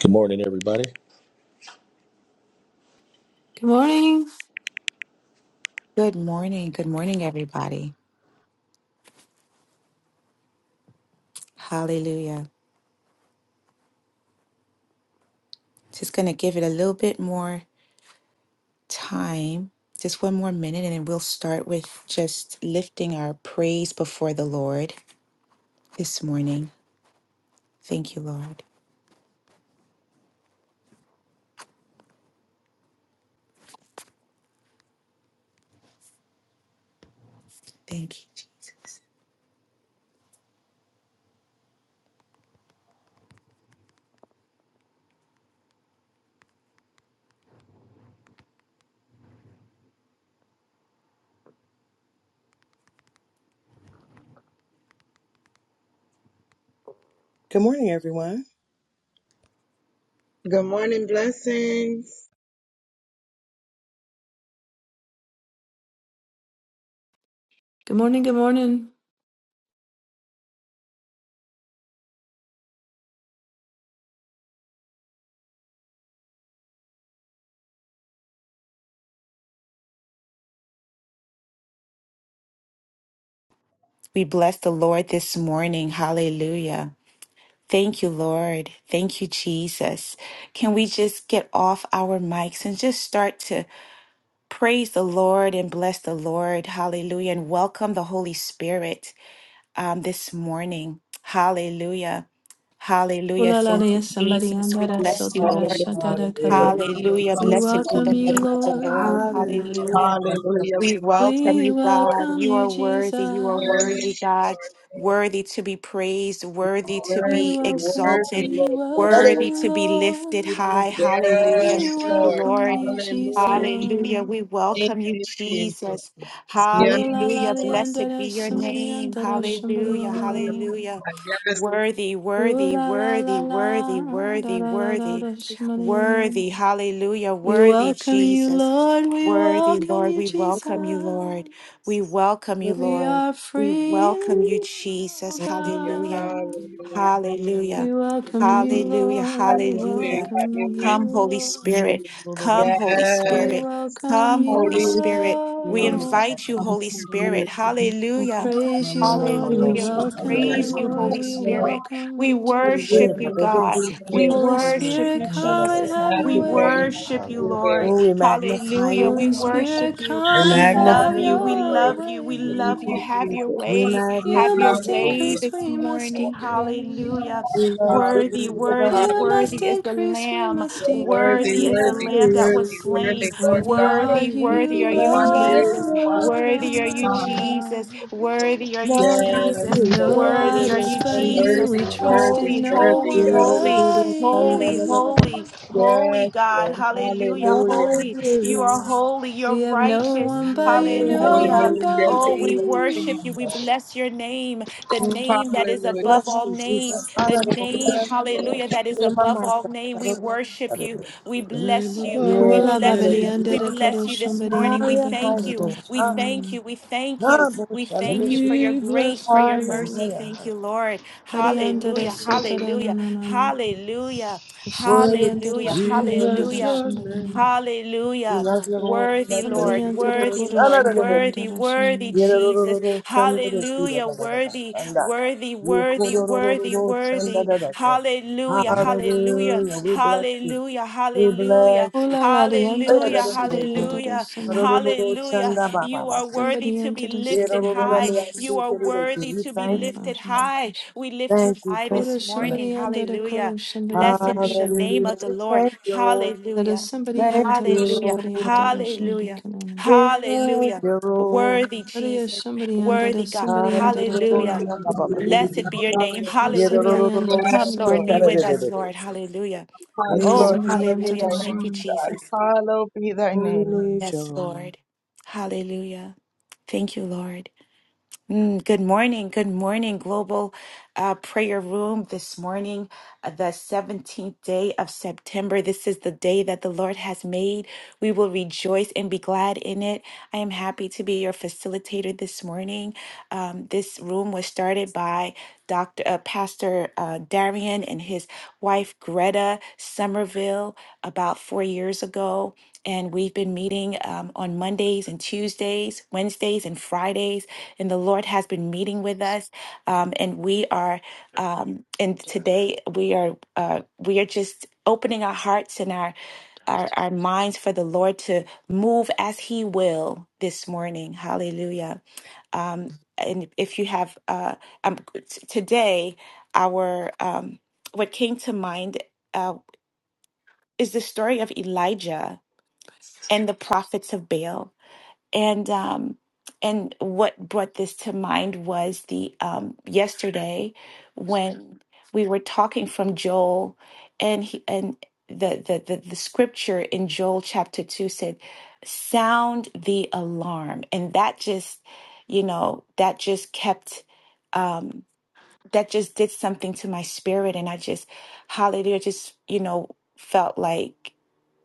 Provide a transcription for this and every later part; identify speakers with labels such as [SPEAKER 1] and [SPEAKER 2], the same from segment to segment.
[SPEAKER 1] Good morning, everybody.
[SPEAKER 2] Good morning.
[SPEAKER 3] Good morning. Good morning, everybody. Hallelujah. Just going to give it a little bit more time, just one more minute, and then we'll start with just lifting our praise before the Lord this morning. Thank you, Lord. Thank you. Jesus.
[SPEAKER 4] Good morning, everyone.
[SPEAKER 5] Good morning, blessings.
[SPEAKER 2] Good morning. Good morning.
[SPEAKER 3] We bless the Lord this morning. Hallelujah. Thank you, Lord. Thank you, Jesus. Can we just get off our mics and just start to praise the Lord and bless the Lord? Hallelujah. And welcome the Holy Spirit. um, this morning. Hallelujah. Hallelujah.
[SPEAKER 2] Ulalala
[SPEAKER 3] Thank you,
[SPEAKER 2] yes, somebody
[SPEAKER 3] Jesus. We
[SPEAKER 2] andara
[SPEAKER 3] bless you,
[SPEAKER 2] sotara
[SPEAKER 3] Lord.
[SPEAKER 5] Hallelujah.
[SPEAKER 2] shatara
[SPEAKER 4] Hallelujah.
[SPEAKER 2] kara.
[SPEAKER 3] Hallelujah.
[SPEAKER 2] We
[SPEAKER 5] Thank
[SPEAKER 3] Blessed be
[SPEAKER 2] welcome
[SPEAKER 3] the
[SPEAKER 2] you,
[SPEAKER 5] you,
[SPEAKER 3] name of the
[SPEAKER 5] Jesus.
[SPEAKER 3] Lord.
[SPEAKER 2] Lord.
[SPEAKER 4] Hallelujah.
[SPEAKER 3] Hallelujah.
[SPEAKER 5] Hallelujah.
[SPEAKER 3] We
[SPEAKER 5] We welcome
[SPEAKER 3] welcome
[SPEAKER 5] you,
[SPEAKER 2] We
[SPEAKER 3] you,
[SPEAKER 5] Lord.
[SPEAKER 3] God.
[SPEAKER 2] welcome
[SPEAKER 3] You
[SPEAKER 2] you,
[SPEAKER 3] are worthy. You are
[SPEAKER 5] Worthy,
[SPEAKER 2] Jesus.
[SPEAKER 3] worthy, God.
[SPEAKER 5] Lord.
[SPEAKER 3] Worthy to be praised, worthy to
[SPEAKER 2] We
[SPEAKER 3] be
[SPEAKER 5] Worthy,
[SPEAKER 2] welcome,
[SPEAKER 5] worthy,
[SPEAKER 3] exalted,
[SPEAKER 2] we
[SPEAKER 5] Lord.
[SPEAKER 2] welcome
[SPEAKER 3] worthy
[SPEAKER 2] you,
[SPEAKER 3] to be lifted
[SPEAKER 2] Lord.
[SPEAKER 3] high. Hallelujah.
[SPEAKER 5] Yes,
[SPEAKER 2] We
[SPEAKER 3] Thank you,
[SPEAKER 5] Lord.
[SPEAKER 2] welcome
[SPEAKER 3] Lord.
[SPEAKER 2] you,
[SPEAKER 5] Hallelujah.
[SPEAKER 3] Hallelujah.
[SPEAKER 2] Jesus.
[SPEAKER 3] We
[SPEAKER 5] Thank
[SPEAKER 3] welcome you,
[SPEAKER 5] you, Jesus.
[SPEAKER 3] Jesus.
[SPEAKER 5] Yes,
[SPEAKER 2] Kulalala
[SPEAKER 3] Hallelujah.
[SPEAKER 5] Lord.
[SPEAKER 3] Blessed
[SPEAKER 2] andara
[SPEAKER 3] be your
[SPEAKER 2] somebody
[SPEAKER 3] name.
[SPEAKER 2] andara somebody
[SPEAKER 3] Hallelujah.
[SPEAKER 2] andara.
[SPEAKER 3] Hallelujah.
[SPEAKER 5] Hallelujah.
[SPEAKER 3] Worthy,
[SPEAKER 2] Ooh
[SPEAKER 3] worthy,
[SPEAKER 2] la la la
[SPEAKER 3] worthy,
[SPEAKER 2] la,
[SPEAKER 3] worthy,
[SPEAKER 2] da
[SPEAKER 3] worthy,
[SPEAKER 2] da da da
[SPEAKER 3] worthy,
[SPEAKER 2] da,
[SPEAKER 3] worthy, hallelujah,
[SPEAKER 2] We
[SPEAKER 3] worthy,
[SPEAKER 2] welcome you,
[SPEAKER 3] Jesus,
[SPEAKER 2] Lord. We
[SPEAKER 3] worthy,
[SPEAKER 2] welcome
[SPEAKER 3] Lord.
[SPEAKER 2] you,
[SPEAKER 3] We welcome you,
[SPEAKER 2] Jesus.
[SPEAKER 3] Lord. We welcome you,
[SPEAKER 2] We
[SPEAKER 3] Lord.
[SPEAKER 2] are
[SPEAKER 3] We
[SPEAKER 2] free in
[SPEAKER 3] welcome you,
[SPEAKER 2] you,
[SPEAKER 3] Jesus,
[SPEAKER 2] O
[SPEAKER 5] Yes, Hallelujah.
[SPEAKER 3] hallelujah,
[SPEAKER 2] God.
[SPEAKER 5] Hallelujah.
[SPEAKER 3] hallelujah,
[SPEAKER 2] We welcome you,
[SPEAKER 3] hallelujah,
[SPEAKER 2] Lord.
[SPEAKER 5] Have
[SPEAKER 2] We
[SPEAKER 5] your way,
[SPEAKER 3] hallelujah.
[SPEAKER 5] have your
[SPEAKER 2] welcome
[SPEAKER 5] way.
[SPEAKER 2] you,
[SPEAKER 3] Come, Holy
[SPEAKER 2] Lord.
[SPEAKER 3] Spirit, come, Holy
[SPEAKER 5] Yes.
[SPEAKER 2] We
[SPEAKER 3] Spirit,
[SPEAKER 2] welcome
[SPEAKER 3] come,
[SPEAKER 2] you,
[SPEAKER 3] Holy
[SPEAKER 5] Holy
[SPEAKER 3] Spirit. We
[SPEAKER 5] Hallelujah.
[SPEAKER 2] Lord.
[SPEAKER 3] invite
[SPEAKER 5] Thank
[SPEAKER 3] you,
[SPEAKER 5] you,
[SPEAKER 3] Holy
[SPEAKER 5] Jesus.
[SPEAKER 3] Spirit,
[SPEAKER 2] We'll
[SPEAKER 3] hallelujah.
[SPEAKER 2] praise you, Lord. We
[SPEAKER 3] Hallelujah. We
[SPEAKER 2] welcome you,
[SPEAKER 3] praise you,
[SPEAKER 2] Lord.
[SPEAKER 3] Holy
[SPEAKER 2] We
[SPEAKER 3] Spirit.
[SPEAKER 2] welcome
[SPEAKER 3] We
[SPEAKER 2] you, Jesus.
[SPEAKER 3] worship you, God. We
[SPEAKER 2] Holy
[SPEAKER 3] worship
[SPEAKER 2] Spirit,
[SPEAKER 3] you,
[SPEAKER 2] come and
[SPEAKER 3] Jesus.
[SPEAKER 2] have your
[SPEAKER 3] We
[SPEAKER 2] way.
[SPEAKER 3] worship you, Lord.
[SPEAKER 4] Oh, we magnify
[SPEAKER 3] Hallelujah.
[SPEAKER 4] you.
[SPEAKER 3] We
[SPEAKER 2] Holy
[SPEAKER 3] worship
[SPEAKER 2] Spirit,
[SPEAKER 3] you.
[SPEAKER 4] We
[SPEAKER 2] come and
[SPEAKER 3] We love
[SPEAKER 2] have
[SPEAKER 4] magnify
[SPEAKER 3] you. We
[SPEAKER 4] you.
[SPEAKER 2] your
[SPEAKER 3] love you. We love you.
[SPEAKER 2] way.
[SPEAKER 3] Have your
[SPEAKER 4] We
[SPEAKER 3] way. Have
[SPEAKER 2] You
[SPEAKER 4] magnify
[SPEAKER 3] your
[SPEAKER 2] must
[SPEAKER 4] you.
[SPEAKER 3] way
[SPEAKER 2] increase,
[SPEAKER 3] this
[SPEAKER 2] we must
[SPEAKER 3] morning. Hallelujah.
[SPEAKER 5] Hallelujah.
[SPEAKER 4] We
[SPEAKER 2] decrease.
[SPEAKER 4] love you.
[SPEAKER 3] Worthy,
[SPEAKER 4] We
[SPEAKER 5] Hallelujah.
[SPEAKER 4] love
[SPEAKER 3] worthy,
[SPEAKER 2] You must
[SPEAKER 3] worthy is
[SPEAKER 5] Hallelujah.
[SPEAKER 3] the
[SPEAKER 2] increase, we
[SPEAKER 3] Lamb.
[SPEAKER 2] must
[SPEAKER 5] You're worthy,
[SPEAKER 3] Worthy is the
[SPEAKER 5] worthy,
[SPEAKER 3] Lamb that
[SPEAKER 2] decrease.
[SPEAKER 3] was
[SPEAKER 5] worthy,
[SPEAKER 4] you.
[SPEAKER 5] worthy,
[SPEAKER 3] slain.
[SPEAKER 5] Lord
[SPEAKER 2] Worthy
[SPEAKER 5] God
[SPEAKER 2] are
[SPEAKER 3] Worthy,
[SPEAKER 2] you,
[SPEAKER 5] Almighty,
[SPEAKER 3] worthy
[SPEAKER 4] None like you.
[SPEAKER 3] are
[SPEAKER 5] the
[SPEAKER 3] you,
[SPEAKER 5] one
[SPEAKER 4] None
[SPEAKER 5] who
[SPEAKER 4] like
[SPEAKER 5] is
[SPEAKER 3] Jesus.
[SPEAKER 5] and was
[SPEAKER 2] Lord
[SPEAKER 5] and
[SPEAKER 4] you.
[SPEAKER 5] is
[SPEAKER 3] Worthy
[SPEAKER 5] to
[SPEAKER 3] are you,
[SPEAKER 2] Almighty
[SPEAKER 5] come.
[SPEAKER 3] Jesus.
[SPEAKER 2] God.
[SPEAKER 3] Worthy are you,
[SPEAKER 4] None like
[SPEAKER 5] Yes,
[SPEAKER 2] We have
[SPEAKER 3] Jesus.
[SPEAKER 4] you.
[SPEAKER 2] no
[SPEAKER 5] Lord.
[SPEAKER 3] Worthy are
[SPEAKER 2] idols
[SPEAKER 3] you,
[SPEAKER 2] but you,
[SPEAKER 3] Jesus.
[SPEAKER 5] Worthy,
[SPEAKER 2] we trust
[SPEAKER 5] worthy,
[SPEAKER 2] in
[SPEAKER 3] Holy,
[SPEAKER 2] no
[SPEAKER 5] worthy,
[SPEAKER 3] holy,
[SPEAKER 2] one
[SPEAKER 5] God.
[SPEAKER 3] holy,
[SPEAKER 2] but
[SPEAKER 3] holy, holy,
[SPEAKER 2] you.
[SPEAKER 3] holy
[SPEAKER 5] Yes,
[SPEAKER 3] God.
[SPEAKER 5] Lord.
[SPEAKER 3] Hallelujah.
[SPEAKER 5] Hallelujah.
[SPEAKER 3] Holy. You are
[SPEAKER 4] Hallelujah.
[SPEAKER 3] holy. You're
[SPEAKER 2] We have no
[SPEAKER 3] righteous.
[SPEAKER 2] one but you, no
[SPEAKER 3] Hallelujah.
[SPEAKER 2] one
[SPEAKER 5] Hallelujah.
[SPEAKER 2] but
[SPEAKER 3] Oh, we
[SPEAKER 5] Thank you,
[SPEAKER 2] you.
[SPEAKER 3] worship you. We
[SPEAKER 5] Jesus.
[SPEAKER 3] bless your name, the name that is
[SPEAKER 5] Hallelujah.
[SPEAKER 3] above
[SPEAKER 4] Bless
[SPEAKER 3] all
[SPEAKER 4] you,
[SPEAKER 3] names,
[SPEAKER 4] Jesus.
[SPEAKER 3] the
[SPEAKER 2] Somebody.
[SPEAKER 4] Hallelujah.
[SPEAKER 3] name,
[SPEAKER 5] Yes, Lord.
[SPEAKER 3] hallelujah, that is
[SPEAKER 4] Hey,
[SPEAKER 3] above
[SPEAKER 4] Mama.
[SPEAKER 3] all name. We worship you.
[SPEAKER 4] Hallelujah.
[SPEAKER 3] We
[SPEAKER 6] Name
[SPEAKER 3] bless you.
[SPEAKER 6] above
[SPEAKER 3] We
[SPEAKER 6] all
[SPEAKER 4] Yes,
[SPEAKER 2] Kula
[SPEAKER 3] bless
[SPEAKER 2] babadi
[SPEAKER 3] you.
[SPEAKER 6] names,
[SPEAKER 2] under
[SPEAKER 3] We
[SPEAKER 4] hallelujah.
[SPEAKER 2] the
[SPEAKER 3] bless
[SPEAKER 2] godo,
[SPEAKER 3] you this
[SPEAKER 2] somebody
[SPEAKER 3] morning. We
[SPEAKER 2] under
[SPEAKER 4] Higher,
[SPEAKER 2] the
[SPEAKER 3] thank
[SPEAKER 4] higher,
[SPEAKER 3] you.
[SPEAKER 4] Lord.
[SPEAKER 2] godo,
[SPEAKER 3] We
[SPEAKER 4] Higher.
[SPEAKER 3] thank
[SPEAKER 2] someone.
[SPEAKER 3] you. We thank you.
[SPEAKER 4] Higher,
[SPEAKER 3] We thank you for
[SPEAKER 4] hallelujah.
[SPEAKER 3] your
[SPEAKER 6] we
[SPEAKER 3] grace,
[SPEAKER 6] bless
[SPEAKER 3] for
[SPEAKER 6] your
[SPEAKER 3] your
[SPEAKER 4] Higher,
[SPEAKER 6] name.
[SPEAKER 3] mercy.
[SPEAKER 4] higher,
[SPEAKER 3] Thank
[SPEAKER 4] higher.
[SPEAKER 3] you, Lord.
[SPEAKER 2] Kari under the
[SPEAKER 3] Hallelujah.
[SPEAKER 2] sotara na
[SPEAKER 3] Hallelujah.
[SPEAKER 2] na na na.
[SPEAKER 3] Hallelujah.
[SPEAKER 2] There's somebody
[SPEAKER 4] Worthy is
[SPEAKER 2] under
[SPEAKER 4] the
[SPEAKER 2] the
[SPEAKER 3] Hallelujah.
[SPEAKER 4] Lamb.
[SPEAKER 6] We
[SPEAKER 2] somebody
[SPEAKER 4] Worthy is
[SPEAKER 2] under
[SPEAKER 4] the
[SPEAKER 6] bless
[SPEAKER 4] Lamb.
[SPEAKER 2] the
[SPEAKER 3] Hallelujah.
[SPEAKER 6] your
[SPEAKER 2] somebody under.
[SPEAKER 6] name.
[SPEAKER 4] We
[SPEAKER 3] Hallelujah.
[SPEAKER 4] love you, Lord. We
[SPEAKER 3] Worthy,
[SPEAKER 4] love
[SPEAKER 2] Somebody
[SPEAKER 3] Lord.
[SPEAKER 2] under the
[SPEAKER 3] Worthy,
[SPEAKER 2] quarter,
[SPEAKER 3] Lord.
[SPEAKER 4] you.
[SPEAKER 2] somebody
[SPEAKER 4] Lord.
[SPEAKER 2] under
[SPEAKER 3] Worthy,
[SPEAKER 2] the
[SPEAKER 3] worthy,
[SPEAKER 2] somebody.
[SPEAKER 3] Jesus.
[SPEAKER 4] Yerorororo shandere kira
[SPEAKER 3] Hallelujah.
[SPEAKER 4] da da da da
[SPEAKER 3] Worthy,
[SPEAKER 4] shanda.
[SPEAKER 3] worthy, worthy, worthy,
[SPEAKER 4] Yekororororo shanda
[SPEAKER 3] worthy.
[SPEAKER 4] da da da.
[SPEAKER 3] Hallelujah. Hallelujah.
[SPEAKER 4] Hallelujah. We bless you.
[SPEAKER 3] Hallelujah.
[SPEAKER 4] We
[SPEAKER 3] Hallelujah.
[SPEAKER 4] bless you.
[SPEAKER 2] Kula la the
[SPEAKER 4] Hey,
[SPEAKER 2] under
[SPEAKER 4] da
[SPEAKER 2] the
[SPEAKER 4] da
[SPEAKER 3] Hallelujah.
[SPEAKER 4] da
[SPEAKER 2] somebody
[SPEAKER 4] da da.
[SPEAKER 2] under the
[SPEAKER 3] Hallelujah.
[SPEAKER 2] somebody.
[SPEAKER 4] Harororo
[SPEAKER 3] Hallelujah.
[SPEAKER 4] ba ba
[SPEAKER 3] You
[SPEAKER 4] ba.
[SPEAKER 3] are worthy
[SPEAKER 2] Somebody
[SPEAKER 3] to be
[SPEAKER 2] under the
[SPEAKER 3] lifted
[SPEAKER 2] skinny
[SPEAKER 4] Yerorororo
[SPEAKER 3] high.
[SPEAKER 4] mi
[SPEAKER 2] balance.
[SPEAKER 3] You
[SPEAKER 4] asi
[SPEAKER 3] are
[SPEAKER 4] kiri de ki.
[SPEAKER 3] worthy
[SPEAKER 4] We
[SPEAKER 3] to
[SPEAKER 2] I
[SPEAKER 3] be
[SPEAKER 4] thank
[SPEAKER 2] mean
[SPEAKER 4] you.
[SPEAKER 3] lifted
[SPEAKER 2] balance on the
[SPEAKER 3] high.
[SPEAKER 2] first.
[SPEAKER 3] We lift you
[SPEAKER 4] Thank you.
[SPEAKER 3] high
[SPEAKER 4] Thank
[SPEAKER 2] Quarter,
[SPEAKER 3] this
[SPEAKER 4] you. for that.
[SPEAKER 3] morning.
[SPEAKER 2] somebody under the
[SPEAKER 3] Hallelujah.
[SPEAKER 2] quarter, somebody under
[SPEAKER 3] Blessed
[SPEAKER 2] the
[SPEAKER 3] be the name
[SPEAKER 2] somebody.
[SPEAKER 4] Hallelujah.
[SPEAKER 3] of the
[SPEAKER 4] We
[SPEAKER 3] Lord.
[SPEAKER 4] thank you, Lord.
[SPEAKER 2] There is
[SPEAKER 3] Hallelujah.
[SPEAKER 2] somebody
[SPEAKER 4] Thank
[SPEAKER 2] under the
[SPEAKER 4] you,
[SPEAKER 3] Hallelujah.
[SPEAKER 2] somebody
[SPEAKER 4] Lord.
[SPEAKER 2] under the
[SPEAKER 3] Hallelujah.
[SPEAKER 2] somebody.
[SPEAKER 4] We thank
[SPEAKER 3] Hallelujah.
[SPEAKER 4] you, Lord.
[SPEAKER 3] Worthy
[SPEAKER 2] There is
[SPEAKER 3] Jesus.
[SPEAKER 2] somebody under
[SPEAKER 3] Worthy
[SPEAKER 2] the
[SPEAKER 3] God.
[SPEAKER 2] somebody under the
[SPEAKER 4] Hallelujah.
[SPEAKER 3] Hallelujah.
[SPEAKER 2] throne.
[SPEAKER 4] Shanda ba ba.
[SPEAKER 5] Hallelujah.
[SPEAKER 3] Blessed be your name.
[SPEAKER 2] There is
[SPEAKER 4] Yes,
[SPEAKER 5] Hallelujah.
[SPEAKER 3] Hallelujah.
[SPEAKER 2] somebody under the
[SPEAKER 5] Yes,
[SPEAKER 3] Come, Lord,
[SPEAKER 5] Lord.
[SPEAKER 2] somebody
[SPEAKER 4] I
[SPEAKER 3] be
[SPEAKER 2] under
[SPEAKER 3] with
[SPEAKER 2] the.
[SPEAKER 3] us, Lord. Hallelujah.
[SPEAKER 2] Uh,
[SPEAKER 5] Yes, Lord.
[SPEAKER 3] Oh,
[SPEAKER 2] somebody
[SPEAKER 5] Hallowed be
[SPEAKER 2] ended
[SPEAKER 3] hallelujah.
[SPEAKER 2] a
[SPEAKER 5] thy
[SPEAKER 3] Thank you,
[SPEAKER 5] name,
[SPEAKER 2] song.
[SPEAKER 5] God.
[SPEAKER 3] Jesus.
[SPEAKER 5] Hallowed be thy name.
[SPEAKER 3] Yes, Lord. Hallelujah. Thank you, Lord. Mm, good morning. Good morning, Global uh, Prayer Room. This morning, uh, the 17th day of September. This is the day that the Lord has made. We will rejoice and be glad in it. I am happy to be your facilitator this morning. Um, this room was started by Dr. Uh, Pastor uh, Darian and his wife Greta Somerville about four years ago. And we've been meeting um, on Mondays and Tuesdays, Wednesdays and Fridays and the Lord has been meeting with us. Um, and we are, um, and today we are, uh, we are just opening our hearts and our, our, our minds for the Lord to move as He will this morning. Hallelujah. Um, and if you have, uh, um, t- today, our, um, what came to mind uh, is the story of Elijah and the prophets of Baal and um and what brought this to mind was the um yesterday when we were talking from Joel and he and the the the, the scripture in Joel chapter 2 said sound the alarm and that just you know that just kept um that just did something to my spirit and I just hallelujah just you know felt like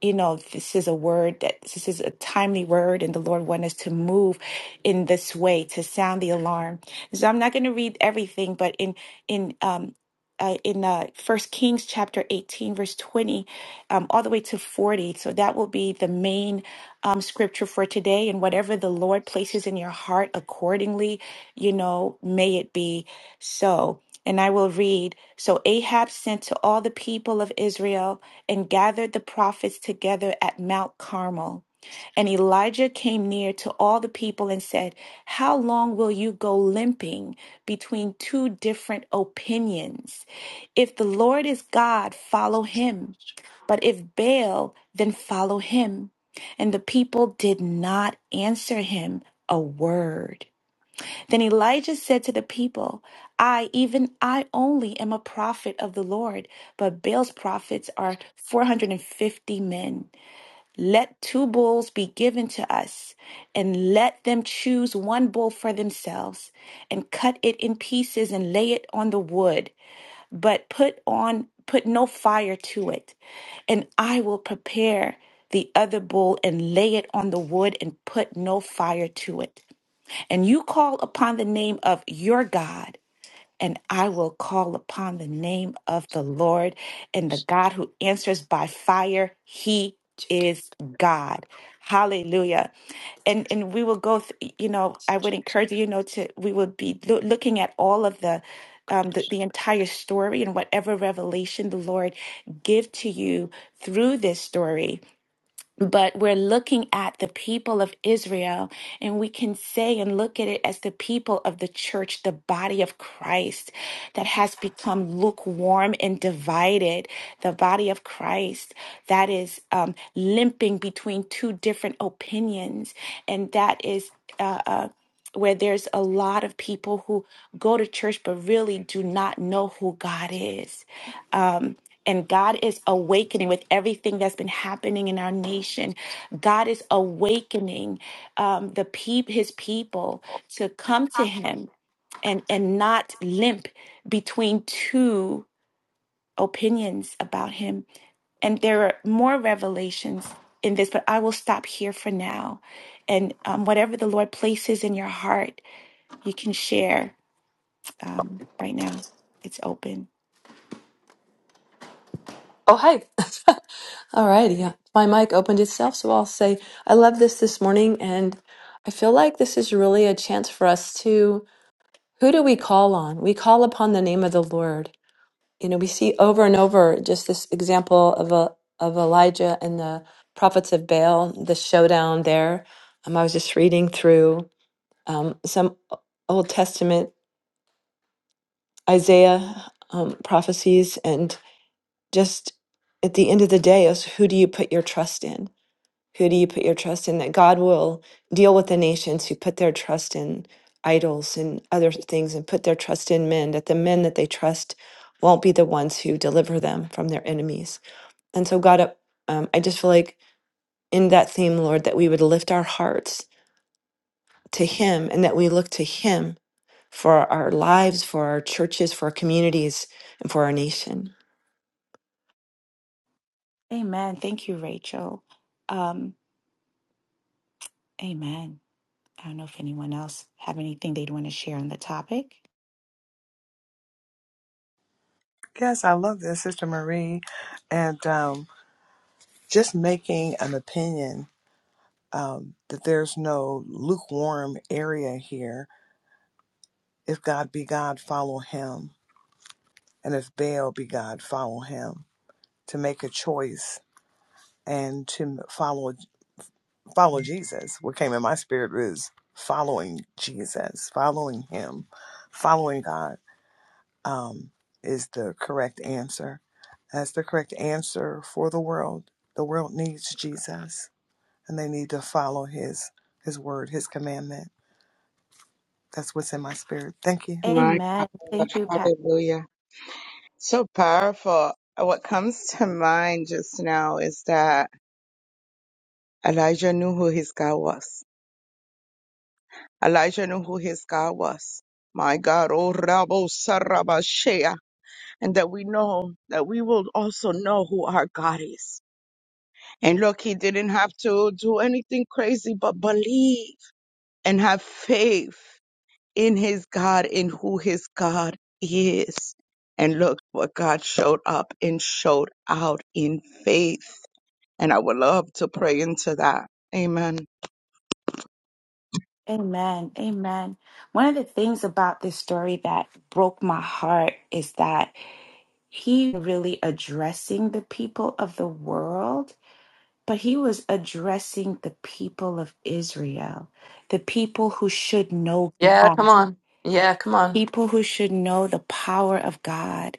[SPEAKER 3] you know, this is a word that this is a timely word, and the Lord wants us to move in this way to sound the alarm. So I'm not going to read everything, but in in um, uh, in uh, First Kings chapter 18, verse 20, um, all the way to 40. So that will be the main um, scripture for today. And whatever the Lord places in your heart accordingly, you know, may it be so. And I will read So Ahab sent to all the people of Israel and gathered the prophets together at Mount Carmel. And Elijah came near to all the people and said, How long will you go limping between two different opinions? If the Lord is God, follow him. But if Baal, then follow him. And the people did not answer him a word. Then Elijah said to the people, I, even I only, am a prophet of the Lord, but Baal's prophets are 450 men. Let two bulls be given to us, and let them choose one bull for themselves, and cut it in pieces and lay it on the wood but put on put no fire to it and i will prepare the other bull and lay it on the wood and put no fire to it and you call upon the name of your god and I will call upon the name of the Lord and the God who answers by fire. He is God. Hallelujah. And and we will go, th- you know, I would encourage you, you know, to we will be loo- looking at all of the um, the, the entire story and whatever revelation the Lord give to you through this story but we're looking at the people of Israel, and we can say and look at it as the people of the church, the body of Christ that has become lukewarm and divided. The body of Christ that is um, limping between two different opinions, and that is. Uh, uh, where there's a lot of people who go to church but really do not know who God is. Um, and God is awakening with everything that's been happening in our nation. God is awakening um, the peop- His people to come to Him and and not limp between two opinions about Him. And there are more revelations in this, but I will stop here for now. And um, whatever the Lord places in your heart, you can share um, right now. It's open.
[SPEAKER 2] Oh, hi. All righty. yeah. My mic opened itself, so I'll say I love this this morning, and I feel like this is really a chance for us to who do we call on? We call upon the name of the Lord. You know, we see over and over just this example of a of Elijah and the prophets of Baal, the showdown there. Um, I was just reading through um, some uh, Old Testament Isaiah um, prophecies. And just at the end of the day, is who do you put your trust in? Who do you put your trust in? That God will deal with the nations who put their trust in idols and other things and put their trust in men, that the men that they trust won't be the ones who deliver them from their enemies. And so, God, uh, um, I just feel like in that theme, Lord, that we would lift our hearts to Him and that we look to Him for our lives, for our churches, for our communities, and for our nation.
[SPEAKER 3] Amen. Thank you, Rachel. Um, amen. I don't know if anyone else have anything they'd want to share on the topic.
[SPEAKER 4] love this, Sister Marie. And um, just making an opinion um, that there's no lukewarm area here. If God be God, follow him. And if Baal be God, follow him. To make a choice and to follow follow Jesus. What came in my spirit is following Jesus, following him, following God um, is the correct answer. That's the correct answer for the world. The world needs Jesus, and they need to follow His His word, His commandment. That's what's in my spirit. Thank you.
[SPEAKER 5] My God.
[SPEAKER 3] Amen. Thank you, Pat.
[SPEAKER 5] Hallelujah. So powerful. What comes to mind just now is that Elijah knew who his God was. Elijah knew who his God was. My God, oh Rabo Sarabashea, and that we know that we will also know who our God is. And look, he didn't have to do anything crazy but believe and have faith in his God, in who his God is. And look what God showed up and showed out in faith. And I would love to pray into that. Amen.
[SPEAKER 3] Amen. Amen. One of the things about this story that broke my heart is that he really addressing the people of the world, but he was addressing the people of Israel, the people who should know
[SPEAKER 2] Yeah,
[SPEAKER 3] God,
[SPEAKER 2] come on. Yeah, come on.
[SPEAKER 3] people who should know the power of God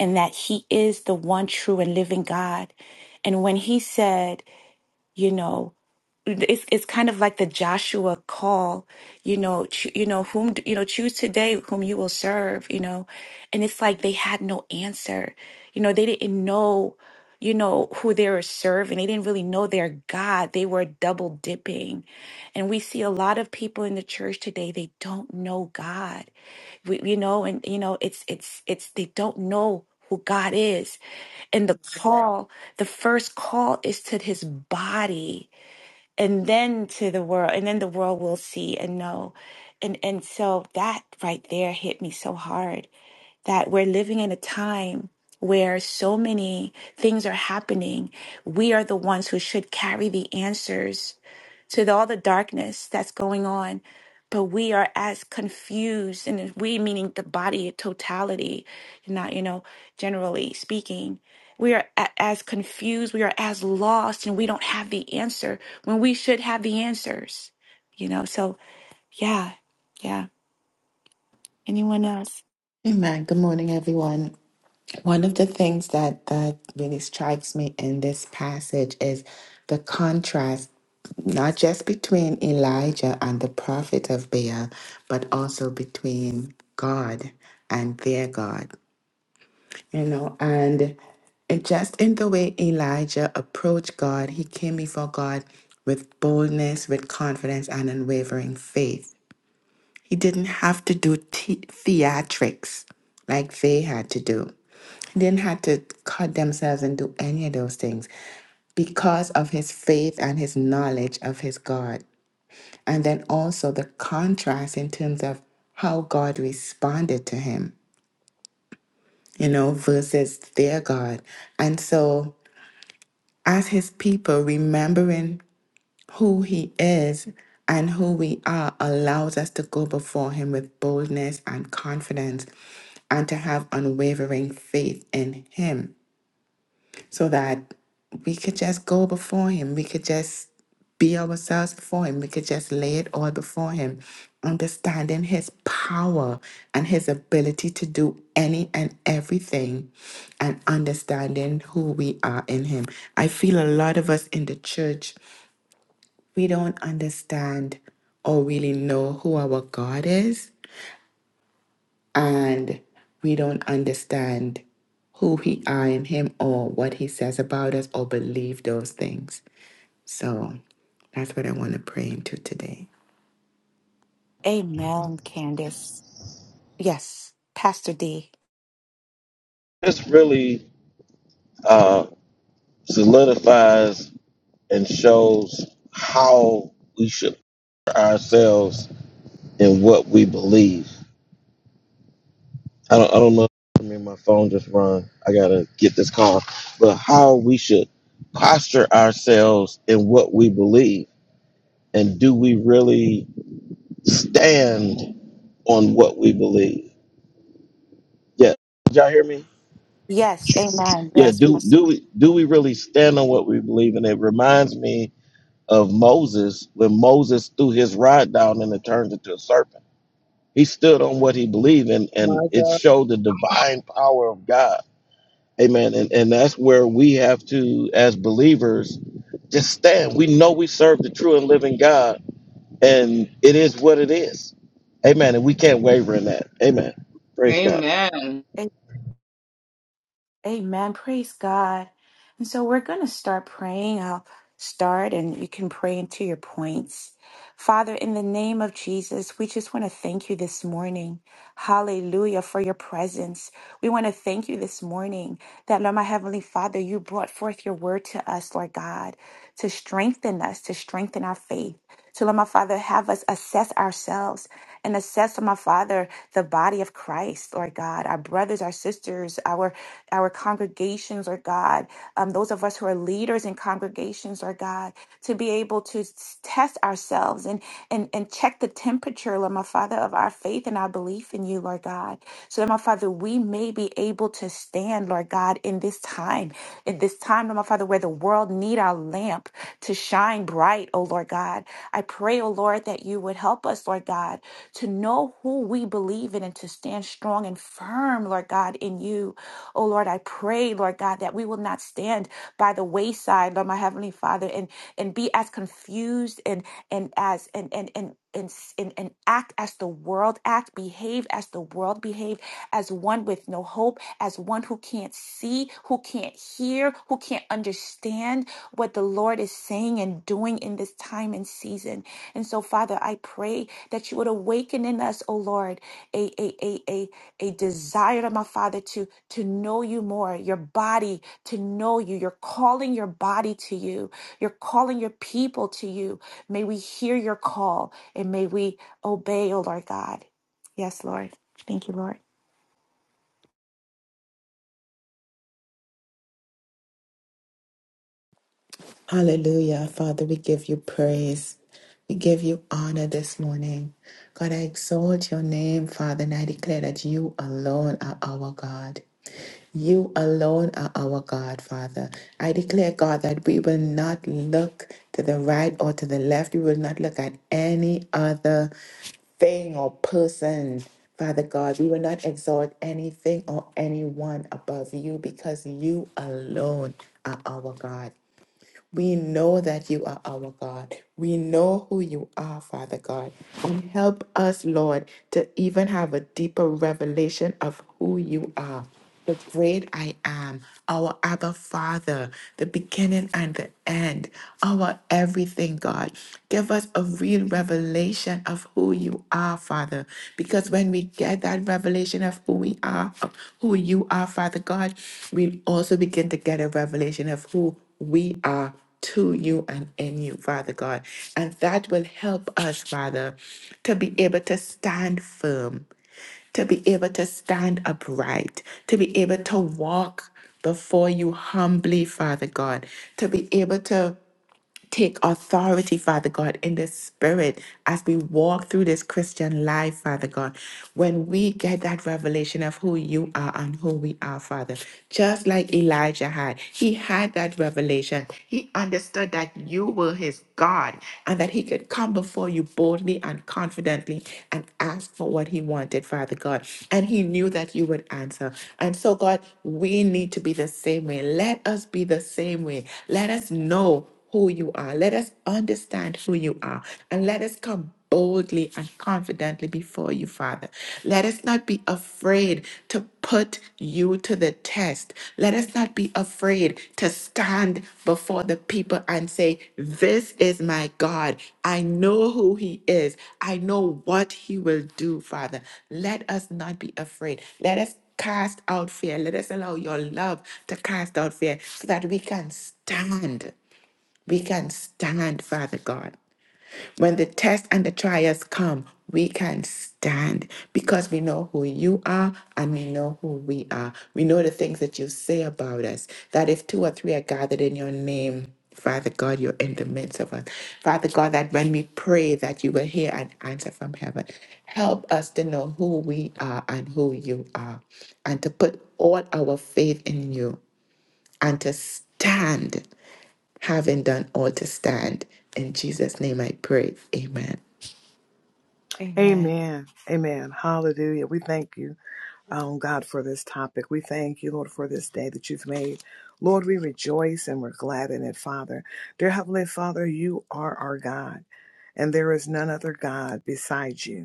[SPEAKER 3] and that he is the one true and living God. And when he said, you know, it's it's kind of like the Joshua call, you know, cho- you know whom d- you know choose today whom you will serve, you know, and it's like they had no answer, you know, they didn't know, you know, who they were serving. They didn't really know their God. They were double dipping, and we see a lot of people in the church today. They don't know God, we, you know, and you know it's it's it's they don't know who God is, and the Right. call, the first call is to His body and then to the world and then the world will see and know and and so that right there hit me so hard that we're living in a time where so many things are happening we are the ones who should carry the answers to the- all the darkness that's going on. But we are as confused, and if we meaning the body in totality, not, you know, generally speaking. We are a- as confused, we are as lost, and we don't have the answer when we should have the answers, you know? So, yeah, yeah. Anyone else?
[SPEAKER 7] Amen. Good morning, everyone. One of the things that, that really strikes me in this passage is the contrast, not just between Elijah and the prophet of Baal, but also between God and their God. You know, and it just in the way Elijah approached God, he came before God with boldness, with confidence, and unwavering faith he didn't have to do the- theatrics like they had to do. He didn't have to cut themselves and do any of those things because of his faith and his knowledge of his God. And then also the contrast in terms of how God responded to him, you know, versus their God. And so, as his people, remembering who he is and who we are allows us to go before him with boldness and confidence and to have unwavering faith in him so that we could just go before him. We could just be ourselves before him. We could just lay it all before him, understanding his power and his ability to do any and everything and understanding who we are in him. I feel a lot of us in the church we don't understand or really know who our God is, and we don't understand who we are in Him or what He says about us or believe those things. So that's what I want to pray into today.
[SPEAKER 3] Amen, Candace. Yes, Pastor D.
[SPEAKER 6] This really uh, solidifies and shows how we should put ourselves in what we believe. I don't, I don't know. I mean, my phone just rung. I gotta get this call. But how we should posture ourselves in what we believe, and do we really stand? on what we believe. Yeah. Did y'all hear me?
[SPEAKER 3] Yes, amen.
[SPEAKER 6] Yeah,
[SPEAKER 3] Yes,
[SPEAKER 6] do
[SPEAKER 3] yes.
[SPEAKER 6] do we do we really stand on what we believe? And it reminds me of Moses when Moses threw his rod down and it turned into a serpent. He stood on what he believed and and
[SPEAKER 5] My
[SPEAKER 6] it
[SPEAKER 5] God.
[SPEAKER 6] showed the divine power of God. Amen. And and that's where we have to, as believers, just stand. We know we serve the true and living God, and it is what it is. Amen. And we can't waver in that. Amen. Praise God.
[SPEAKER 5] Amen.
[SPEAKER 3] A- Amen. Praise God. And so we're going to start praying. I'll start and you can pray into your points. Father, in the name of Jesus, we just want to thank you this morning. Hallelujah for your presence. We want to thank you this morning that, Lord, my Heavenly Father, you brought forth your word to us, Lord God, to strengthen us, to strengthen our faith. So, Lord, my Father, have us assess ourselves and assess, my Father, the body of Christ, Lord God, our brothers, our sisters, our our congregations, Lord God, um, those of us who are leaders in congregations, Lord God, to be able to s- test ourselves and and and check the temperature, Lord my Father, of our faith and our belief in you, Lord God, so that my Father, we may be able to stand, Lord God, in this time, in this time, Lord my Father, where the world need our lamp to shine bright, oh Lord God. I pray, oh Lord, that you would help us, Lord God, to know who we believe in and to stand strong and firm, Lord God, in you. Oh Lord, I pray, Lord God, that we will not stand by the wayside, Lord my Heavenly Father, and and be as confused and and as and and and and, and, and act as the world act, behave as the world behave, as one with no hope, as one who can't see, who can't hear, who can't understand what the Lord is saying and doing in this time and season. And so, Father, I pray that you would Awaken in us, O Lord, a, a, a, a, a desire my Father to, to know you more, your body to know you. You're calling your body to you. You're calling your people to you. May we hear your call and may we obey, O Lord God. Yes, Lord. Thank you, Lord.
[SPEAKER 7] Hallelujah. Father, we give you praise. We give you honor this morning. God, I exalt your name, Father, and I declare that you alone are our God. You alone are our God, Father. I declare, God, that we will not look to the right or to the left. We will not look at any other thing or person, Father God. We will not exalt anything or anyone above you because you alone are our God. We know that you are our God. We know who you are, Father God. And help us, Lord, to even have a deeper revelation of who you are. The great I am, our Abba Father, the beginning and the end, our everything, God. Give us a real revelation of who you are, Father. Because when we get that revelation of who we are, of who you are, Father God, we also begin to get a revelation of who we are to you and in you, Father God. And that will help us, Father, to be able to stand firm to be able to stand upright, to be able to walk before you humbly, Father God, to be able to take authority, Father God, in the spirit as we walk through this Christian life, Father God. When we get that revelation of who you are and who we are, Father, just like Elijah had, he had that revelation. He understood that you were his God and that he could come before you boldly and confidently and ask for what he wanted, Father God. And he knew that you would answer. And so, God, we need to be the same way. Let us be the same way. Let us know who you are. Let us understand who you are and let us come boldly and confidently before you, Father. Let us not be afraid to put you to the test. Let us not be afraid to stand before the people and say, This is my God. I know who he is. I know what he will do, Father. Let us not be afraid. Let us cast out fear. Let us allow your love to cast out fear so that we can stand we can stand, Father God. When the tests and the trials come, we can stand because we know who you are and we know who we are. We know the things that you say about us, that if two or three are gathered in your name, Father God, you're in the midst of us. Father God, that when we pray that you will hear and answer from heaven. Help us to know who we are and who you are and to put all our faith in you and to stand, having done all to stand. In Jesus' name I pray. Amen.
[SPEAKER 3] Amen.
[SPEAKER 4] Amen. Amen. Hallelujah. We thank you, um, God, for this topic. We thank you, Lord, for this day that you've made. Lord, we rejoice and we're glad in it, Father. Dear Heavenly Father, you are our God, and there is none other God besides you.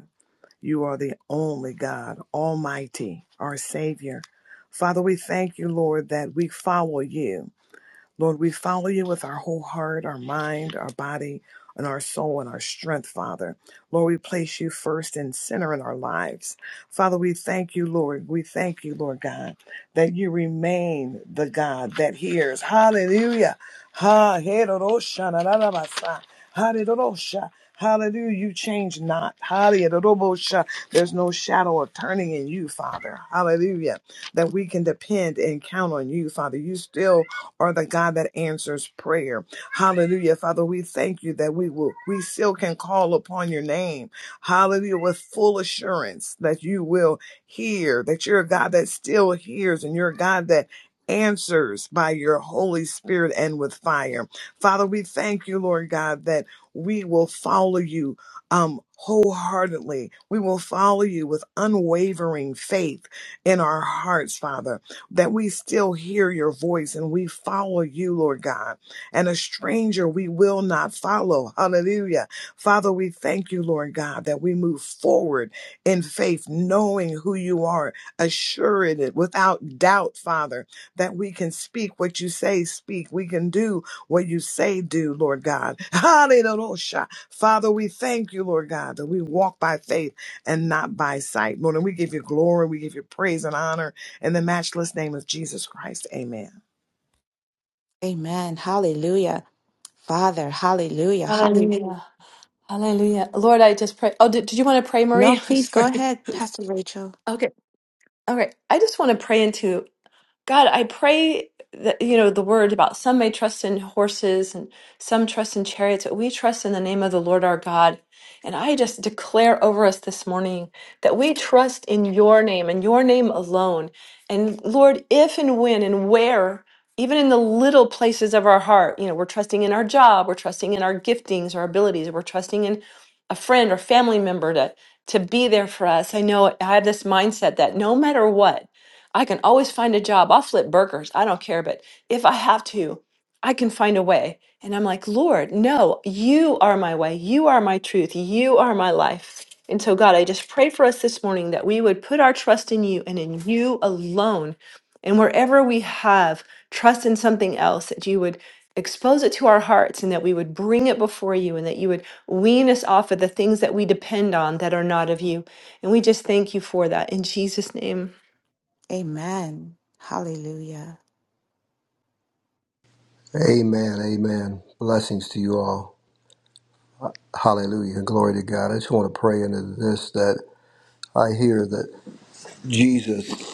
[SPEAKER 4] You are the only God, Almighty, our Savior. Father, we thank you, Lord, that we follow you. Lord, we follow you with our whole heart, our mind, our body, and our soul and our strength, Father. Lord, we place you first and center in our lives. Father, we thank you, Lord. We thank you, Lord God, that you remain the God that hears. Hallelujah. Ha, hedorosha, na, na, Hallelujah. Hallelujah. You change not. Hallelujah. There's no shadow of turning in you, Father. Hallelujah. That we can depend and count on you, Father. You still are the God that answers prayer. Hallelujah. Father, we thank you that we will, we still can call upon your name. Hallelujah. With full assurance that you will hear, that you're a God that still hears and you're a God that answers by your Holy Spirit and with fire. Father, we thank you, Lord God, that we will follow you um, wholeheartedly. We will follow you with unwavering faith in our hearts, Father that we still hear your voice and we follow you, Lord God. And a stranger we will not follow. Hallelujah. Father, we thank you, Lord God, that we move forward in faith, knowing who you are, assured it without doubt, Father, that we can speak what you say, speak. We can do what you say, do, Lord God. Hallelujah. Father, we thank you, Lord God, that we walk by faith and not by sight, Lord. And we give you glory, we give you praise and honor in the matchless name of Jesus Christ, amen.
[SPEAKER 3] Amen. Hallelujah. Father, hallelujah. Hallelujah.
[SPEAKER 2] Hallelujah. Hallelujah. Lord, I just pray, pray
[SPEAKER 3] No,
[SPEAKER 2] Marie. I'm
[SPEAKER 3] please go
[SPEAKER 2] sorry.
[SPEAKER 3] ahead, Pastor Rachel.
[SPEAKER 2] Okay. All right. I just want to pray into God, I pray that, you know, the word about some may trust in horses and some trust in chariots, but we trust in the name of the Lord our God. And I just declare over us this morning that we trust in your name and your name alone. And Lord, if and when and where, even in the little places of our heart, you know, we're trusting in our job, we're trusting in our giftings, our abilities, we're trusting in a friend or family member to to be there for us. I know I have this mindset that no matter what, I can always find a job. I'll flip burgers. I don't care. But if I have to, I can find a way. And I'm like, Lord, no, you are my way. You are my truth. You are my life. And so, God, I just pray for us this morning that we would put our trust in you and in you alone. And wherever we have trust in something else, that you would expose it to our hearts and that we would bring it before you and that you would wean us off of the things that we depend on that are not of you. And we just thank you for that in Jesus' name.
[SPEAKER 3] Amen. Hallelujah.
[SPEAKER 8] Amen. Amen. Blessings to you all. Hallelujah. Glory to God. I just want to pray into this that I hear that Jesus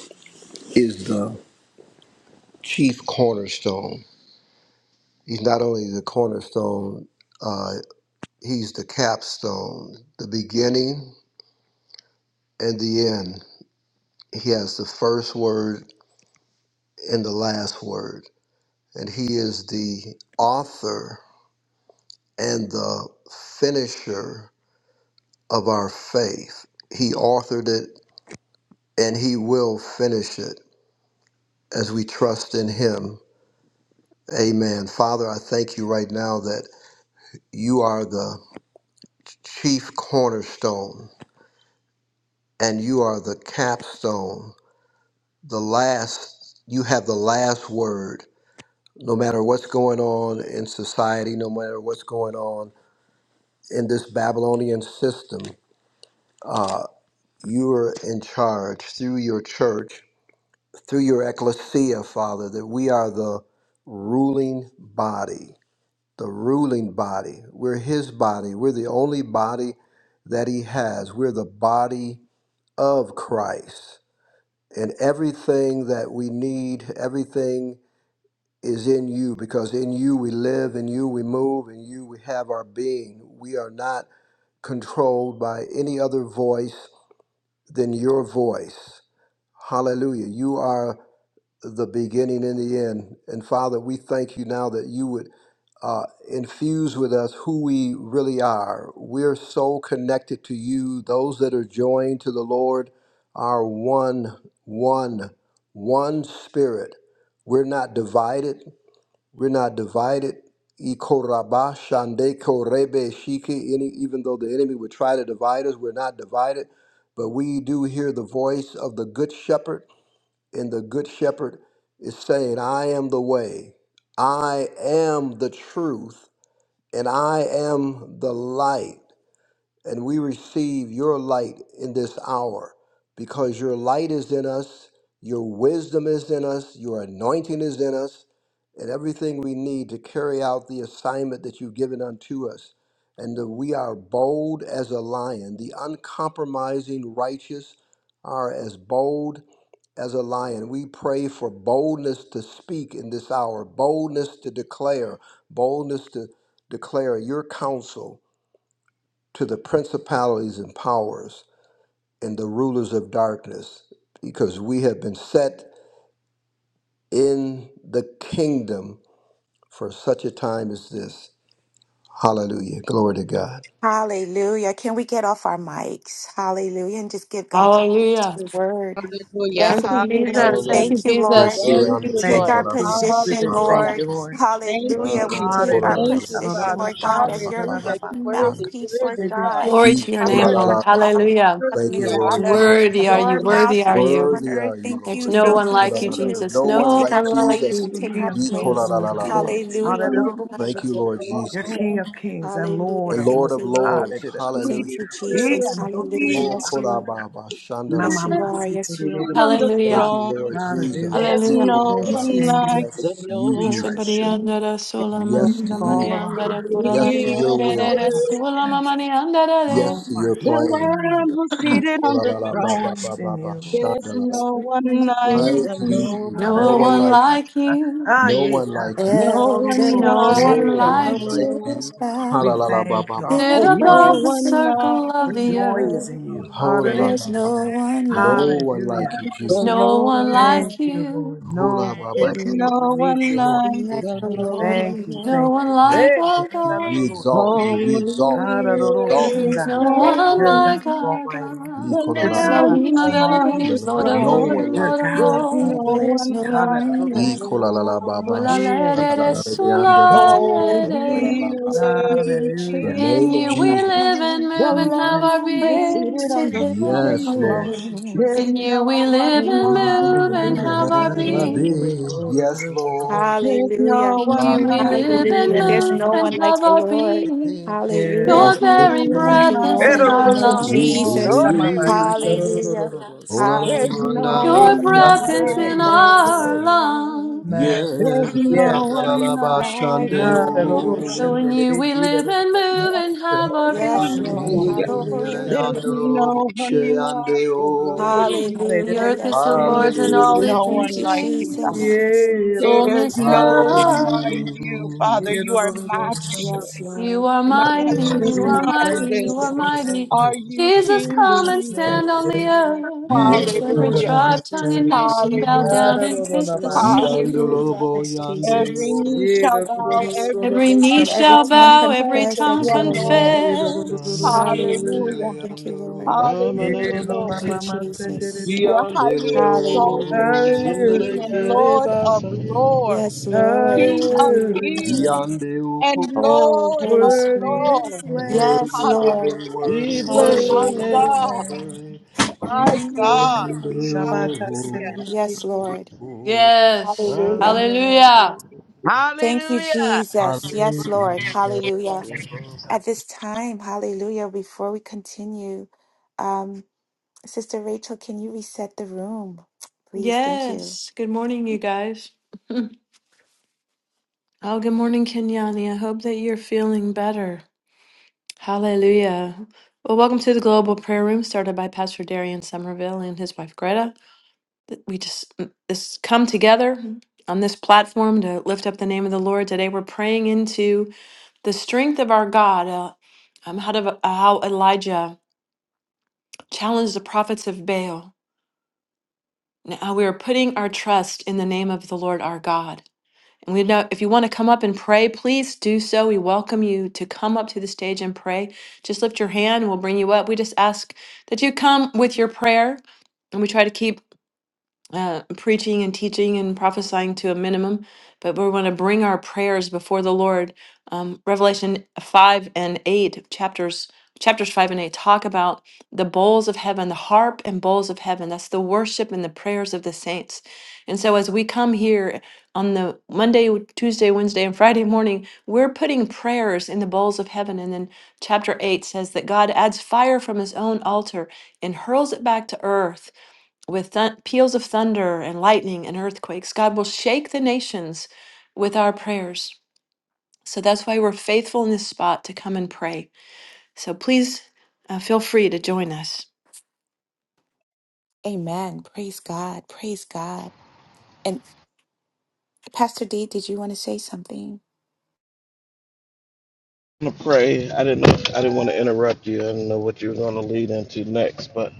[SPEAKER 8] is the chief cornerstone. He's not only the cornerstone, uh, he's the capstone, the beginning and the end. He has the first word and the last word. And he is the author and the finisher of our faith. He authored it and he will finish it as we trust in him. Amen. Father, I thank you right now that you are the chief cornerstone and you are the capstone. The last, you have the last word. No matter what's going on in society, no matter what's going on in this Babylonian system, uh, you are in charge through your church, through your ecclesia, Father, that we are the ruling body the ruling body. We're his body. We're the only body that he has. We're the body of Christ. And everything that we need, everything is in you because in you we live, in you we move, in you we have our being. We are not controlled by any other voice than your voice. Hallelujah. You are the beginning and the end. And Father, we thank you now that you would uh, infuse with us who we really are. We're so connected to you. Those that are joined to the Lord are one, one, one spirit. We're not divided. We're not divided. Ikoraba shandeko rebe shiki. Any, even though the enemy would try to divide us, we're not divided. But we do hear the voice of the Good Shepherd and the Good Shepherd is saying, I am the way, I am the truth, and I am the light and we receive your light in this hour because your light is in us, your wisdom is in us, your anointing is in us, and everything we need to carry out the assignment that you've given unto us. And that we are bold as a lion, the uncompromising righteous are as bold as a lion. We pray for boldness to speak in this hour, boldness to declare, boldness to declare your counsel to the principalities and powers and the rulers of darkness, because we have been set in the kingdom for such a time as this. Hallelujah. Glory to God.
[SPEAKER 3] Hallelujah. Can we get off our mics? Hallelujah. And just give God
[SPEAKER 2] Hallelujah.
[SPEAKER 3] the word.
[SPEAKER 5] Hallelujah.
[SPEAKER 2] Thank
[SPEAKER 3] Blessed
[SPEAKER 2] you,
[SPEAKER 3] be your name.
[SPEAKER 2] Jesus.
[SPEAKER 5] Hallelujah.
[SPEAKER 2] Thank you,
[SPEAKER 3] Thank you, Lord.
[SPEAKER 2] Jesus.
[SPEAKER 5] Thank
[SPEAKER 3] We
[SPEAKER 5] you,
[SPEAKER 4] Thank
[SPEAKER 3] take
[SPEAKER 5] Lord.
[SPEAKER 3] our
[SPEAKER 4] you, Jesus. We
[SPEAKER 3] position,
[SPEAKER 4] just thank
[SPEAKER 5] Hallelujah.
[SPEAKER 4] you,
[SPEAKER 3] Lord.
[SPEAKER 4] Lord.
[SPEAKER 5] Thank you,
[SPEAKER 3] Hallelujah. We take
[SPEAKER 5] Jesus.
[SPEAKER 3] our
[SPEAKER 4] Hallelujah.
[SPEAKER 5] Thank you,
[SPEAKER 4] Hallelujah.
[SPEAKER 3] position,
[SPEAKER 5] Father.
[SPEAKER 3] Lord God, as your
[SPEAKER 5] Hallelujah. You're
[SPEAKER 4] Da-da-da-da-da-da-da.
[SPEAKER 5] worthy,
[SPEAKER 3] mouthpiece, Lord
[SPEAKER 5] worthy,
[SPEAKER 4] Maybe
[SPEAKER 5] God.
[SPEAKER 3] God.
[SPEAKER 4] keep
[SPEAKER 2] Glory
[SPEAKER 4] on
[SPEAKER 2] to your
[SPEAKER 4] going.
[SPEAKER 2] name,
[SPEAKER 5] Worthy,
[SPEAKER 2] Lord. Hallelujah.
[SPEAKER 5] worthy,
[SPEAKER 8] Thank
[SPEAKER 3] Heavenly
[SPEAKER 8] you,
[SPEAKER 5] God.
[SPEAKER 8] Lord
[SPEAKER 3] Father,
[SPEAKER 8] Jesus.
[SPEAKER 2] Worthy are
[SPEAKER 5] Thank
[SPEAKER 2] you.
[SPEAKER 3] your
[SPEAKER 2] Worthy
[SPEAKER 4] Yeah-da-da-da-da-da-da-da.
[SPEAKER 2] are
[SPEAKER 3] mouthpiece
[SPEAKER 2] you.
[SPEAKER 3] on
[SPEAKER 8] Worthy
[SPEAKER 3] earth.
[SPEAKER 8] are you,
[SPEAKER 3] Thank
[SPEAKER 2] There's
[SPEAKER 3] you.
[SPEAKER 8] Lord.
[SPEAKER 4] You
[SPEAKER 2] no
[SPEAKER 4] know,
[SPEAKER 3] Thank
[SPEAKER 2] one
[SPEAKER 3] you.
[SPEAKER 2] like you,
[SPEAKER 3] Thank you.
[SPEAKER 2] Jesus.
[SPEAKER 8] No
[SPEAKER 3] We
[SPEAKER 8] one
[SPEAKER 2] No
[SPEAKER 3] take
[SPEAKER 8] like
[SPEAKER 3] our
[SPEAKER 2] one like
[SPEAKER 3] place.
[SPEAKER 8] Jesus.
[SPEAKER 3] We take
[SPEAKER 4] King
[SPEAKER 3] our
[SPEAKER 4] of
[SPEAKER 2] you.
[SPEAKER 4] kings,
[SPEAKER 3] place.
[SPEAKER 4] Lord of lords.
[SPEAKER 3] Hallelujah, Lord
[SPEAKER 5] you,
[SPEAKER 3] God. we
[SPEAKER 8] Thank
[SPEAKER 4] Hallelujah.
[SPEAKER 8] you,
[SPEAKER 3] take.
[SPEAKER 5] Jesus. Thank
[SPEAKER 8] Lord
[SPEAKER 5] you,
[SPEAKER 4] You're
[SPEAKER 8] Jesus.
[SPEAKER 5] Jesus.
[SPEAKER 4] King of kings and Lord
[SPEAKER 3] Hallelujah.
[SPEAKER 8] And
[SPEAKER 4] of
[SPEAKER 3] Thank
[SPEAKER 8] Lord of
[SPEAKER 3] you,
[SPEAKER 4] lords.
[SPEAKER 3] Lord.
[SPEAKER 8] Lords.
[SPEAKER 4] Hallelujah.
[SPEAKER 5] Seated on
[SPEAKER 8] Hallelujah.
[SPEAKER 3] Thank you,
[SPEAKER 4] Yeah,
[SPEAKER 3] Jesus.
[SPEAKER 4] and
[SPEAKER 3] Hallelujah.
[SPEAKER 4] those-
[SPEAKER 8] Oh,
[SPEAKER 3] Yes, you are.
[SPEAKER 8] kolababa,
[SPEAKER 4] My
[SPEAKER 3] Yes,
[SPEAKER 8] shandalaba.
[SPEAKER 3] you
[SPEAKER 4] mama,
[SPEAKER 3] are.
[SPEAKER 4] see,
[SPEAKER 3] Yes, you are.
[SPEAKER 5] the
[SPEAKER 8] Thank
[SPEAKER 2] Hallelujah.
[SPEAKER 8] you,
[SPEAKER 5] throne,
[SPEAKER 8] Lord
[SPEAKER 3] Hallelujah.
[SPEAKER 8] Jesus.
[SPEAKER 4] Hallelujah.
[SPEAKER 5] there's
[SPEAKER 3] Blessed
[SPEAKER 2] Hallelujah.
[SPEAKER 3] be your
[SPEAKER 5] no
[SPEAKER 3] name,
[SPEAKER 8] Ikolalaba.
[SPEAKER 5] one
[SPEAKER 3] Jesus.
[SPEAKER 4] Thank you.
[SPEAKER 5] like the
[SPEAKER 8] Yes to you,
[SPEAKER 4] We
[SPEAKER 8] Jesus.
[SPEAKER 4] trust you
[SPEAKER 5] Lord.
[SPEAKER 2] Rosabariandara
[SPEAKER 3] Lord,
[SPEAKER 8] Yes to
[SPEAKER 2] sulamanina
[SPEAKER 4] with all
[SPEAKER 8] you.
[SPEAKER 4] of our
[SPEAKER 5] He
[SPEAKER 2] mariandara
[SPEAKER 4] heart.
[SPEAKER 8] Yes to your
[SPEAKER 5] is
[SPEAKER 4] all
[SPEAKER 8] will.
[SPEAKER 2] kurarariyarerere
[SPEAKER 4] of our strength,
[SPEAKER 2] sulamamaniandarare.
[SPEAKER 4] all
[SPEAKER 8] Yes
[SPEAKER 4] of
[SPEAKER 8] to
[SPEAKER 4] our
[SPEAKER 8] your
[SPEAKER 5] The
[SPEAKER 8] plan.
[SPEAKER 5] Lamb
[SPEAKER 4] mind. oh
[SPEAKER 5] who's
[SPEAKER 4] God.
[SPEAKER 5] seated on the
[SPEAKER 4] We
[SPEAKER 5] throne,
[SPEAKER 4] trust in
[SPEAKER 8] Ikolalalababababa,
[SPEAKER 4] you, Lord.
[SPEAKER 5] there's
[SPEAKER 8] shandalala.
[SPEAKER 5] no one like
[SPEAKER 4] We
[SPEAKER 5] the
[SPEAKER 8] Like you,
[SPEAKER 4] trust you.
[SPEAKER 8] no
[SPEAKER 2] No
[SPEAKER 5] Lord.
[SPEAKER 8] one
[SPEAKER 2] one
[SPEAKER 8] like you.
[SPEAKER 4] Hallelujah.
[SPEAKER 2] like you.
[SPEAKER 4] Ah,
[SPEAKER 8] No
[SPEAKER 4] yeah.
[SPEAKER 8] one
[SPEAKER 4] ah.
[SPEAKER 8] like you.
[SPEAKER 5] No one
[SPEAKER 2] There's no
[SPEAKER 3] Elders,
[SPEAKER 5] like
[SPEAKER 2] one
[SPEAKER 8] No
[SPEAKER 5] the
[SPEAKER 4] Hallelujah.
[SPEAKER 2] like
[SPEAKER 8] one
[SPEAKER 2] you.
[SPEAKER 8] like
[SPEAKER 5] Lord.
[SPEAKER 3] preachers,
[SPEAKER 8] you.
[SPEAKER 4] We
[SPEAKER 3] bow,
[SPEAKER 4] thank you. Our
[SPEAKER 8] Halalalabababa.
[SPEAKER 2] Sit
[SPEAKER 3] giving
[SPEAKER 4] hope
[SPEAKER 5] No
[SPEAKER 4] is in
[SPEAKER 2] above
[SPEAKER 4] you.
[SPEAKER 2] the
[SPEAKER 3] praise
[SPEAKER 5] one
[SPEAKER 3] to
[SPEAKER 2] circle
[SPEAKER 5] like
[SPEAKER 4] Our
[SPEAKER 2] of
[SPEAKER 5] the
[SPEAKER 2] the
[SPEAKER 3] you.
[SPEAKER 4] joy
[SPEAKER 5] Lord.
[SPEAKER 4] is
[SPEAKER 2] earth.
[SPEAKER 4] in you.
[SPEAKER 3] There's
[SPEAKER 4] Hallelujah.
[SPEAKER 3] no
[SPEAKER 8] Holalabababa.
[SPEAKER 3] one
[SPEAKER 8] No
[SPEAKER 3] like
[SPEAKER 8] one like
[SPEAKER 4] Hallelujah.
[SPEAKER 8] you,
[SPEAKER 2] There's
[SPEAKER 3] you.
[SPEAKER 5] The
[SPEAKER 8] Jesus.
[SPEAKER 2] no one
[SPEAKER 5] Lord.
[SPEAKER 4] Thank
[SPEAKER 2] like
[SPEAKER 4] you,
[SPEAKER 2] you.
[SPEAKER 4] Lord. No one like
[SPEAKER 5] There's
[SPEAKER 8] Hulabababa.
[SPEAKER 4] you,
[SPEAKER 5] no
[SPEAKER 4] but
[SPEAKER 3] Anyone
[SPEAKER 4] we
[SPEAKER 5] one
[SPEAKER 4] need you,
[SPEAKER 8] One
[SPEAKER 4] Lord.
[SPEAKER 5] like
[SPEAKER 8] like
[SPEAKER 3] like
[SPEAKER 5] the
[SPEAKER 3] the
[SPEAKER 8] you.
[SPEAKER 3] Lord
[SPEAKER 4] Thank you.
[SPEAKER 2] No
[SPEAKER 4] Thank
[SPEAKER 2] one
[SPEAKER 4] you.
[SPEAKER 5] Lord.
[SPEAKER 2] like
[SPEAKER 4] Hey.
[SPEAKER 2] our God.
[SPEAKER 8] We
[SPEAKER 4] Hallelujah.
[SPEAKER 8] exalt you. We exalt
[SPEAKER 5] Holy,
[SPEAKER 8] you. We
[SPEAKER 3] He's
[SPEAKER 8] exalt you.
[SPEAKER 4] Hallelujah.
[SPEAKER 2] No
[SPEAKER 8] We
[SPEAKER 5] worthy,
[SPEAKER 8] exalt your
[SPEAKER 2] one
[SPEAKER 4] You're
[SPEAKER 8] name.
[SPEAKER 4] God
[SPEAKER 2] like
[SPEAKER 3] mighty.
[SPEAKER 2] our
[SPEAKER 4] Almighty.
[SPEAKER 2] God.
[SPEAKER 5] the
[SPEAKER 4] You're
[SPEAKER 3] I'll
[SPEAKER 8] Ikolalala.
[SPEAKER 5] Lamb
[SPEAKER 4] God
[SPEAKER 3] sing
[SPEAKER 2] Elohim
[SPEAKER 5] is
[SPEAKER 2] of
[SPEAKER 5] seated on
[SPEAKER 4] Almighty.
[SPEAKER 8] You
[SPEAKER 5] the
[SPEAKER 2] Elohims,
[SPEAKER 8] know,
[SPEAKER 2] Lord of
[SPEAKER 8] No
[SPEAKER 2] Lord
[SPEAKER 5] throne.
[SPEAKER 8] one
[SPEAKER 2] and
[SPEAKER 4] Dear
[SPEAKER 8] like
[SPEAKER 2] Lord of
[SPEAKER 5] There's
[SPEAKER 4] God, oh
[SPEAKER 2] Lord.
[SPEAKER 5] no
[SPEAKER 4] my
[SPEAKER 3] There's
[SPEAKER 5] one
[SPEAKER 3] no
[SPEAKER 5] like
[SPEAKER 3] one
[SPEAKER 4] Hallelujah.
[SPEAKER 5] the
[SPEAKER 8] you.
[SPEAKER 3] like you.
[SPEAKER 8] Ikolalala baba.
[SPEAKER 5] Lord.
[SPEAKER 4] Yeah, we
[SPEAKER 2] Ulalere
[SPEAKER 8] Shikalalala
[SPEAKER 4] thank you.
[SPEAKER 8] yandalala.
[SPEAKER 3] There
[SPEAKER 2] sulayere.
[SPEAKER 5] Holy,
[SPEAKER 8] Ikolalala
[SPEAKER 3] is
[SPEAKER 8] baba.
[SPEAKER 5] worthy,
[SPEAKER 3] creature
[SPEAKER 8] The
[SPEAKER 4] Hallelujah.
[SPEAKER 2] In
[SPEAKER 8] name of
[SPEAKER 2] you we
[SPEAKER 8] Jesus.
[SPEAKER 2] live and
[SPEAKER 5] the
[SPEAKER 2] move
[SPEAKER 4] Mm,
[SPEAKER 2] and have
[SPEAKER 4] Bless,
[SPEAKER 2] our
[SPEAKER 5] Lamb is
[SPEAKER 2] being.
[SPEAKER 3] Praise
[SPEAKER 5] seated
[SPEAKER 3] to
[SPEAKER 5] on the
[SPEAKER 3] Him and
[SPEAKER 5] throne.
[SPEAKER 3] Him
[SPEAKER 8] Yes, Lord.
[SPEAKER 4] bless you,
[SPEAKER 3] alone.
[SPEAKER 4] Jesus.
[SPEAKER 5] There's
[SPEAKER 2] In you
[SPEAKER 5] no
[SPEAKER 2] we
[SPEAKER 5] one
[SPEAKER 2] live and
[SPEAKER 8] Have
[SPEAKER 5] like
[SPEAKER 2] move
[SPEAKER 5] the
[SPEAKER 2] and have
[SPEAKER 5] Lord.
[SPEAKER 2] our
[SPEAKER 8] I
[SPEAKER 3] like
[SPEAKER 2] being.
[SPEAKER 4] Glory,
[SPEAKER 8] been?
[SPEAKER 4] glory,
[SPEAKER 8] Yes,
[SPEAKER 4] glory,
[SPEAKER 8] Lord.
[SPEAKER 4] glory.
[SPEAKER 5] There's no
[SPEAKER 3] Hallelujah.
[SPEAKER 2] In
[SPEAKER 5] one
[SPEAKER 2] you we
[SPEAKER 5] like
[SPEAKER 2] live
[SPEAKER 8] Hallelujah.
[SPEAKER 5] the
[SPEAKER 2] and
[SPEAKER 3] Hallelujah.
[SPEAKER 4] Thank you.
[SPEAKER 3] There's
[SPEAKER 2] move
[SPEAKER 3] no
[SPEAKER 5] Lord.
[SPEAKER 2] and
[SPEAKER 3] one like
[SPEAKER 2] have
[SPEAKER 3] the
[SPEAKER 2] our
[SPEAKER 3] Lord.
[SPEAKER 2] being.
[SPEAKER 4] Yeah.
[SPEAKER 3] Hallelujah.
[SPEAKER 5] There's
[SPEAKER 2] Your
[SPEAKER 5] no
[SPEAKER 2] very
[SPEAKER 5] one
[SPEAKER 3] Thank you,
[SPEAKER 2] breath is
[SPEAKER 4] Yeah,
[SPEAKER 5] like
[SPEAKER 2] in
[SPEAKER 4] do,
[SPEAKER 3] Lord.
[SPEAKER 5] the
[SPEAKER 4] do,
[SPEAKER 2] our
[SPEAKER 3] Thank
[SPEAKER 4] do,
[SPEAKER 3] you,
[SPEAKER 4] do.
[SPEAKER 5] Lord.
[SPEAKER 8] We
[SPEAKER 2] lungs.
[SPEAKER 3] Jesus.
[SPEAKER 5] Oh,
[SPEAKER 4] Shama, ma,
[SPEAKER 5] Rebe,
[SPEAKER 4] ki, do,
[SPEAKER 8] breathe.
[SPEAKER 4] do, do,
[SPEAKER 5] sorry.
[SPEAKER 4] do, do,
[SPEAKER 3] Hallelujah.
[SPEAKER 4] do, do, sa.
[SPEAKER 8] Ola la
[SPEAKER 5] There's no
[SPEAKER 3] Hallelujah.
[SPEAKER 8] la,
[SPEAKER 4] Yeah,
[SPEAKER 2] Your
[SPEAKER 4] ba,
[SPEAKER 5] one
[SPEAKER 4] ma, ma,
[SPEAKER 2] breath
[SPEAKER 4] ma,
[SPEAKER 5] like
[SPEAKER 2] is
[SPEAKER 4] ma,
[SPEAKER 5] the
[SPEAKER 2] in
[SPEAKER 3] Like
[SPEAKER 8] mandala,
[SPEAKER 3] the
[SPEAKER 4] do, do,
[SPEAKER 5] Lord.
[SPEAKER 4] do, do.
[SPEAKER 2] our
[SPEAKER 3] Lord.
[SPEAKER 2] lungs.
[SPEAKER 8] Yes,
[SPEAKER 4] Ma,
[SPEAKER 5] There's no
[SPEAKER 4] Yes.
[SPEAKER 5] one
[SPEAKER 8] Yandalalaba
[SPEAKER 5] like
[SPEAKER 3] Like
[SPEAKER 5] the
[SPEAKER 3] the
[SPEAKER 5] Lord.
[SPEAKER 4] Hallelujah.
[SPEAKER 2] So
[SPEAKER 4] Shem,
[SPEAKER 8] Shandeo,
[SPEAKER 2] in
[SPEAKER 3] Lord.
[SPEAKER 4] de, de,
[SPEAKER 2] you
[SPEAKER 4] de,
[SPEAKER 2] we
[SPEAKER 4] ki, do,
[SPEAKER 2] live
[SPEAKER 4] do, do,
[SPEAKER 2] and
[SPEAKER 4] do.
[SPEAKER 2] move and
[SPEAKER 5] Yes,
[SPEAKER 2] have
[SPEAKER 5] Lord.
[SPEAKER 2] our
[SPEAKER 3] Yes,
[SPEAKER 2] being,
[SPEAKER 4] Shama, ma,
[SPEAKER 3] Lord.
[SPEAKER 5] Hallelujah.
[SPEAKER 3] Hallelujah.
[SPEAKER 4] do, do,
[SPEAKER 2] Lord.
[SPEAKER 5] There's
[SPEAKER 4] do, do.
[SPEAKER 8] Yandalalaba
[SPEAKER 5] no one like the
[SPEAKER 8] Shandeo,
[SPEAKER 5] Lord.
[SPEAKER 2] The
[SPEAKER 3] Hallelujah.
[SPEAKER 2] earth
[SPEAKER 4] Hallelujah.
[SPEAKER 2] is
[SPEAKER 3] Yes,
[SPEAKER 2] the
[SPEAKER 4] Shem, de,
[SPEAKER 2] Lord's
[SPEAKER 3] Lord.
[SPEAKER 4] do,
[SPEAKER 2] and
[SPEAKER 4] do,
[SPEAKER 5] There's
[SPEAKER 2] all
[SPEAKER 4] do.
[SPEAKER 5] no
[SPEAKER 8] Hallelujah,
[SPEAKER 2] it
[SPEAKER 3] Thank
[SPEAKER 5] one
[SPEAKER 3] you,
[SPEAKER 5] like you,
[SPEAKER 2] contains,
[SPEAKER 5] God.
[SPEAKER 3] Jesus. Yes,
[SPEAKER 2] the
[SPEAKER 4] Yeah,
[SPEAKER 3] Lord.
[SPEAKER 4] do,
[SPEAKER 5] There's
[SPEAKER 2] fullness
[SPEAKER 5] no one like
[SPEAKER 2] thereof.
[SPEAKER 3] Mm.
[SPEAKER 5] you, Father.
[SPEAKER 8] Hallelujah.
[SPEAKER 5] You are
[SPEAKER 4] do, do, do.
[SPEAKER 3] Yes,
[SPEAKER 5] matchless.
[SPEAKER 2] You
[SPEAKER 3] Lord.
[SPEAKER 2] are mighty,
[SPEAKER 3] Hallelujah.
[SPEAKER 5] Matchless,
[SPEAKER 2] you
[SPEAKER 4] You
[SPEAKER 2] are
[SPEAKER 4] are great.
[SPEAKER 2] mighty,
[SPEAKER 3] We
[SPEAKER 2] you
[SPEAKER 3] are
[SPEAKER 5] matchless.
[SPEAKER 2] are
[SPEAKER 3] mighty.
[SPEAKER 2] mighty.
[SPEAKER 5] Are you
[SPEAKER 2] Jesus,
[SPEAKER 5] King
[SPEAKER 4] You
[SPEAKER 2] come
[SPEAKER 4] are
[SPEAKER 2] and
[SPEAKER 4] great.
[SPEAKER 2] stand
[SPEAKER 3] Lord.
[SPEAKER 2] on
[SPEAKER 5] Jesus?
[SPEAKER 2] the
[SPEAKER 3] Hallelujah.
[SPEAKER 2] earth. Make
[SPEAKER 8] Yes,
[SPEAKER 4] Thank you.
[SPEAKER 2] every
[SPEAKER 5] Hallelujah.
[SPEAKER 2] tribe, tongue,
[SPEAKER 3] Jesus.
[SPEAKER 2] and nation bow
[SPEAKER 4] Ah,
[SPEAKER 5] Hallelujah.
[SPEAKER 2] down
[SPEAKER 4] no, no,
[SPEAKER 2] and
[SPEAKER 4] no,
[SPEAKER 3] Yes,
[SPEAKER 2] kiss
[SPEAKER 4] no,
[SPEAKER 2] the
[SPEAKER 4] my
[SPEAKER 3] Lord.
[SPEAKER 2] sun.
[SPEAKER 5] Hallelujah.
[SPEAKER 4] goodness.
[SPEAKER 8] Yandalobo
[SPEAKER 3] Yes,
[SPEAKER 5] Every
[SPEAKER 3] Jesus.
[SPEAKER 8] Yandeo,
[SPEAKER 5] knee
[SPEAKER 4] Yeah,
[SPEAKER 5] shall
[SPEAKER 4] no, no,
[SPEAKER 5] bow,
[SPEAKER 4] no, no,
[SPEAKER 3] Yes,
[SPEAKER 4] no,
[SPEAKER 3] Lord.
[SPEAKER 4] no,
[SPEAKER 5] every
[SPEAKER 2] Every
[SPEAKER 4] no,
[SPEAKER 2] knee
[SPEAKER 3] And
[SPEAKER 5] tongue
[SPEAKER 4] shabba, ba, ba,
[SPEAKER 3] every
[SPEAKER 2] shall
[SPEAKER 5] shall
[SPEAKER 4] ba,
[SPEAKER 3] tongue
[SPEAKER 4] ba.
[SPEAKER 2] bow, every
[SPEAKER 5] confess
[SPEAKER 3] confess
[SPEAKER 5] that
[SPEAKER 2] tongue
[SPEAKER 3] that
[SPEAKER 5] you
[SPEAKER 3] you
[SPEAKER 5] are
[SPEAKER 3] are
[SPEAKER 5] Lord.
[SPEAKER 3] Lord.
[SPEAKER 4] Yeah, no, no, no, no, no,
[SPEAKER 8] Yandalabana
[SPEAKER 2] confess.
[SPEAKER 4] no,
[SPEAKER 3] Hallelujah.
[SPEAKER 8] Yandele
[SPEAKER 4] shabba.
[SPEAKER 5] Hallelujah.
[SPEAKER 3] Thank you,
[SPEAKER 8] Yando,
[SPEAKER 3] Lord.
[SPEAKER 6] Ramana
[SPEAKER 5] Hallelujah,
[SPEAKER 4] Yeah, ma,
[SPEAKER 6] mama
[SPEAKER 3] Thank
[SPEAKER 5] Lord.
[SPEAKER 4] ma,
[SPEAKER 3] you,
[SPEAKER 4] ma, ma, sa,
[SPEAKER 6] sitiki,
[SPEAKER 4] da, da,
[SPEAKER 3] Jesus.
[SPEAKER 4] da.
[SPEAKER 5] You are highly
[SPEAKER 8] Yandeleo,
[SPEAKER 5] exalted,
[SPEAKER 3] Hallelujah.
[SPEAKER 5] King of kings and
[SPEAKER 4] Hallelujah.
[SPEAKER 5] Lord of
[SPEAKER 6] basa.
[SPEAKER 5] lords,
[SPEAKER 3] Yes, Lord.
[SPEAKER 5] King of
[SPEAKER 3] Hallelujah.
[SPEAKER 4] Hallelujah.
[SPEAKER 5] kings and
[SPEAKER 8] Yandeo,
[SPEAKER 3] Oh,
[SPEAKER 5] Lord
[SPEAKER 3] Holy
[SPEAKER 5] of
[SPEAKER 4] Worthy
[SPEAKER 3] Spirit.
[SPEAKER 4] is
[SPEAKER 5] lords.
[SPEAKER 4] the Lamb.
[SPEAKER 3] Yes,
[SPEAKER 8] Worthy, worthy,
[SPEAKER 3] Lord.
[SPEAKER 5] Hallelujah.
[SPEAKER 6] We
[SPEAKER 8] worthy, worthy,
[SPEAKER 6] bless
[SPEAKER 5] My
[SPEAKER 4] Worthy
[SPEAKER 6] your
[SPEAKER 3] Hallelujah.
[SPEAKER 4] is
[SPEAKER 6] name.
[SPEAKER 4] the
[SPEAKER 8] worthy,
[SPEAKER 5] God,
[SPEAKER 4] Lamb.
[SPEAKER 8] worthy.
[SPEAKER 5] my
[SPEAKER 8] Before
[SPEAKER 5] God.
[SPEAKER 8] him,
[SPEAKER 4] Shabbat
[SPEAKER 5] Hallelujah.
[SPEAKER 3] Yes, Lord.
[SPEAKER 8] Lord.
[SPEAKER 2] Yes.
[SPEAKER 3] Hallelujah.
[SPEAKER 2] Hallelujah.
[SPEAKER 3] Thank you,
[SPEAKER 5] Hallelujah.
[SPEAKER 3] Jesus. Yes, Lord.
[SPEAKER 8] Hallelujah.
[SPEAKER 3] Hallelujah. At this time, hallelujah, before we continue, um, Sister Rachel, can you reset the room? Please. Thank you.
[SPEAKER 2] Yes. Good morning, you guys. Oh, good morning, Kenyani. I hope that you're feeling better. Hallelujah. Well, welcome to the Global Prayer Room, started by Pastor Darian Somerville and his wife Greta. that we just mm, this come together on this platform to lift up the name of the Lord today. We're praying into the strength of our God, uh, um, how, to, how Elijah challenged the prophets of Baal. Now we are putting our trust in the name of the Lord our God. And we know if you want to come up and pray, please do so. We welcome you to come up to the stage and pray. Just lift your hand, and we'll bring you up. We just ask that you come with your prayer. And we try to keep uh, preaching and teaching and prophesying to a minimum, but we want to bring our prayers before the Lord. Um, Revelation five and eight chapters, chapters five and eight talk about the bowls of heaven, the harp and bowls of heaven. That's the worship and the prayers of the saints. And so, as we come here on the Monday, Tuesday, Wednesday, and Friday morning, we're putting prayers in the bowls of heaven. And then chapter eight says that God adds fire from His own altar and hurls it back to earth with th- peals of thunder and lightning and earthquakes. God will shake the nations with our prayers. So that's why we're faithful in this spot to come and pray. So please uh, feel free to join us.
[SPEAKER 3] Amen. Praise God. Praise God. And Pastor D, did you want to say something?
[SPEAKER 6] I'm gonna pray. I didn't know. I didn't want to interrupt you. I didn't know what you were going to lead into next, but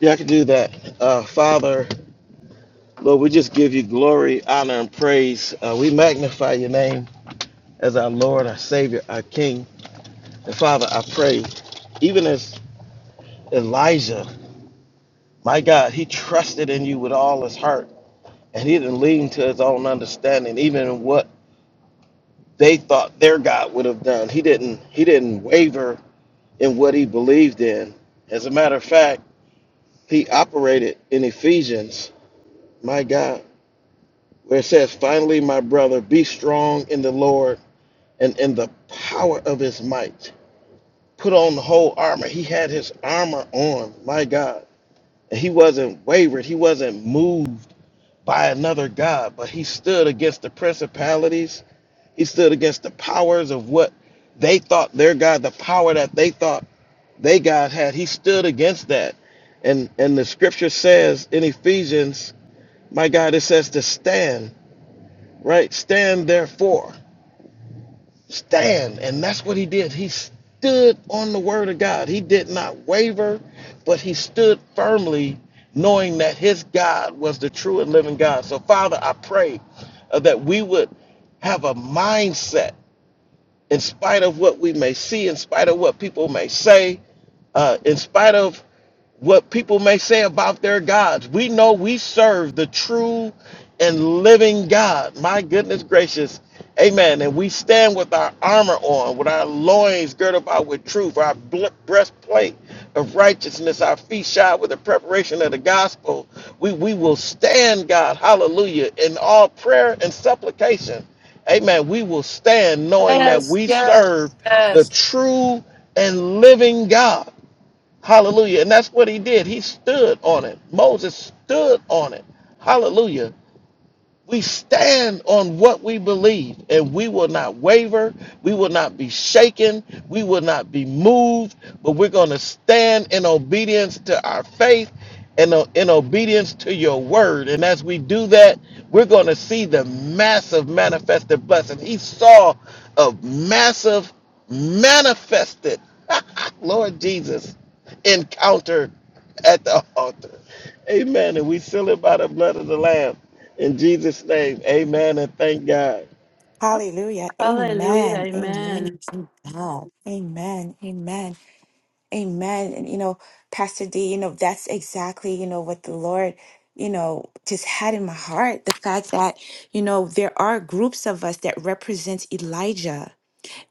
[SPEAKER 6] yeah, I can do that. Uh, Father, Lord, we just give you glory, honor, and praise. Uh, we magnify your name as our Lord, our Savior, our King. And Father, I pray, even as Elijah, my God, he trusted in you with all his heart, and he didn't lean to his own understanding, even in what they thought their God would have done. He didn't he didn't waver in what he believed in. As a matter of fact, he operated in Ephesians, my God, where it says, Finally, my brother, be strong in the Lord and in the power of his might. Put on the whole armor. He had his armor on, my God. And he wasn't wavered, he wasn't moved by another God, but he stood against the principalities He stood against the powers of what they thought their God, the power that they thought they God had. He stood against that. And and the scripture says in Ephesians, my God, it says to stand, right? Stand therefore. Stand. And that's what he did. He stood on the word of God. He did not waver, but he stood firmly, knowing that his God was the true and living God. So, Father, I pray uh, that we would have a mindset in spite of what we may see, in spite of what people may say, uh, in spite of what people may say about their gods. We know we serve the true and living God. My goodness gracious. Amen. And we stand with our armor on, with our loins girt about with truth, our bl- breastplate of righteousness, our feet shod with the preparation of the gospel. We, we will stand, God, hallelujah, in all prayer and supplication. Amen. We will stand knowing that
[SPEAKER 2] Yes,
[SPEAKER 6] we
[SPEAKER 2] yes,
[SPEAKER 6] serve the
[SPEAKER 2] yes.
[SPEAKER 6] true and living God. Hallelujah. And that's what he did. He stood on it. Moses stood on it. Hallelujah. We stand on what we believe, and we will not waver. We will not be shaken. We will not be moved, but we're going to stand in obedience to our faith and o- in obedience to your word. And as we do that, we're going to see the massive manifested blessing. He saw a massive manifested, Lord Jesus, encounter at the altar. Amen. And we seal it by the blood of the Lamb. In Jesus' name, amen. And thank God.
[SPEAKER 3] Hallelujah.
[SPEAKER 2] Hallelujah.
[SPEAKER 3] Amen. Amen.
[SPEAKER 2] Amen.
[SPEAKER 3] Thank God. Amen. Amen. Amen. And you know, Pastor D, you know, that's exactly, you know, what the Lord, you know, just had in my heart. The fact that, you know, there are groups of us that represent Elijah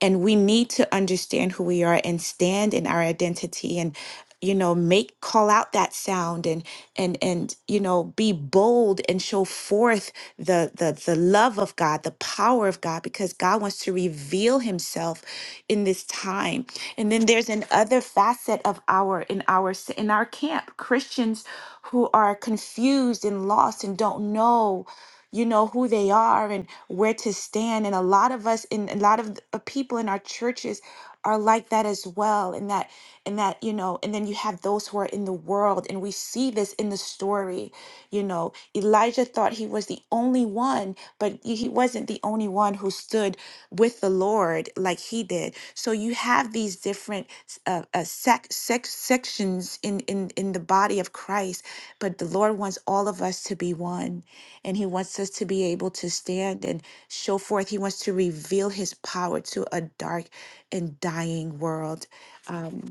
[SPEAKER 3] and we need to understand who we are and stand in our identity and you know make call out that sound and and and you know be bold and show forth the the the love of God the power of God because God wants to reveal himself in this time and then there's another facet of our in our in our camp Christians who are confused and lost and don't know you know who they are and where to stand and a lot of us and a lot of the uh, people in our churches are like that as well and that and that you know and then you have those who are in the world and we see this in the story you know elijah thought he was the only one but he wasn't the only one who stood with the Lord like he did. So you have these different uh, uh, sec- sec- sections in, in, in the body of Christ, but the Lord wants all of us to be one, and he wants us to be able to stand and show forth. He wants to reveal his power to a dark and dying world. Um,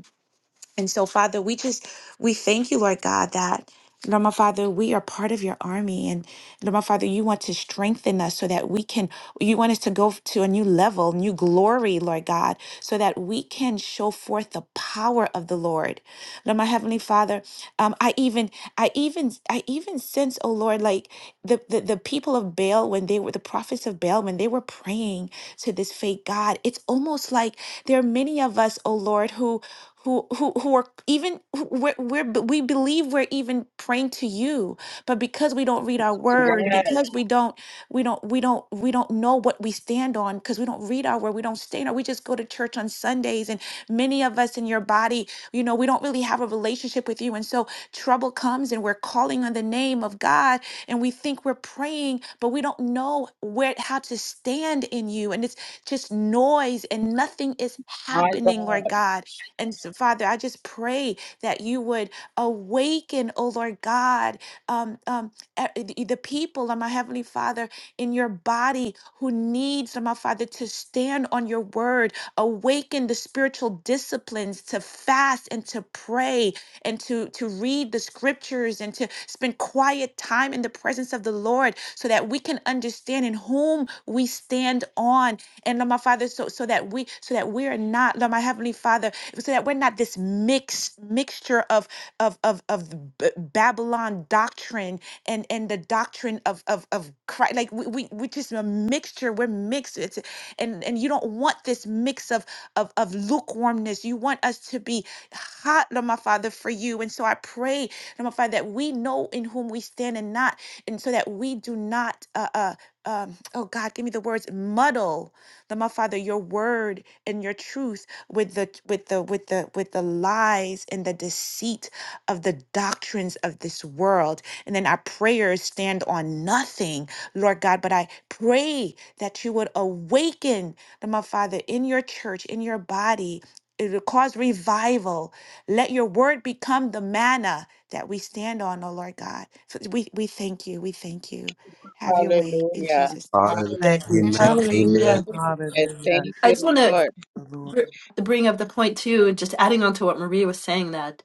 [SPEAKER 3] and so, Father, we just we thank you, Lord God, that Lord my Father, we are part of your army. And Lord my Father, you want to strengthen us so that we can you want us to go to a new level, new glory, Lord God, so that we can show forth the power of the Lord. Lord my Heavenly Father, um, I even I even I even sense, oh Lord, like the, the the people of Baal when they were the prophets of Baal, when they were praying to this fake God, it's almost like there are many of us, oh Lord, who who who who are even who- we're, we're b- we believe we're even praying to you but because we don't read our word
[SPEAKER 5] Yes,
[SPEAKER 3] because we don't we don't we don't we don't know what we stand on because we don't read our word we don't stand on we just go to church on sundays and many of us in your body you know we don't really have a relationship with you and so trouble comes and we're calling on the name of god and we think we're praying but we don't know where how to stand in you and it's just noise and nothing is
[SPEAKER 5] my
[SPEAKER 3] happening
[SPEAKER 5] God.
[SPEAKER 3] lord god and so, Father, I just pray that you would awaken, oh Lord God, um, um, e- the people, oh my Heavenly Father, in your body who needs, oh my Father, to stand on your word, awaken the spiritual disciplines to fast and to pray and to, to read the scriptures and to spend quiet time in the presence of the Lord so that we can understand in whom we stand on. And Lord my Father, so so that we so that we are not, Lord my Heavenly Father so that we're not this mix mixture of of of of the B- Babylon doctrine and and the doctrine of of of Christ. Like we we we just a mixture. We're mixed. It's, and and you don't want this mix of of of lukewarmness. You want us to be hot, Lord my Father, for you. And so I pray, Lord my Father, that we know in whom we stand and not, and so that we do not. Uh, uh, um, oh God, give me the words muddle, Lord my Father, your word and your truth with the with the with the with the lies and the deceit of the doctrines of this world and then our prayers stand on nothing lord god but i pray that you would awaken the my father in your church in your body it will cause revival let your word become the manna that we stand on oh lord god so we we thank you we thank you have your way in
[SPEAKER 5] Hallelujah.
[SPEAKER 3] jesus
[SPEAKER 8] Hallelujah.
[SPEAKER 4] Thank you,
[SPEAKER 8] Amen.
[SPEAKER 5] Hallelujah.
[SPEAKER 4] Jesus.
[SPEAKER 5] Thank you,
[SPEAKER 8] Amen.
[SPEAKER 2] Hallelujah.
[SPEAKER 5] Jesus. Thank
[SPEAKER 4] Hallelujah.
[SPEAKER 2] I just
[SPEAKER 5] you,
[SPEAKER 2] want to
[SPEAKER 5] Lord.
[SPEAKER 4] The Lord.
[SPEAKER 2] br- bring up the point too, and just adding on to what Maria was saying that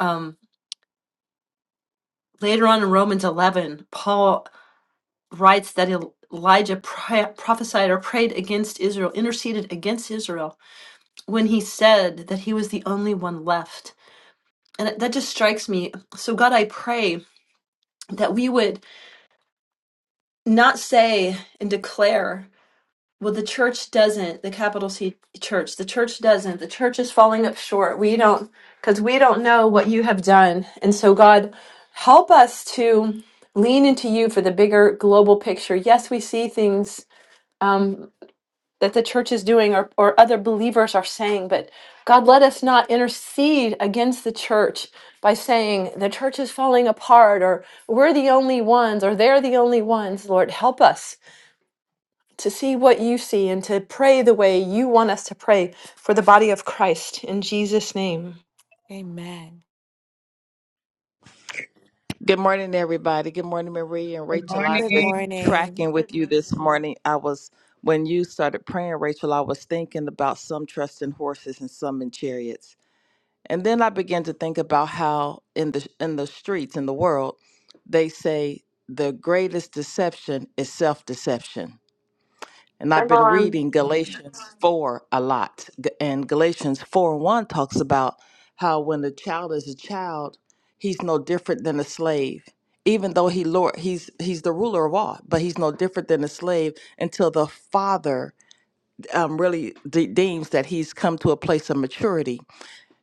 [SPEAKER 2] um, later on in Romans 11, Paul writes that Elijah pra- prophesied or prayed against Israel, interceded against Israel when he said that he was the only one left. And that that just strikes me. So, God, I pray that we would not say and declare, well, the church doesn't, the capital C church, the church doesn't, the church is falling up short. We don't, because we don't know what you have done. And so, God, help us to lean into you for the bigger global picture. Yes, we see things. Um, that the church is doing or, or other believers are saying, but God, let us not intercede against the church by saying the church is falling apart or we're the only ones or they're the only ones. Lord, help us to see what you see and to pray the way you want us to pray for the body of Christ in Jesus' name.
[SPEAKER 3] name. amen
[SPEAKER 9] Good morning, everybody. Good morning, Marie and
[SPEAKER 5] Good
[SPEAKER 9] Rachel. I'm just
[SPEAKER 5] morning.
[SPEAKER 9] tracking with you this morning. I was, when you started praying, Rachel, I was thinking about some trust in horses and some in chariots. And then I began to think about how in the in the streets in the world, they say the greatest deception is self-deception. And I've
[SPEAKER 2] Come
[SPEAKER 9] been
[SPEAKER 2] on.
[SPEAKER 9] reading Galatians 4 a lot. G- And Galatians 4 and 1 talks about how when a child is a child, he's no different than a slave. Even though he lord, he's he's the ruler of all, but he's no different than a slave until the father um, really de- deems that he's come to a place of maturity.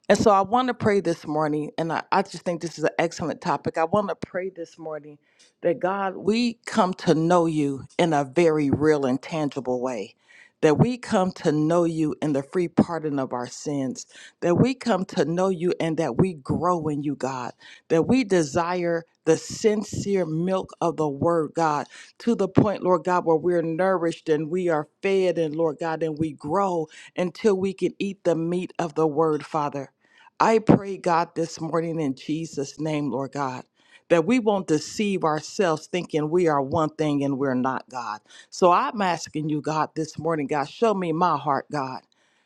[SPEAKER 9] And so I want to pray this morning, and I, I just think this is an excellent topic. I want to pray this morning that God, we come to know you in a very real and tangible way, that we come to know you in the free pardon of our sins, that we come to know you and that we grow in you, God, that we desire the sincere milk of the word, God, to the point, Lord God, where we're nourished and we are fed, and Lord God, and we grow until we can eat the meat of the word, Father. I pray, God, this morning in Jesus' name, Lord God, that we won't deceive ourselves thinking we are one thing and we're not, God. So I'm asking you, God, this morning, God, show me my heart, God.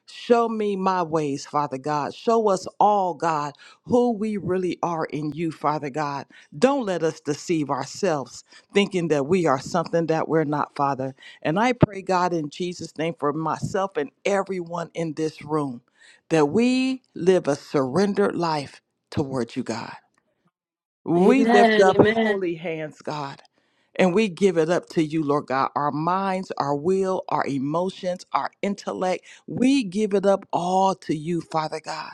[SPEAKER 9] Show me my ways, Father God. Show us all, God, who we really are in you, Father God. Don't let us deceive ourselves thinking that we are something that we're not, Father. And I pray, God, in Jesus' name for myself and everyone in this room that we live a surrendered life toward you, God. We lift
[SPEAKER 2] Amen.
[SPEAKER 9] up
[SPEAKER 2] Amen.
[SPEAKER 9] holy hands, God, and we give it up to you, Lord God. Our minds, our will, our emotions, our intellect, we give it up all to you, Father God,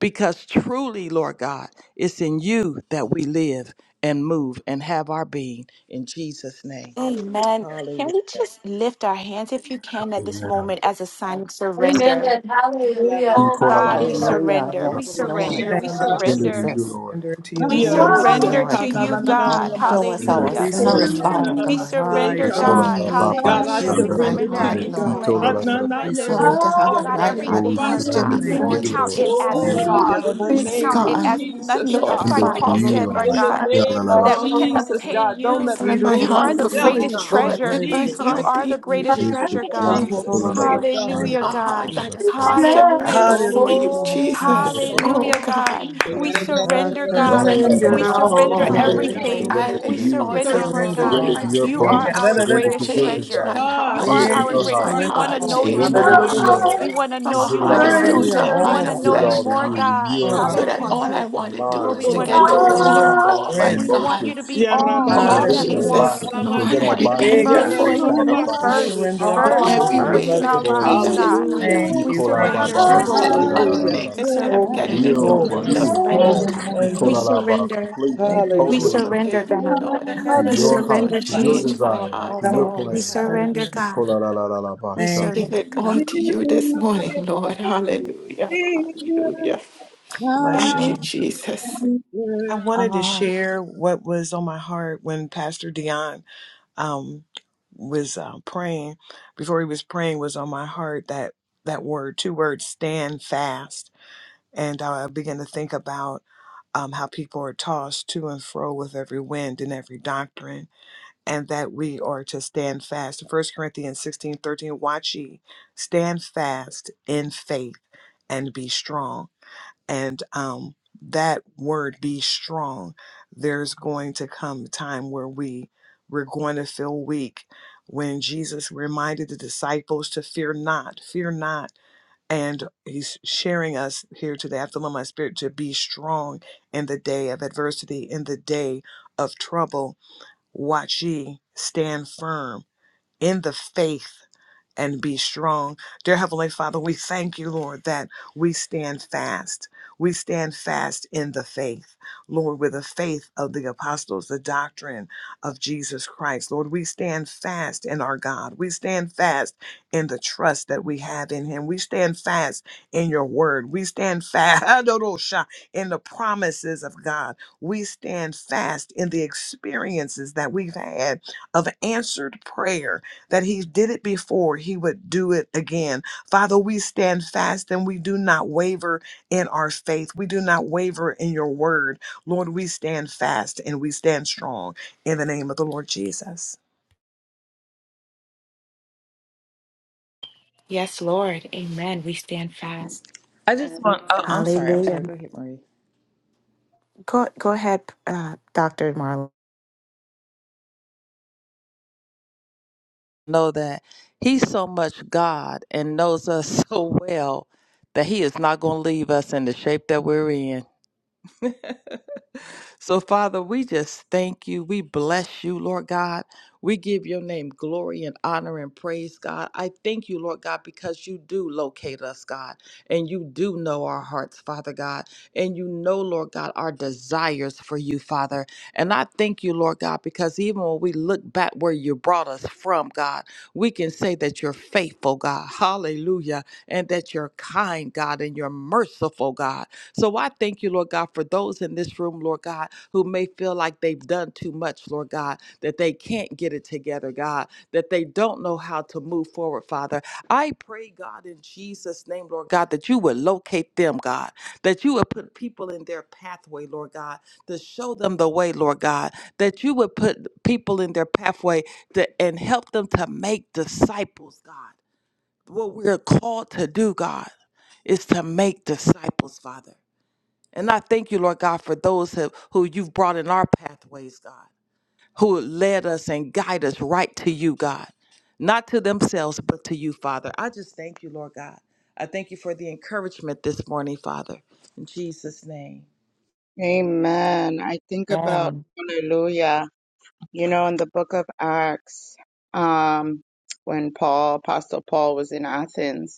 [SPEAKER 9] because truly, Lord God, it's in you that we live and move and have our being. In Jesus' name.
[SPEAKER 3] Amen. Can we just lift our hands, if you can, at this
[SPEAKER 8] Amen.
[SPEAKER 3] moment as a sign of surrender?
[SPEAKER 2] Amen. Hallelujah.
[SPEAKER 8] We
[SPEAKER 3] Oh
[SPEAKER 8] call out,
[SPEAKER 3] God,
[SPEAKER 8] out, out,
[SPEAKER 3] we
[SPEAKER 8] out,
[SPEAKER 2] Hallelujah.
[SPEAKER 7] Hallelujah.
[SPEAKER 3] surrender.
[SPEAKER 8] out.
[SPEAKER 3] We
[SPEAKER 7] Yes, Lord.
[SPEAKER 5] Hallelujah.
[SPEAKER 3] surrender.
[SPEAKER 4] Thank
[SPEAKER 3] We
[SPEAKER 7] Thank
[SPEAKER 4] you,
[SPEAKER 7] you,
[SPEAKER 4] Jesus.
[SPEAKER 8] Surrender to
[SPEAKER 3] surrender.
[SPEAKER 5] Hallelujah.
[SPEAKER 8] you,
[SPEAKER 7] Jesus.
[SPEAKER 8] Lord.
[SPEAKER 4] Under to
[SPEAKER 7] We
[SPEAKER 4] you,
[SPEAKER 5] Thank
[SPEAKER 3] We
[SPEAKER 9] Ia
[SPEAKER 7] praise you,
[SPEAKER 2] Hallelujah.
[SPEAKER 9] rosa
[SPEAKER 3] surrender
[SPEAKER 5] you,
[SPEAKER 3] to
[SPEAKER 7] Lord
[SPEAKER 9] kana
[SPEAKER 3] you,
[SPEAKER 9] na
[SPEAKER 7] God.
[SPEAKER 9] na na
[SPEAKER 3] God.
[SPEAKER 5] Jesus.
[SPEAKER 9] na
[SPEAKER 4] all.
[SPEAKER 7] Show us
[SPEAKER 9] masia
[SPEAKER 8] Surrender
[SPEAKER 3] Hallelujah.
[SPEAKER 4] We
[SPEAKER 8] to you.
[SPEAKER 7] ourselves,
[SPEAKER 4] surrender
[SPEAKER 9] rokoshia na
[SPEAKER 7] Father
[SPEAKER 9] na
[SPEAKER 4] all.
[SPEAKER 3] We
[SPEAKER 7] God.
[SPEAKER 9] masai
[SPEAKER 4] Hi,
[SPEAKER 8] We
[SPEAKER 3] surrender,
[SPEAKER 7] Show
[SPEAKER 8] call
[SPEAKER 9] God.
[SPEAKER 4] Lord.
[SPEAKER 7] me
[SPEAKER 8] out,
[SPEAKER 3] God.
[SPEAKER 8] out,
[SPEAKER 7] me,
[SPEAKER 8] out, out.
[SPEAKER 9] God,
[SPEAKER 7] God.
[SPEAKER 9] I
[SPEAKER 4] We
[SPEAKER 7] Show
[SPEAKER 3] Hallelujah. We
[SPEAKER 7] me
[SPEAKER 8] Surrender, out,
[SPEAKER 7] my
[SPEAKER 8] out,
[SPEAKER 9] surrender
[SPEAKER 4] surrender
[SPEAKER 3] surrender
[SPEAKER 9] to
[SPEAKER 8] out,
[SPEAKER 3] our
[SPEAKER 7] heart,
[SPEAKER 4] all.
[SPEAKER 8] out.
[SPEAKER 9] you,
[SPEAKER 7] Lord
[SPEAKER 9] God.
[SPEAKER 8] Keto,
[SPEAKER 3] intellect.
[SPEAKER 9] Ha
[SPEAKER 8] out,
[SPEAKER 3] We
[SPEAKER 8] out,
[SPEAKER 7] Father.
[SPEAKER 8] out,
[SPEAKER 9] na
[SPEAKER 8] out.
[SPEAKER 9] na
[SPEAKER 4] We
[SPEAKER 9] ia
[SPEAKER 3] surrender,
[SPEAKER 7] Help me
[SPEAKER 4] surrender
[SPEAKER 7] to
[SPEAKER 4] all.
[SPEAKER 7] have
[SPEAKER 3] oh
[SPEAKER 9] rosia
[SPEAKER 7] the
[SPEAKER 3] God,
[SPEAKER 9] na
[SPEAKER 7] right
[SPEAKER 9] na na,
[SPEAKER 8] Oh,
[SPEAKER 9] ba
[SPEAKER 7] heart
[SPEAKER 8] we
[SPEAKER 3] everything,
[SPEAKER 5] Yes,
[SPEAKER 3] Lord
[SPEAKER 7] posture
[SPEAKER 3] God.
[SPEAKER 8] surrender to
[SPEAKER 9] basai.
[SPEAKER 4] Thank
[SPEAKER 3] And
[SPEAKER 7] before
[SPEAKER 3] we
[SPEAKER 4] you,
[SPEAKER 8] you,
[SPEAKER 7] you,
[SPEAKER 3] count
[SPEAKER 8] Lord.
[SPEAKER 3] it
[SPEAKER 4] Jesus.
[SPEAKER 3] as
[SPEAKER 8] We
[SPEAKER 9] Oh
[SPEAKER 7] Jesus.
[SPEAKER 2] Hallelujah.
[SPEAKER 4] Hallelujah.
[SPEAKER 3] naught.
[SPEAKER 9] God, in the
[SPEAKER 4] Lord.
[SPEAKER 3] We
[SPEAKER 7] Please,
[SPEAKER 3] count
[SPEAKER 9] name
[SPEAKER 4] Saturday.
[SPEAKER 9] of
[SPEAKER 3] it
[SPEAKER 5] Lord.
[SPEAKER 7] God,
[SPEAKER 3] as
[SPEAKER 9] Jesus,
[SPEAKER 3] nothing, just
[SPEAKER 7] Lord
[SPEAKER 9] God.
[SPEAKER 8] Surrender
[SPEAKER 3] like
[SPEAKER 4] Lord, Lord,
[SPEAKER 8] to
[SPEAKER 7] Father,
[SPEAKER 3] Paul
[SPEAKER 4] Lord,
[SPEAKER 8] you,
[SPEAKER 3] said,
[SPEAKER 7] hear my
[SPEAKER 4] Lord,
[SPEAKER 3] Lord
[SPEAKER 9] In
[SPEAKER 8] Lord.
[SPEAKER 9] the
[SPEAKER 3] God,
[SPEAKER 4] Shanda.
[SPEAKER 7] cry.
[SPEAKER 8] Yeah, la,
[SPEAKER 9] name
[SPEAKER 8] la,
[SPEAKER 3] so
[SPEAKER 9] of
[SPEAKER 8] la.
[SPEAKER 3] that we can
[SPEAKER 2] Oh,
[SPEAKER 9] Jesus,
[SPEAKER 3] obtain
[SPEAKER 9] God. Don't
[SPEAKER 3] you.
[SPEAKER 9] let me
[SPEAKER 7] Refine
[SPEAKER 4] Lord,
[SPEAKER 7] my
[SPEAKER 9] fool
[SPEAKER 3] You
[SPEAKER 4] Lord,
[SPEAKER 3] are
[SPEAKER 7] heart
[SPEAKER 3] the
[SPEAKER 4] Lord, Lord,
[SPEAKER 9] myself,
[SPEAKER 7] before
[SPEAKER 4] Lord, Lord,
[SPEAKER 3] greatest
[SPEAKER 7] you,
[SPEAKER 9] God.
[SPEAKER 4] Shanda.
[SPEAKER 7] Lord.
[SPEAKER 3] treasure.
[SPEAKER 7] Let my
[SPEAKER 3] You
[SPEAKER 4] Yadadadada.
[SPEAKER 7] heart
[SPEAKER 9] Jesus,
[SPEAKER 3] are the
[SPEAKER 7] be
[SPEAKER 2] my
[SPEAKER 3] greatest
[SPEAKER 8] Yes, we-
[SPEAKER 3] treasure,
[SPEAKER 2] dearest
[SPEAKER 8] yeah,
[SPEAKER 4] Lord,
[SPEAKER 3] God.
[SPEAKER 4] Lord, Lord,
[SPEAKER 8] call
[SPEAKER 9] Jesus,
[SPEAKER 8] out,
[SPEAKER 4] Lord, Lord,
[SPEAKER 8] out, out,
[SPEAKER 9] Lord
[SPEAKER 4] Lord,
[SPEAKER 8] out,
[SPEAKER 9] God.
[SPEAKER 8] out,
[SPEAKER 4] Shanda.
[SPEAKER 3] Hallelujah,
[SPEAKER 7] a heart
[SPEAKER 3] God.
[SPEAKER 8] out, out,
[SPEAKER 7] that
[SPEAKER 8] out,
[SPEAKER 4] Yadadadada.
[SPEAKER 7] is
[SPEAKER 8] out.
[SPEAKER 7] postured
[SPEAKER 2] treasury,
[SPEAKER 3] Hallelujah,
[SPEAKER 7] right
[SPEAKER 2] surrender
[SPEAKER 4] Hallelujah.
[SPEAKER 7] before
[SPEAKER 4] Lord,
[SPEAKER 7] you,
[SPEAKER 3] Jesus.
[SPEAKER 4] Lord, Lord,
[SPEAKER 9] Oh
[SPEAKER 2] all.
[SPEAKER 9] God,
[SPEAKER 4] Shanda.
[SPEAKER 7] Jesus.
[SPEAKER 4] Yadadadada.
[SPEAKER 9] oh
[SPEAKER 7] Oh
[SPEAKER 3] Hallelujah,
[SPEAKER 7] God.
[SPEAKER 3] God.
[SPEAKER 2] I
[SPEAKER 9] God.
[SPEAKER 3] We
[SPEAKER 4] God,
[SPEAKER 3] surrender,
[SPEAKER 4] Lord,
[SPEAKER 9] Jesus.
[SPEAKER 4] Lord,
[SPEAKER 3] God.
[SPEAKER 4] Lord, Lord,
[SPEAKER 3] We
[SPEAKER 2] surrender
[SPEAKER 8] Rhonda, we
[SPEAKER 4] Lord,
[SPEAKER 7] Oh
[SPEAKER 5] Hallelujah.
[SPEAKER 3] surrender
[SPEAKER 9] Yes,
[SPEAKER 4] Saturday.
[SPEAKER 7] God,
[SPEAKER 9] Lord
[SPEAKER 8] surrender,
[SPEAKER 7] we
[SPEAKER 8] we
[SPEAKER 9] God.
[SPEAKER 7] lay-
[SPEAKER 2] all.
[SPEAKER 3] everything.
[SPEAKER 7] I
[SPEAKER 8] surrender
[SPEAKER 5] Thank
[SPEAKER 8] to
[SPEAKER 3] We
[SPEAKER 7] lay
[SPEAKER 5] you,
[SPEAKER 7] it
[SPEAKER 8] you,
[SPEAKER 4] We
[SPEAKER 7] all
[SPEAKER 3] surrender,
[SPEAKER 9] Search
[SPEAKER 7] down
[SPEAKER 3] Lord
[SPEAKER 9] my
[SPEAKER 4] surrender
[SPEAKER 7] before
[SPEAKER 3] God.
[SPEAKER 9] heart,
[SPEAKER 7] you.
[SPEAKER 8] surrender
[SPEAKER 4] all.
[SPEAKER 8] to
[SPEAKER 7] I
[SPEAKER 9] God.
[SPEAKER 8] your
[SPEAKER 7] say,
[SPEAKER 3] You
[SPEAKER 4] Yeah,
[SPEAKER 9] Search
[SPEAKER 8] plans,
[SPEAKER 3] are
[SPEAKER 7] God,
[SPEAKER 9] my
[SPEAKER 3] our
[SPEAKER 9] heart,
[SPEAKER 8] surrender
[SPEAKER 4] yadadadada.
[SPEAKER 9] God.
[SPEAKER 3] greatest
[SPEAKER 8] to your
[SPEAKER 7] change
[SPEAKER 3] treasure.
[SPEAKER 7] my
[SPEAKER 8] desires,
[SPEAKER 9] Ah,
[SPEAKER 3] You
[SPEAKER 7] heart,
[SPEAKER 3] are
[SPEAKER 8] surrender to
[SPEAKER 9] search
[SPEAKER 4] Yes,
[SPEAKER 3] our
[SPEAKER 8] your
[SPEAKER 4] we
[SPEAKER 7] change
[SPEAKER 9] my
[SPEAKER 3] greatest.
[SPEAKER 7] my
[SPEAKER 8] heart,
[SPEAKER 3] We
[SPEAKER 9] heart,
[SPEAKER 4] surrender
[SPEAKER 3] want
[SPEAKER 9] God,
[SPEAKER 3] to
[SPEAKER 7] heart,
[SPEAKER 9] and
[SPEAKER 4] all.
[SPEAKER 3] know you
[SPEAKER 9] try
[SPEAKER 7] change
[SPEAKER 8] surrender
[SPEAKER 9] my
[SPEAKER 7] my
[SPEAKER 8] to
[SPEAKER 3] more.
[SPEAKER 8] you,
[SPEAKER 2] I
[SPEAKER 9] ways,
[SPEAKER 4] Hallelujah.
[SPEAKER 7] heart
[SPEAKER 2] surrender all.
[SPEAKER 8] Lord.
[SPEAKER 2] My
[SPEAKER 3] We
[SPEAKER 9] God.
[SPEAKER 3] want to
[SPEAKER 7] from
[SPEAKER 8] We
[SPEAKER 3] know
[SPEAKER 7] a
[SPEAKER 8] give
[SPEAKER 3] you
[SPEAKER 8] it
[SPEAKER 7] heart of
[SPEAKER 8] all to
[SPEAKER 3] more.
[SPEAKER 8] you,
[SPEAKER 9] You
[SPEAKER 7] stone
[SPEAKER 4] Hallelujah.
[SPEAKER 7] to a
[SPEAKER 9] let
[SPEAKER 3] We
[SPEAKER 4] All
[SPEAKER 9] me
[SPEAKER 7] heart
[SPEAKER 3] want
[SPEAKER 4] of
[SPEAKER 3] to
[SPEAKER 7] of
[SPEAKER 4] our
[SPEAKER 9] know,
[SPEAKER 8] give
[SPEAKER 3] know
[SPEAKER 8] it
[SPEAKER 9] God,
[SPEAKER 3] you
[SPEAKER 4] minds.
[SPEAKER 8] all
[SPEAKER 7] flesh,
[SPEAKER 8] to
[SPEAKER 3] more,
[SPEAKER 8] you.
[SPEAKER 7] God.
[SPEAKER 8] We
[SPEAKER 3] God.
[SPEAKER 4] all of
[SPEAKER 8] yield to
[SPEAKER 9] because
[SPEAKER 4] our
[SPEAKER 7] So
[SPEAKER 8] you
[SPEAKER 9] our
[SPEAKER 7] that
[SPEAKER 4] heart,
[SPEAKER 9] hearts
[SPEAKER 7] all
[SPEAKER 3] Hallelujah.
[SPEAKER 9] are
[SPEAKER 7] I
[SPEAKER 8] our
[SPEAKER 7] want to do
[SPEAKER 3] Oh,
[SPEAKER 7] is
[SPEAKER 3] we
[SPEAKER 8] mind,
[SPEAKER 4] all
[SPEAKER 7] to
[SPEAKER 9] full
[SPEAKER 4] of
[SPEAKER 3] want
[SPEAKER 9] of
[SPEAKER 4] our
[SPEAKER 3] to
[SPEAKER 7] get
[SPEAKER 3] know
[SPEAKER 7] to
[SPEAKER 8] soul,
[SPEAKER 3] you
[SPEAKER 7] know
[SPEAKER 4] soul,
[SPEAKER 9] wickedness,
[SPEAKER 4] all of
[SPEAKER 7] you
[SPEAKER 3] more.
[SPEAKER 4] our
[SPEAKER 9] God.
[SPEAKER 7] more,
[SPEAKER 8] our
[SPEAKER 7] my
[SPEAKER 4] strength.
[SPEAKER 3] We want
[SPEAKER 7] God.
[SPEAKER 3] you to
[SPEAKER 8] emotions.
[SPEAKER 3] be
[SPEAKER 8] We
[SPEAKER 3] all,
[SPEAKER 7] Oh,
[SPEAKER 3] all
[SPEAKER 9] Yarababa,
[SPEAKER 3] that we
[SPEAKER 8] surrender our
[SPEAKER 9] so
[SPEAKER 4] Hallelujah.
[SPEAKER 3] want.
[SPEAKER 7] Jesus,
[SPEAKER 8] bodies, we
[SPEAKER 5] Jesus.
[SPEAKER 7] Lord,
[SPEAKER 3] We
[SPEAKER 8] present
[SPEAKER 9] yarababande.
[SPEAKER 7] I
[SPEAKER 8] our
[SPEAKER 3] want you to be
[SPEAKER 5] You
[SPEAKER 4] Yeah,
[SPEAKER 7] repent
[SPEAKER 8] bodies, we
[SPEAKER 4] God.
[SPEAKER 5] You
[SPEAKER 7] before
[SPEAKER 8] even
[SPEAKER 3] first,
[SPEAKER 7] you,
[SPEAKER 9] Yarabababa,
[SPEAKER 7] Lord,
[SPEAKER 4] We
[SPEAKER 8] sacrifices,
[SPEAKER 3] first,
[SPEAKER 4] surrender all
[SPEAKER 7] for
[SPEAKER 4] to
[SPEAKER 9] siyarushanamase.
[SPEAKER 4] you,
[SPEAKER 3] first,
[SPEAKER 7] every
[SPEAKER 4] Lord.
[SPEAKER 8] fully
[SPEAKER 4] We
[SPEAKER 3] first
[SPEAKER 7] way
[SPEAKER 3] in
[SPEAKER 4] love you.
[SPEAKER 3] our
[SPEAKER 7] within
[SPEAKER 8] acceptable unto
[SPEAKER 7] me
[SPEAKER 3] lives,
[SPEAKER 7] that
[SPEAKER 8] you.
[SPEAKER 7] is
[SPEAKER 3] God.
[SPEAKER 7] not of
[SPEAKER 9] Hallelujah,
[SPEAKER 8] We
[SPEAKER 4] Thank
[SPEAKER 3] We
[SPEAKER 7] you,
[SPEAKER 4] you,
[SPEAKER 7] for
[SPEAKER 8] call our
[SPEAKER 7] when
[SPEAKER 4] thank
[SPEAKER 7] I
[SPEAKER 8] ba
[SPEAKER 4] you,
[SPEAKER 3] surrender,
[SPEAKER 8] ba
[SPEAKER 4] thank
[SPEAKER 5] my
[SPEAKER 8] ba,
[SPEAKER 7] choose
[SPEAKER 3] God.
[SPEAKER 7] to
[SPEAKER 4] you.
[SPEAKER 2] dearest
[SPEAKER 7] do
[SPEAKER 8] shanda da
[SPEAKER 7] other
[SPEAKER 8] da da
[SPEAKER 9] hallelujah,
[SPEAKER 5] blessed
[SPEAKER 8] da.
[SPEAKER 7] things
[SPEAKER 3] We
[SPEAKER 7] instead
[SPEAKER 4] Oh,
[SPEAKER 5] Savior,
[SPEAKER 7] of
[SPEAKER 4] we
[SPEAKER 3] surrender.
[SPEAKER 7] getting
[SPEAKER 4] give you
[SPEAKER 7] in
[SPEAKER 8] Yield
[SPEAKER 7] your
[SPEAKER 8] to
[SPEAKER 4] glory, we
[SPEAKER 3] We
[SPEAKER 7] word
[SPEAKER 4] give
[SPEAKER 7] or
[SPEAKER 4] you
[SPEAKER 8] you.
[SPEAKER 5] I surrender all
[SPEAKER 7] spending
[SPEAKER 4] glory.
[SPEAKER 2] Savior,
[SPEAKER 3] surrender.
[SPEAKER 5] my
[SPEAKER 7] time
[SPEAKER 8] We
[SPEAKER 7] with
[SPEAKER 4] Thank
[SPEAKER 3] We
[SPEAKER 8] call
[SPEAKER 7] you,
[SPEAKER 4] you,
[SPEAKER 5] life.
[SPEAKER 8] our
[SPEAKER 7] God.
[SPEAKER 8] ba
[SPEAKER 3] surrender.
[SPEAKER 8] completely,
[SPEAKER 4] thank you,
[SPEAKER 3] We
[SPEAKER 9] hallelujah.
[SPEAKER 8] totally
[SPEAKER 4] Jesus.
[SPEAKER 8] and
[SPEAKER 3] surrender,
[SPEAKER 8] completely.
[SPEAKER 5] You,
[SPEAKER 7] Forgive me,
[SPEAKER 3] God.
[SPEAKER 5] my
[SPEAKER 7] Lord, I
[SPEAKER 2] I
[SPEAKER 8] to
[SPEAKER 3] We
[SPEAKER 7] repent,
[SPEAKER 8] your
[SPEAKER 4] Hallelujah.
[SPEAKER 5] Savior.
[SPEAKER 8] heart,
[SPEAKER 7] Lord.
[SPEAKER 3] surrender,
[SPEAKER 8] to your
[SPEAKER 3] Jesus.
[SPEAKER 7] Change my
[SPEAKER 2] surrender
[SPEAKER 8] desire,
[SPEAKER 7] heart,
[SPEAKER 8] to your
[SPEAKER 7] Lord.
[SPEAKER 3] We
[SPEAKER 8] plan.
[SPEAKER 2] all.
[SPEAKER 3] surrender, God. We
[SPEAKER 8] Ikolalalalabasha.
[SPEAKER 3] serve
[SPEAKER 4] Thank
[SPEAKER 7] Give
[SPEAKER 4] you,
[SPEAKER 3] the
[SPEAKER 7] it
[SPEAKER 3] God.
[SPEAKER 7] all
[SPEAKER 4] Jesus.
[SPEAKER 7] to you this morning, Lord. Hallelujah.
[SPEAKER 5] Savior.
[SPEAKER 7] Hallelujah.
[SPEAKER 5] I
[SPEAKER 4] Bless
[SPEAKER 7] Thank
[SPEAKER 5] I
[SPEAKER 7] you,
[SPEAKER 5] surrender
[SPEAKER 4] you.
[SPEAKER 7] Jesus.
[SPEAKER 5] surrender
[SPEAKER 4] I
[SPEAKER 5] all
[SPEAKER 4] wanted to
[SPEAKER 5] all.
[SPEAKER 4] share what was on my heart when Pastor Dion um, was uh, praying, before he was praying, was on my heart that that word, two words, stand fast. And uh, I began to think about um, how people are tossed to and fro with every wind and every doctrine, and that we are to stand fast. First Corinthians 16 13. watch ye, stand fast in faith and be strong and um, that word be strong there's going to come a time where we we're going to feel weak when jesus reminded the disciples to fear not fear not and he's sharing us here today i feel in my spirit to be strong in the day of adversity in the day of trouble watch ye stand firm in the faith and be strong. Dear Heavenly Father, we thank you, Lord, that we stand fast. We stand fast in the faith, Lord, with the faith of the apostles, the doctrine of Jesus Christ. Lord, we stand fast in our God. We stand fast in the trust that we have in Him. We stand fast in your word. We stand fast in the promises of God. We stand fast in the experiences that we've had of answered prayer that he did it before, he would do it again. Father, we stand fast and we do not waver in our faith. We do not waver in your word. Lord, we stand fast and we stand strong in the name of the Lord Jesus.
[SPEAKER 3] Yes, Lord. Amen. We stand fast.
[SPEAKER 9] I just want, oh, I'm sorry, I'm sorry.
[SPEAKER 3] Hallelujah.
[SPEAKER 9] Go ahead, Marie.
[SPEAKER 3] Go, go ahead, uh, Dr. Marlon.
[SPEAKER 9] Know that He's so much God and knows us so well that He is not going to leave us in the shape that we're in. So, Father, we just thank you. We bless you, Lord God. We give your name glory and honor and praise, God. I thank you, Lord God, because you do locate us, God, and you do know our hearts, Father God, and you know, Lord God, our desires for you, Father. And I thank you, Lord God, because even when we look back where you brought us from, God, we can say that you're faithful, God. Hallelujah. And that you're kind, God, and you're merciful, God. So I thank you. Lord God, for those in this room, Lord God, who may feel like they've done too much, Lord God, that they can't get it together, God, that they don't know how to move forward, Father. I pray, God, in Jesus' name, Lord God, that you would locate them, God, that you would put people in their pathway, Lord God, to show them the way, Lord God, that you would put people in their pathway to, and help them to make disciples, God. What we're called to do, God, is to make disciples, Father. And I thank you, Lord God, for those who, who you've brought in our pathways, God, who led us and guide us right to you, God, not to themselves, but to you, Father. I just thank you, Lord God. I thank you for the encouragement this morning, Father. In Jesus' name.
[SPEAKER 5] Amen. I think about hallelujah. You know, in the book of Acts, um, when Paul, Apostle Paul was in Athens,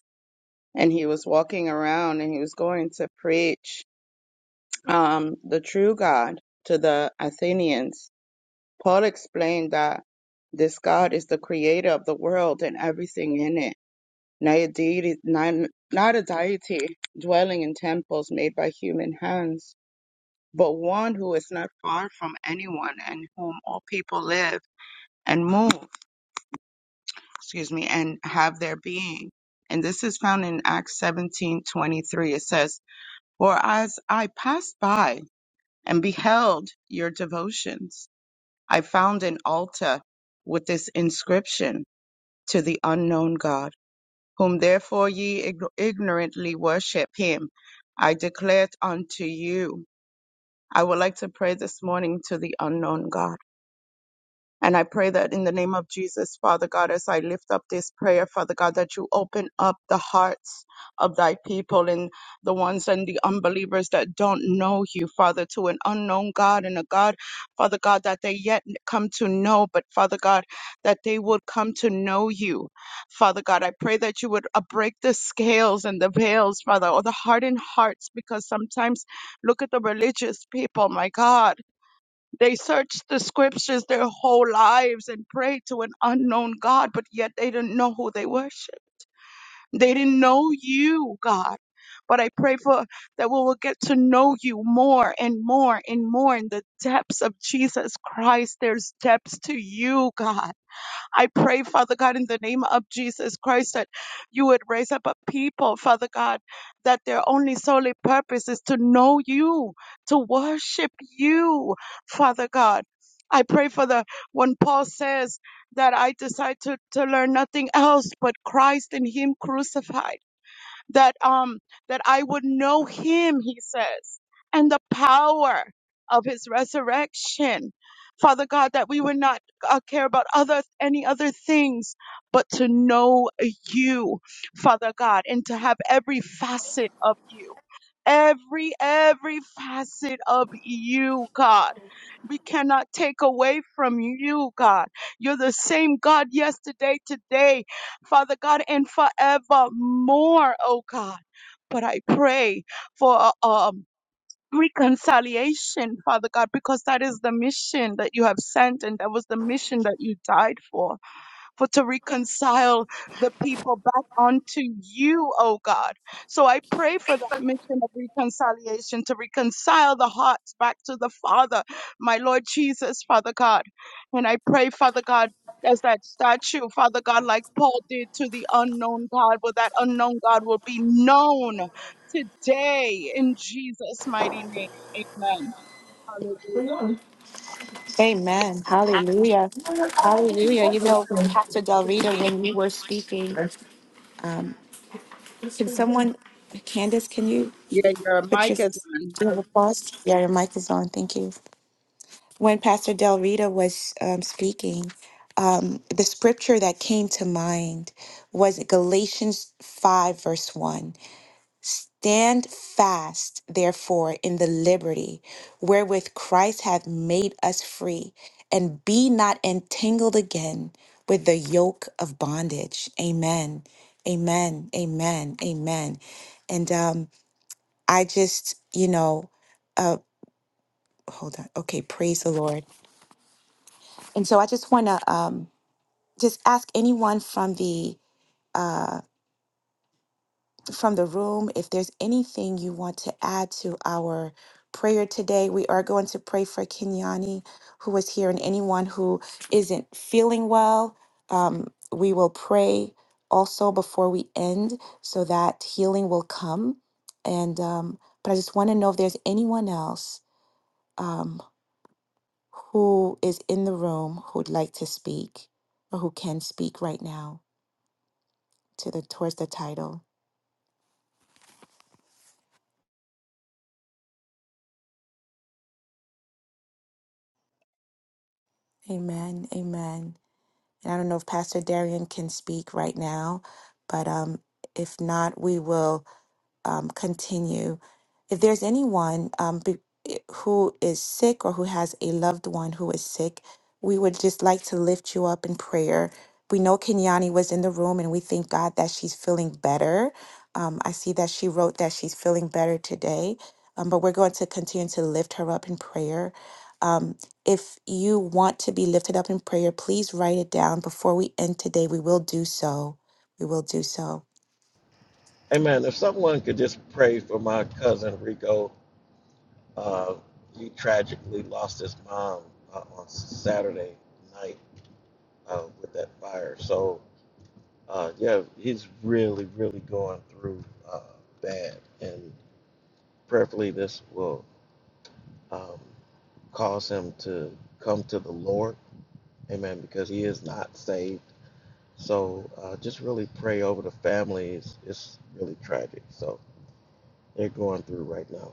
[SPEAKER 5] and he was walking around and he was going to preach um, the true God to the Athenians. Paul explained that this God is the creator of the world and everything in it, not a deity, not, not a deity dwelling in temples made by human hands, but one who is not far from anyone and whom all people live and move, excuse me, and have their being. And this is found in Acts seventeen twenty three. It says, For as I passed by and beheld your devotions, I found an altar with this inscription to the unknown God, whom therefore ye ig- ignorantly worship him. I declare unto you. I would like to pray this morning to the unknown God. And I pray that in the name of Jesus, Father God, as I lift up this prayer, Father God, that you open up the hearts of thy people and the ones and the unbelievers that don't know you, Father, to an unknown God and a God, Father God, that they yet come to know, but Father God, that they would come to know you. Father God, I pray that you would uh, break the scales and the veils, Father, or the hardened hearts, because sometimes look at the religious people, my God. They searched the scriptures their whole lives and prayed to an unknown God, but yet they didn't know who they worship. They didn't know you, God. But I pray for that we will get to know you more and more and more in the depths of Jesus Christ. There's depths to you, God. I pray, Father God, in the name of Jesus Christ, that you would raise up a people, Father God, that their only solely purpose is to know you, to worship you, Father God. I pray for the when Paul says that I decide to, to learn nothing else but Christ and Him crucified that um that I would know him, he says, and the power of his resurrection. Father God, that we would not uh, care about other any other things, but to know you, Father God, and to have every facet of you. Every, every facet of you, God. We cannot take away from you, God. You're the same God yesterday, today, Father God, and forevermore, oh God. But I pray for um, reconciliation, Father God, because that is the mission that you have sent, and that was the mission that you died for for to reconcile the people back onto you, oh God. So I pray for that mission of reconciliation to reconcile the hearts back to the Father, my Lord Jesus, Father God. And I pray, Father God, as that statue, Father God, like Paul did to the unknown God, where that unknown God will be known today in Jesus' mighty name. Amen. Hallelujah.
[SPEAKER 7] Lord,
[SPEAKER 3] Amen. Hallelujah.
[SPEAKER 7] where are
[SPEAKER 3] Hallelujah. You know,
[SPEAKER 7] you?
[SPEAKER 3] Pastor Del Rita, when we were speaking, um,
[SPEAKER 7] Bless
[SPEAKER 3] can someone, Candace, can you
[SPEAKER 5] Yeah, your
[SPEAKER 3] put your
[SPEAKER 5] mic is on.
[SPEAKER 3] do you pause? Yeah, your mic is on. Thank you. When Pastor Del Rita was um, speaking, um, the scripture that came to mind was Galatians 5, verse 1. Stand fast, therefore, in the liberty wherewith Christ hath made us free, and be not entangled again with the yoke of bondage. Amen. Amen. Amen. Amen. And um, I just, you know, uh, hold on. Okay, praise the Lord. And so I just want to um, just ask anyone from the uh, from the room, if there's anything you want to add to our prayer today, we are going to pray for Kenyani, who is here, and anyone who isn't feeling well. Um, we will pray also before we end so that healing will come. And, um, but I just want to know if there's anyone else um, who is in the room who would like to speak or who can speak right now to the towards the title. Amen. Amen. And I don't know if Pastor Darian can speak right now, but um, if not, we will um, continue. If there's anyone um, be, eh, who is sick or who has a loved one who is sick, we would just like to lift you up in prayer. We know Kenyani was in the room and we thank God that she's feeling better. Um, I see that she wrote that she's feeling better today, um, but we're going to continue to lift her up in prayer. Um, if you want to be lifted up in prayer, please write it down before we end today. We will do so. We will do so.
[SPEAKER 6] Amen. If someone could just pray for my cousin Rico, uh, he tragically lost his mom uh, on Saturday night uh, with that fire. So, uh, yeah, he's really, really going through uh, bad. And prayerfully, this will um, cause him to come to the Lord. Amen. Because he is not saved So uh, just really pray over the families. It's really tragic. So they're going through right now.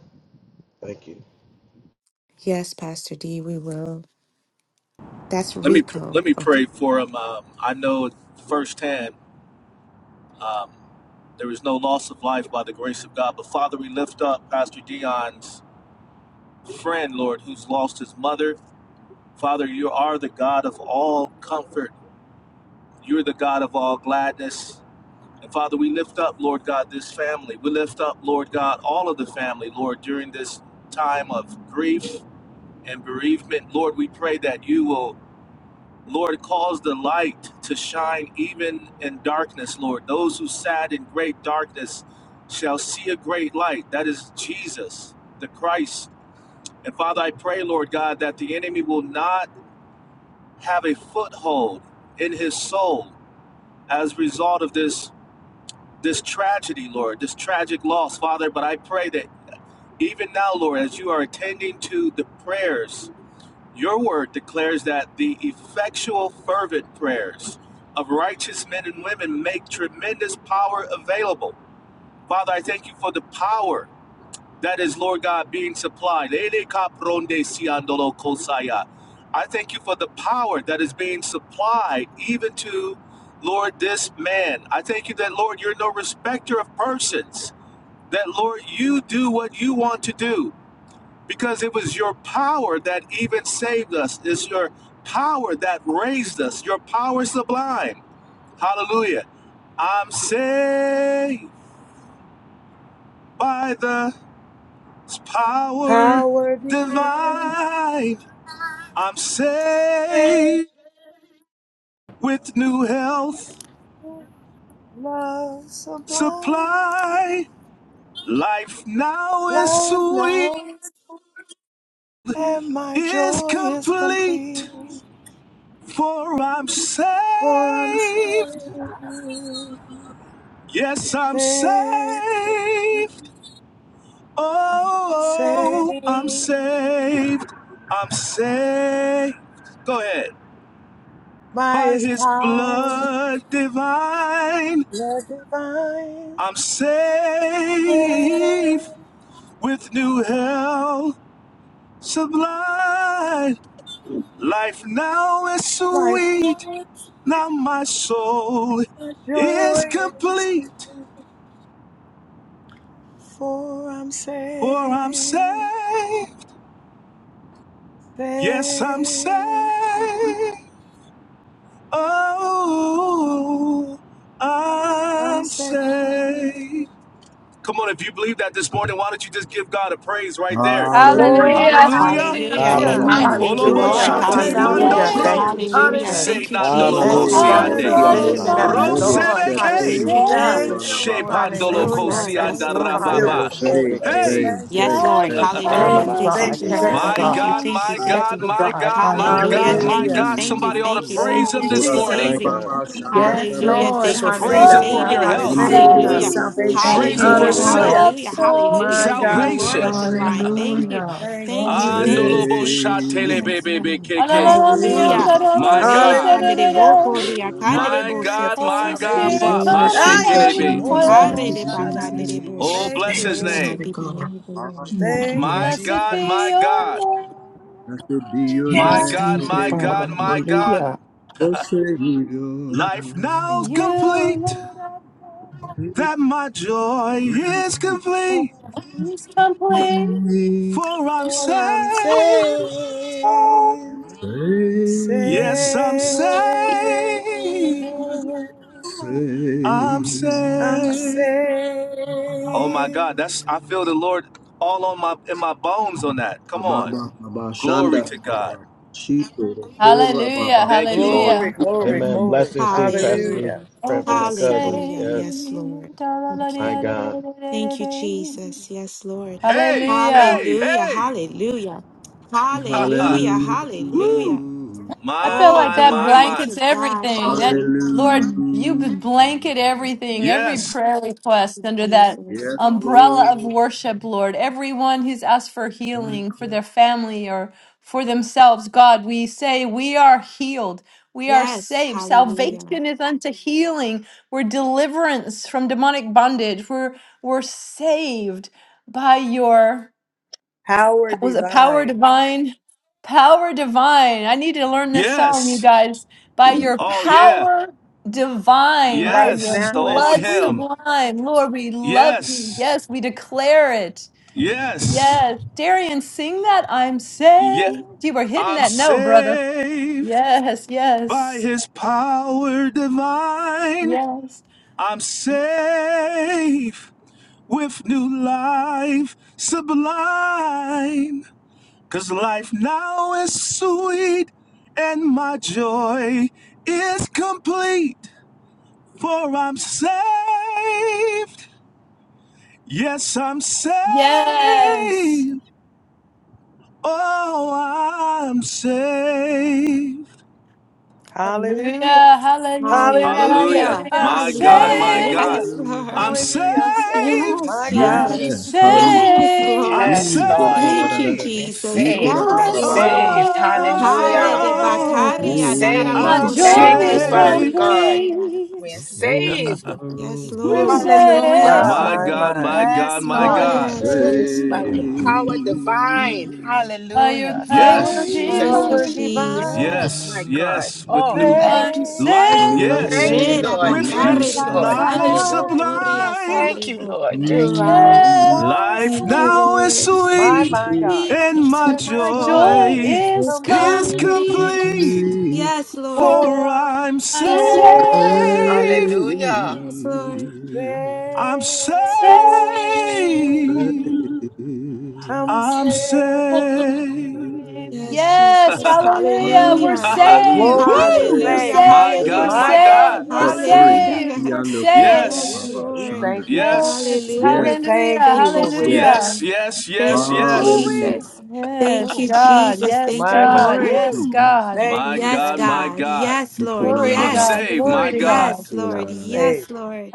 [SPEAKER 6] Thank you.
[SPEAKER 3] Yes, Pastor D, we will. That's
[SPEAKER 1] Let me pr-
[SPEAKER 3] Rico.
[SPEAKER 1] let me
[SPEAKER 3] Oh,
[SPEAKER 1] pray for him. Um, I know firsthand um, there is no loss of life by the grace of God. But Father, we lift up Pastor Dion's friend, Lord, who's lost his mother. Father, you are the God of all comfort. You're the God of all gladness. And Father, we lift up, Lord God, this family. We lift up, Lord God, all of the family, Lord, during this time of grief and bereavement. Lord, we pray that you will. Lord, cause the light to shine even in darkness, Lord. Those who sat in great darkness shall see a great light. That is Jesus, the Christ. And Father, I pray, Lord God, that the enemy will not have a foothold in his soul as a result of this this tragedy, Lord, this tragic loss, Father. But I pray that even now, Lord, as you are attending to the prayers Your word declares that the effectual, fervent prayers of righteous men and women make tremendous power available. Father, I thank you for the power that is, Lord God, being supplied. I thank you for the power that is being supplied even to, Lord, this man. I thank you that, Lord, you're no respecter of persons, that, Lord, you do what you want to do because it was your power that even saved us. It's your power that raised us. Your power sublime. Hallelujah. I'm saved by the power
[SPEAKER 4] Power divine,
[SPEAKER 1] divine. I'm saved with new health
[SPEAKER 4] love sublime,
[SPEAKER 1] supply. Life now is
[SPEAKER 4] life
[SPEAKER 1] sweet,
[SPEAKER 4] now, and my
[SPEAKER 1] is
[SPEAKER 4] joy is complete.
[SPEAKER 1] complete, for I'm saved
[SPEAKER 4] For I'm saved,
[SPEAKER 1] Yes, I'm saved.
[SPEAKER 4] saved.
[SPEAKER 1] Oh, I'm
[SPEAKER 4] Saved
[SPEAKER 1] saved. I'm saved. Go ahead.
[SPEAKER 4] by
[SPEAKER 1] By
[SPEAKER 4] his
[SPEAKER 1] his
[SPEAKER 4] power,
[SPEAKER 1] blood divine,
[SPEAKER 4] love divine.
[SPEAKER 1] I'm saved with new hell sublime. Life now is
[SPEAKER 4] My
[SPEAKER 1] sweet.
[SPEAKER 4] thoughts,
[SPEAKER 1] Now my soul
[SPEAKER 4] my
[SPEAKER 1] is
[SPEAKER 4] joy is
[SPEAKER 1] complete,
[SPEAKER 4] complete, for I'm
[SPEAKER 1] for I'm
[SPEAKER 4] saved.
[SPEAKER 1] saved. Yes, I'm saved.
[SPEAKER 4] Saved,
[SPEAKER 1] Oh,
[SPEAKER 4] I'm
[SPEAKER 1] I'm
[SPEAKER 4] saved.
[SPEAKER 1] saved. Come on, if you believe that this morning, why don't you just give God a praise right there?
[SPEAKER 8] Hallelujah.
[SPEAKER 4] Glory,
[SPEAKER 1] Hallelujah.
[SPEAKER 3] Hallelujah.
[SPEAKER 4] hallelujah.
[SPEAKER 3] Amen.
[SPEAKER 8] Hallelujah.
[SPEAKER 3] Thank you,
[SPEAKER 1] Olobo
[SPEAKER 4] Thank
[SPEAKER 3] Lord.
[SPEAKER 4] you
[SPEAKER 7] Hallelujah.
[SPEAKER 4] for
[SPEAKER 2] I'm
[SPEAKER 1] shate
[SPEAKER 3] Hallelujah.
[SPEAKER 1] mando
[SPEAKER 7] Hallelujah.
[SPEAKER 4] salvation.
[SPEAKER 1] bro.
[SPEAKER 7] Thank you,
[SPEAKER 2] saved
[SPEAKER 8] Korababashandarekita.
[SPEAKER 3] Hallelujah.
[SPEAKER 1] Se
[SPEAKER 7] Jesus.
[SPEAKER 3] Thank you,
[SPEAKER 4] Hallelujah.
[SPEAKER 8] You
[SPEAKER 1] nandolo
[SPEAKER 3] Jesus.
[SPEAKER 7] Thank you,
[SPEAKER 2] by
[SPEAKER 8] say,
[SPEAKER 7] God,
[SPEAKER 2] your
[SPEAKER 7] for
[SPEAKER 3] Hallelujah.
[SPEAKER 1] kosiande.
[SPEAKER 2] blood
[SPEAKER 3] Thank you,
[SPEAKER 7] saving
[SPEAKER 8] Yanara,
[SPEAKER 3] Lord.
[SPEAKER 7] us,
[SPEAKER 8] delivered,
[SPEAKER 2] divine.
[SPEAKER 7] Lord.
[SPEAKER 4] Hallelujah.
[SPEAKER 8] set
[SPEAKER 2] I'm
[SPEAKER 1] Rosebeke.
[SPEAKER 3] Thank
[SPEAKER 8] free.
[SPEAKER 3] you,
[SPEAKER 2] saved
[SPEAKER 7] Hallelujah.
[SPEAKER 4] Thank you,
[SPEAKER 3] Jesus.
[SPEAKER 1] She
[SPEAKER 4] Lord. I'm
[SPEAKER 1] pandolo
[SPEAKER 4] saved,
[SPEAKER 3] Yes,
[SPEAKER 8] Korababashanda.
[SPEAKER 4] and
[SPEAKER 7] Hallelujah.
[SPEAKER 3] Lord. Yes,
[SPEAKER 7] Thank
[SPEAKER 1] kosianda
[SPEAKER 7] you,
[SPEAKER 4] sanctified,
[SPEAKER 3] Lord.
[SPEAKER 4] filled
[SPEAKER 8] You
[SPEAKER 4] with
[SPEAKER 7] Father.
[SPEAKER 1] rababa.
[SPEAKER 4] the Holy
[SPEAKER 8] say,
[SPEAKER 4] Ghost.
[SPEAKER 1] Hey,
[SPEAKER 8] say,
[SPEAKER 4] Thank
[SPEAKER 8] say,
[SPEAKER 4] you.
[SPEAKER 3] Yes,
[SPEAKER 2] by
[SPEAKER 3] Lord.
[SPEAKER 8] say.
[SPEAKER 2] your
[SPEAKER 7] Thank
[SPEAKER 3] Hallelujah.
[SPEAKER 4] Thank
[SPEAKER 7] you,
[SPEAKER 4] you.
[SPEAKER 2] power
[SPEAKER 3] Thank you,
[SPEAKER 7] God.
[SPEAKER 4] Thank you.
[SPEAKER 7] Thank
[SPEAKER 4] Thank
[SPEAKER 7] you,
[SPEAKER 3] Jesus.
[SPEAKER 4] you.
[SPEAKER 2] sublime.
[SPEAKER 1] my
[SPEAKER 3] Thank
[SPEAKER 7] God.
[SPEAKER 3] you.
[SPEAKER 1] God,
[SPEAKER 2] I'm
[SPEAKER 3] Thank you.
[SPEAKER 1] my
[SPEAKER 2] saved.
[SPEAKER 7] Thank
[SPEAKER 3] Thank
[SPEAKER 1] God,
[SPEAKER 3] you.
[SPEAKER 7] you,
[SPEAKER 1] my
[SPEAKER 7] God.
[SPEAKER 1] God, my
[SPEAKER 3] Hallelujah.
[SPEAKER 1] God,
[SPEAKER 7] Hallelujah.
[SPEAKER 1] my
[SPEAKER 3] Thank
[SPEAKER 4] Hallelujah.
[SPEAKER 3] you.
[SPEAKER 1] God.
[SPEAKER 3] Thank you.
[SPEAKER 1] Somebody ought to
[SPEAKER 2] I'm
[SPEAKER 3] Thank you.
[SPEAKER 4] Thank
[SPEAKER 1] praise
[SPEAKER 3] Thank you
[SPEAKER 1] him
[SPEAKER 4] you,
[SPEAKER 3] for
[SPEAKER 1] this
[SPEAKER 2] saved.
[SPEAKER 4] Jesus.
[SPEAKER 1] morning.
[SPEAKER 3] saving me.
[SPEAKER 7] Yes,
[SPEAKER 8] Korababashandararara.
[SPEAKER 3] Hallelujah.
[SPEAKER 4] Thank you
[SPEAKER 7] Lord.
[SPEAKER 3] Thank
[SPEAKER 4] for
[SPEAKER 3] you for
[SPEAKER 1] Praise him
[SPEAKER 4] freedom.
[SPEAKER 1] for
[SPEAKER 7] Hallelujah.
[SPEAKER 3] saving
[SPEAKER 2] Oh,
[SPEAKER 1] your
[SPEAKER 2] we're
[SPEAKER 3] us.
[SPEAKER 1] health.
[SPEAKER 4] Thank you for
[SPEAKER 3] Hallelujah.
[SPEAKER 7] Hallelujah.
[SPEAKER 2] saved
[SPEAKER 8] Andororororobo,
[SPEAKER 2] by
[SPEAKER 4] salvation.
[SPEAKER 7] Thank
[SPEAKER 1] Praise Him
[SPEAKER 7] you,
[SPEAKER 1] for
[SPEAKER 3] Hallelujah.
[SPEAKER 2] your
[SPEAKER 7] Lord.
[SPEAKER 1] self,
[SPEAKER 4] Hallelujah.
[SPEAKER 2] love
[SPEAKER 3] Hallelujah.
[SPEAKER 2] so
[SPEAKER 8] shomdorororororobo,
[SPEAKER 3] Hallelujah.
[SPEAKER 4] My
[SPEAKER 3] For
[SPEAKER 2] divine.
[SPEAKER 3] your
[SPEAKER 4] God, we
[SPEAKER 3] glory
[SPEAKER 1] salvation.
[SPEAKER 4] bless you.
[SPEAKER 3] divine. Thank you.
[SPEAKER 8] itaya.
[SPEAKER 7] Hallelujah.
[SPEAKER 4] Thank you,
[SPEAKER 3] Thank you.
[SPEAKER 2] Mm.
[SPEAKER 4] Jesus.
[SPEAKER 3] Thank you.
[SPEAKER 7] Glory.
[SPEAKER 1] Andolobo
[SPEAKER 3] Thank you,
[SPEAKER 1] shatele
[SPEAKER 8] Blessed
[SPEAKER 7] Yes,
[SPEAKER 3] Jesus.
[SPEAKER 1] bebebe
[SPEAKER 7] Lord.
[SPEAKER 2] Alalala, mi
[SPEAKER 4] Hallelujah.
[SPEAKER 3] Hallelujah.
[SPEAKER 2] andara
[SPEAKER 1] My
[SPEAKER 2] rosso,
[SPEAKER 3] Re
[SPEAKER 2] da,
[SPEAKER 1] God,
[SPEAKER 2] da,
[SPEAKER 3] kandere
[SPEAKER 2] da,
[SPEAKER 4] Hallelujah.
[SPEAKER 3] bo
[SPEAKER 2] da.
[SPEAKER 3] koria kandere
[SPEAKER 1] my
[SPEAKER 3] bo
[SPEAKER 4] Hallelujah
[SPEAKER 1] God,
[SPEAKER 4] for
[SPEAKER 1] my
[SPEAKER 2] Holy
[SPEAKER 3] seteki
[SPEAKER 1] God,
[SPEAKER 3] andere
[SPEAKER 4] salvation.
[SPEAKER 2] Spirit,
[SPEAKER 1] pop,
[SPEAKER 3] dos.
[SPEAKER 1] my
[SPEAKER 2] come
[SPEAKER 7] Yes,
[SPEAKER 2] and
[SPEAKER 4] Ah,
[SPEAKER 7] thank you,
[SPEAKER 4] yeah.
[SPEAKER 2] have your
[SPEAKER 1] shekelebe.
[SPEAKER 4] Oh, no,
[SPEAKER 7] Jesus.
[SPEAKER 4] no, no.
[SPEAKER 7] Thank
[SPEAKER 3] Are
[SPEAKER 7] you,
[SPEAKER 3] de
[SPEAKER 4] Shananaki.
[SPEAKER 7] Jesus.
[SPEAKER 3] bakandere
[SPEAKER 2] way.
[SPEAKER 3] bo
[SPEAKER 1] Oh,
[SPEAKER 4] Thank
[SPEAKER 1] bless
[SPEAKER 4] you,
[SPEAKER 3] soto.
[SPEAKER 7] Thank
[SPEAKER 1] His
[SPEAKER 7] you,
[SPEAKER 4] Lord.
[SPEAKER 1] name.
[SPEAKER 3] Blessed
[SPEAKER 7] Father
[SPEAKER 3] be the
[SPEAKER 7] God.
[SPEAKER 3] name of the Lord.
[SPEAKER 4] Thank you,
[SPEAKER 1] My
[SPEAKER 7] Hallelujah.
[SPEAKER 2] Blessed
[SPEAKER 1] God,
[SPEAKER 2] be
[SPEAKER 4] Jesus.
[SPEAKER 1] my
[SPEAKER 2] your
[SPEAKER 1] God,
[SPEAKER 2] name,
[SPEAKER 8] be
[SPEAKER 2] my
[SPEAKER 8] your
[SPEAKER 1] my
[SPEAKER 7] Yes,
[SPEAKER 1] God,
[SPEAKER 7] thank you,
[SPEAKER 1] my
[SPEAKER 2] God.
[SPEAKER 8] name,
[SPEAKER 7] Father.
[SPEAKER 1] God, my God.
[SPEAKER 7] Hallelujah.
[SPEAKER 8] O Savior.
[SPEAKER 1] Life
[SPEAKER 2] To
[SPEAKER 1] now's
[SPEAKER 2] you,
[SPEAKER 1] complete,
[SPEAKER 2] Lord, I pray
[SPEAKER 8] Great,
[SPEAKER 1] that my joy is
[SPEAKER 2] for
[SPEAKER 1] complete,
[SPEAKER 2] this complete
[SPEAKER 8] great,
[SPEAKER 1] for I'm
[SPEAKER 4] I'm
[SPEAKER 1] saved.
[SPEAKER 4] saved,
[SPEAKER 2] trust.
[SPEAKER 1] Yes,
[SPEAKER 8] great.
[SPEAKER 1] I'm
[SPEAKER 4] saved,
[SPEAKER 1] saved. I'm
[SPEAKER 8] great.
[SPEAKER 4] I'm
[SPEAKER 1] saved.
[SPEAKER 4] saved.
[SPEAKER 1] Oh my God, that's I feel the Lord all on my in my bones on that. Come
[SPEAKER 8] Baba,
[SPEAKER 1] on.
[SPEAKER 8] Baba, Shanda,
[SPEAKER 1] Glory to God.
[SPEAKER 8] Shito, Kora,
[SPEAKER 2] Hallelujah,
[SPEAKER 8] Baba,
[SPEAKER 1] Thank you, Lord.
[SPEAKER 8] Shanda.
[SPEAKER 4] Glory,
[SPEAKER 2] hallelujah.
[SPEAKER 4] glory, glory. Hallelujah.
[SPEAKER 3] Hallelujah.
[SPEAKER 2] Oh, we're
[SPEAKER 3] Hallelujah. Yes, Lord.
[SPEAKER 2] saved.
[SPEAKER 3] Thank you. Thank you, Jesus. Yes, Lord.
[SPEAKER 1] Hey,
[SPEAKER 2] Hallelujah,
[SPEAKER 1] hey,
[SPEAKER 3] Hallelujah.
[SPEAKER 1] hey.
[SPEAKER 3] Hallelujah.
[SPEAKER 1] Ha ha.
[SPEAKER 3] Hallelujah.
[SPEAKER 1] Woo.
[SPEAKER 3] Hallelujah.
[SPEAKER 8] Hallelujah,
[SPEAKER 2] I
[SPEAKER 1] My,
[SPEAKER 2] feel
[SPEAKER 3] Oh,
[SPEAKER 2] like
[SPEAKER 1] my,
[SPEAKER 2] that
[SPEAKER 1] my,
[SPEAKER 3] glory be
[SPEAKER 1] my.
[SPEAKER 2] blankets
[SPEAKER 3] to God.
[SPEAKER 2] everything. That
[SPEAKER 3] Hallelujah.
[SPEAKER 2] Lord, you
[SPEAKER 8] hallelujah.
[SPEAKER 2] blanket everything, every
[SPEAKER 3] Mm,
[SPEAKER 1] Yes.
[SPEAKER 2] prayer request under that
[SPEAKER 3] Jesus.
[SPEAKER 8] Yes,
[SPEAKER 2] umbrella.
[SPEAKER 8] Lord.
[SPEAKER 3] Yes. Hallelujah.
[SPEAKER 2] We're, we're
[SPEAKER 4] Power divine.
[SPEAKER 1] Yes.
[SPEAKER 2] by your
[SPEAKER 1] Oh yeah.
[SPEAKER 2] doing by
[SPEAKER 4] Life
[SPEAKER 1] Yes. It's
[SPEAKER 4] now
[SPEAKER 1] the
[SPEAKER 4] is
[SPEAKER 1] old
[SPEAKER 2] blood
[SPEAKER 1] hymn.
[SPEAKER 4] sweet.
[SPEAKER 2] sublime. Lord, we love you.
[SPEAKER 1] Yes.
[SPEAKER 2] Yes, we declare it.
[SPEAKER 1] Yes.
[SPEAKER 2] Yes. Darian, sing that I'm
[SPEAKER 1] Yeah.
[SPEAKER 2] saved. You were hitting
[SPEAKER 1] I'm
[SPEAKER 2] that note, brother.
[SPEAKER 1] saved
[SPEAKER 2] Yes,
[SPEAKER 1] by
[SPEAKER 2] yes,
[SPEAKER 1] his power divine.
[SPEAKER 2] yes,
[SPEAKER 1] I'm saved with new life sublime, 'cause life now is sweet and my joy is complete. For I'm saved. Yes, I'm saved.
[SPEAKER 2] yes.
[SPEAKER 1] Oh, I'm saved.
[SPEAKER 2] Hallelujah,
[SPEAKER 4] Hallelujah.
[SPEAKER 2] hallelujah,
[SPEAKER 1] Hallelujah.
[SPEAKER 4] Hallelujah.
[SPEAKER 2] hallelujah.
[SPEAKER 3] Hallelujah.
[SPEAKER 4] Ha,
[SPEAKER 2] I'm
[SPEAKER 1] My
[SPEAKER 3] Hallelujah.
[SPEAKER 1] God, my
[SPEAKER 8] Hallelujah,
[SPEAKER 2] saved.
[SPEAKER 1] God.
[SPEAKER 4] hallelujah.
[SPEAKER 3] Yes,
[SPEAKER 8] hallelujah,
[SPEAKER 1] I'm
[SPEAKER 3] Lord.
[SPEAKER 8] hallelujah.
[SPEAKER 4] Hallelujah. I'm saved.
[SPEAKER 1] saved.
[SPEAKER 3] Yes,
[SPEAKER 4] My God.
[SPEAKER 2] I'm
[SPEAKER 3] Jesus.
[SPEAKER 8] Yes, hallelujah.
[SPEAKER 3] Yes,
[SPEAKER 2] saved.
[SPEAKER 1] I'm
[SPEAKER 3] Lord.
[SPEAKER 7] Yes,
[SPEAKER 8] Ooh, da,
[SPEAKER 7] Lord.
[SPEAKER 8] da, da,
[SPEAKER 3] Thank
[SPEAKER 8] da,
[SPEAKER 3] you,
[SPEAKER 8] da, da.
[SPEAKER 7] We're
[SPEAKER 1] saved.
[SPEAKER 3] Jesus.
[SPEAKER 8] Ee, ko, da,
[SPEAKER 7] saved.
[SPEAKER 8] da,
[SPEAKER 3] Yes,
[SPEAKER 7] We're
[SPEAKER 2] I'm
[SPEAKER 8] ba, ba, ba,
[SPEAKER 3] Lord.
[SPEAKER 8] ba.
[SPEAKER 7] saved.
[SPEAKER 4] I'm
[SPEAKER 2] saved.
[SPEAKER 3] Hare
[SPEAKER 7] Hallelujah.
[SPEAKER 3] de
[SPEAKER 1] Oh.
[SPEAKER 4] saved.
[SPEAKER 7] We're
[SPEAKER 3] bakaria
[SPEAKER 2] My
[SPEAKER 7] saved.
[SPEAKER 8] Ooh,
[SPEAKER 3] dararabo
[SPEAKER 1] I'm
[SPEAKER 3] re
[SPEAKER 8] say,
[SPEAKER 3] de
[SPEAKER 2] joy
[SPEAKER 7] Thank you,
[SPEAKER 2] is
[SPEAKER 7] Father
[SPEAKER 1] saved.
[SPEAKER 3] basarebo
[SPEAKER 7] God. We're
[SPEAKER 2] complete.
[SPEAKER 3] korarabasa.
[SPEAKER 8] oh,
[SPEAKER 7] saved.
[SPEAKER 3] Yes,
[SPEAKER 2] We're
[SPEAKER 1] Woo!
[SPEAKER 4] Woo.
[SPEAKER 3] Lord. Yes,
[SPEAKER 4] My,
[SPEAKER 2] saved
[SPEAKER 7] Hallelujah.
[SPEAKER 1] My
[SPEAKER 4] my,
[SPEAKER 1] God,
[SPEAKER 4] my.
[SPEAKER 1] my God,
[SPEAKER 7] Yes,
[SPEAKER 1] my
[SPEAKER 6] I
[SPEAKER 7] Lord.
[SPEAKER 6] am
[SPEAKER 1] God.
[SPEAKER 3] yes Holy
[SPEAKER 6] saved,
[SPEAKER 7] By your
[SPEAKER 3] Spirit.
[SPEAKER 7] power divine.
[SPEAKER 2] by
[SPEAKER 3] Mm.
[SPEAKER 2] your
[SPEAKER 7] Hallelujah. Thank you,
[SPEAKER 2] power
[SPEAKER 1] Yes,
[SPEAKER 3] Thank
[SPEAKER 7] Jesus.
[SPEAKER 3] you,
[SPEAKER 4] Power
[SPEAKER 6] saved,
[SPEAKER 2] divine.
[SPEAKER 4] divine,
[SPEAKER 7] Yes,
[SPEAKER 3] Jesus.
[SPEAKER 1] yes,
[SPEAKER 7] my God.
[SPEAKER 1] yes. With
[SPEAKER 7] Oh,
[SPEAKER 1] new
[SPEAKER 3] Mm.
[SPEAKER 7] thank
[SPEAKER 2] I'm
[SPEAKER 7] you.
[SPEAKER 4] save
[SPEAKER 1] life,
[SPEAKER 2] saved.
[SPEAKER 6] I'm
[SPEAKER 1] yes.
[SPEAKER 7] Thank you,
[SPEAKER 3] Re da
[SPEAKER 6] saved.
[SPEAKER 7] Lord.
[SPEAKER 1] With new
[SPEAKER 7] Thank
[SPEAKER 4] the
[SPEAKER 3] bakare
[SPEAKER 7] you,
[SPEAKER 3] de
[SPEAKER 1] s-
[SPEAKER 4] light
[SPEAKER 7] Lord.
[SPEAKER 1] life
[SPEAKER 3] basarebo
[SPEAKER 4] sublime.
[SPEAKER 3] koria
[SPEAKER 1] sublime.
[SPEAKER 7] Thank you,
[SPEAKER 3] sanderebo
[SPEAKER 7] Lord.
[SPEAKER 3] ko.
[SPEAKER 4] Your
[SPEAKER 7] Thank you,
[SPEAKER 4] life
[SPEAKER 7] Lord.
[SPEAKER 4] now is
[SPEAKER 1] Life
[SPEAKER 3] Thank you,
[SPEAKER 4] sweet,
[SPEAKER 1] now is
[SPEAKER 2] My
[SPEAKER 3] Lord.
[SPEAKER 4] my,
[SPEAKER 1] sweet,
[SPEAKER 4] my
[SPEAKER 8] say,
[SPEAKER 4] God,
[SPEAKER 8] say,
[SPEAKER 1] and
[SPEAKER 3] Sweetness
[SPEAKER 1] my
[SPEAKER 4] and my
[SPEAKER 2] joy
[SPEAKER 4] joy
[SPEAKER 1] joy
[SPEAKER 4] is
[SPEAKER 2] is
[SPEAKER 3] is
[SPEAKER 1] is
[SPEAKER 2] complete.
[SPEAKER 4] complete.
[SPEAKER 3] complete.
[SPEAKER 1] complete.
[SPEAKER 3] Yes, Lord.
[SPEAKER 1] For
[SPEAKER 4] For
[SPEAKER 1] I'm
[SPEAKER 4] I'm
[SPEAKER 1] saved.
[SPEAKER 2] I'm
[SPEAKER 3] Yes,
[SPEAKER 2] saved.
[SPEAKER 4] saved,
[SPEAKER 8] say,
[SPEAKER 7] Hallelujah.
[SPEAKER 3] Yes, Lord.
[SPEAKER 1] I'm
[SPEAKER 4] saved,
[SPEAKER 2] Saved.
[SPEAKER 8] say,
[SPEAKER 1] saved.
[SPEAKER 8] say.
[SPEAKER 4] I'm
[SPEAKER 1] I'm
[SPEAKER 4] saved.
[SPEAKER 1] saved.
[SPEAKER 3] Yes,
[SPEAKER 2] Yes,
[SPEAKER 3] Jesus.
[SPEAKER 2] hallelujah. We're
[SPEAKER 3] Hallelujah.
[SPEAKER 8] Hallelujah, hallelujah.
[SPEAKER 2] saved.
[SPEAKER 8] Be
[SPEAKER 4] Glory, we're
[SPEAKER 1] Woo!
[SPEAKER 2] We're
[SPEAKER 8] saved
[SPEAKER 4] saved.
[SPEAKER 8] and
[SPEAKER 1] My
[SPEAKER 2] saved. We're
[SPEAKER 1] God,
[SPEAKER 8] delivered,
[SPEAKER 1] my
[SPEAKER 4] My
[SPEAKER 3] Hallelujah.
[SPEAKER 1] God.
[SPEAKER 4] God,
[SPEAKER 2] saved. We're
[SPEAKER 8] set free.
[SPEAKER 4] hallelujah,
[SPEAKER 3] Hallelujah.
[SPEAKER 2] saved. We're
[SPEAKER 8] Yonder Kola
[SPEAKER 3] Lord.
[SPEAKER 2] saved.
[SPEAKER 1] Yes,
[SPEAKER 4] hallelujah.
[SPEAKER 8] Baba
[SPEAKER 4] We
[SPEAKER 8] Shanda.
[SPEAKER 4] thank you, God.
[SPEAKER 2] Yes,
[SPEAKER 1] yes,
[SPEAKER 3] Hallelujah.
[SPEAKER 4] We
[SPEAKER 8] Yes,
[SPEAKER 2] hallelujah.
[SPEAKER 4] thank you,
[SPEAKER 3] Thank you,
[SPEAKER 4] Lord, we're saved.
[SPEAKER 8] yes.
[SPEAKER 2] Hallelujah.
[SPEAKER 1] yes,
[SPEAKER 3] Jesus.
[SPEAKER 1] yes,
[SPEAKER 3] Thank
[SPEAKER 1] yes,
[SPEAKER 3] you,
[SPEAKER 8] Hallelujah.
[SPEAKER 1] yes.
[SPEAKER 4] Woo-wee.
[SPEAKER 3] Jesus.
[SPEAKER 4] Hmm.
[SPEAKER 3] Thank
[SPEAKER 2] Yes,
[SPEAKER 3] you,
[SPEAKER 2] God.
[SPEAKER 3] Jesus.
[SPEAKER 2] Yes,
[SPEAKER 3] Thank
[SPEAKER 4] My
[SPEAKER 3] you,
[SPEAKER 4] mind.
[SPEAKER 2] God.
[SPEAKER 3] Lord.
[SPEAKER 8] Mm.
[SPEAKER 2] Yes,
[SPEAKER 1] Woo!
[SPEAKER 2] God.
[SPEAKER 4] Thank
[SPEAKER 1] My
[SPEAKER 4] you.
[SPEAKER 3] Yes,
[SPEAKER 1] God,
[SPEAKER 4] Thank you.
[SPEAKER 1] my
[SPEAKER 3] God.
[SPEAKER 1] God.
[SPEAKER 3] Yes, Lord.
[SPEAKER 8] Nikola la
[SPEAKER 2] Glory
[SPEAKER 8] la
[SPEAKER 2] to
[SPEAKER 1] I'm
[SPEAKER 8] la la la.
[SPEAKER 3] Yes.
[SPEAKER 2] God.
[SPEAKER 1] saved,
[SPEAKER 2] Glory
[SPEAKER 1] my
[SPEAKER 2] to
[SPEAKER 8] Yonder
[SPEAKER 1] God.
[SPEAKER 2] God.
[SPEAKER 3] Yes,
[SPEAKER 8] Kola
[SPEAKER 3] Lord.
[SPEAKER 8] la
[SPEAKER 4] I'm
[SPEAKER 8] la la la.
[SPEAKER 4] saved.
[SPEAKER 3] Yes, Lord.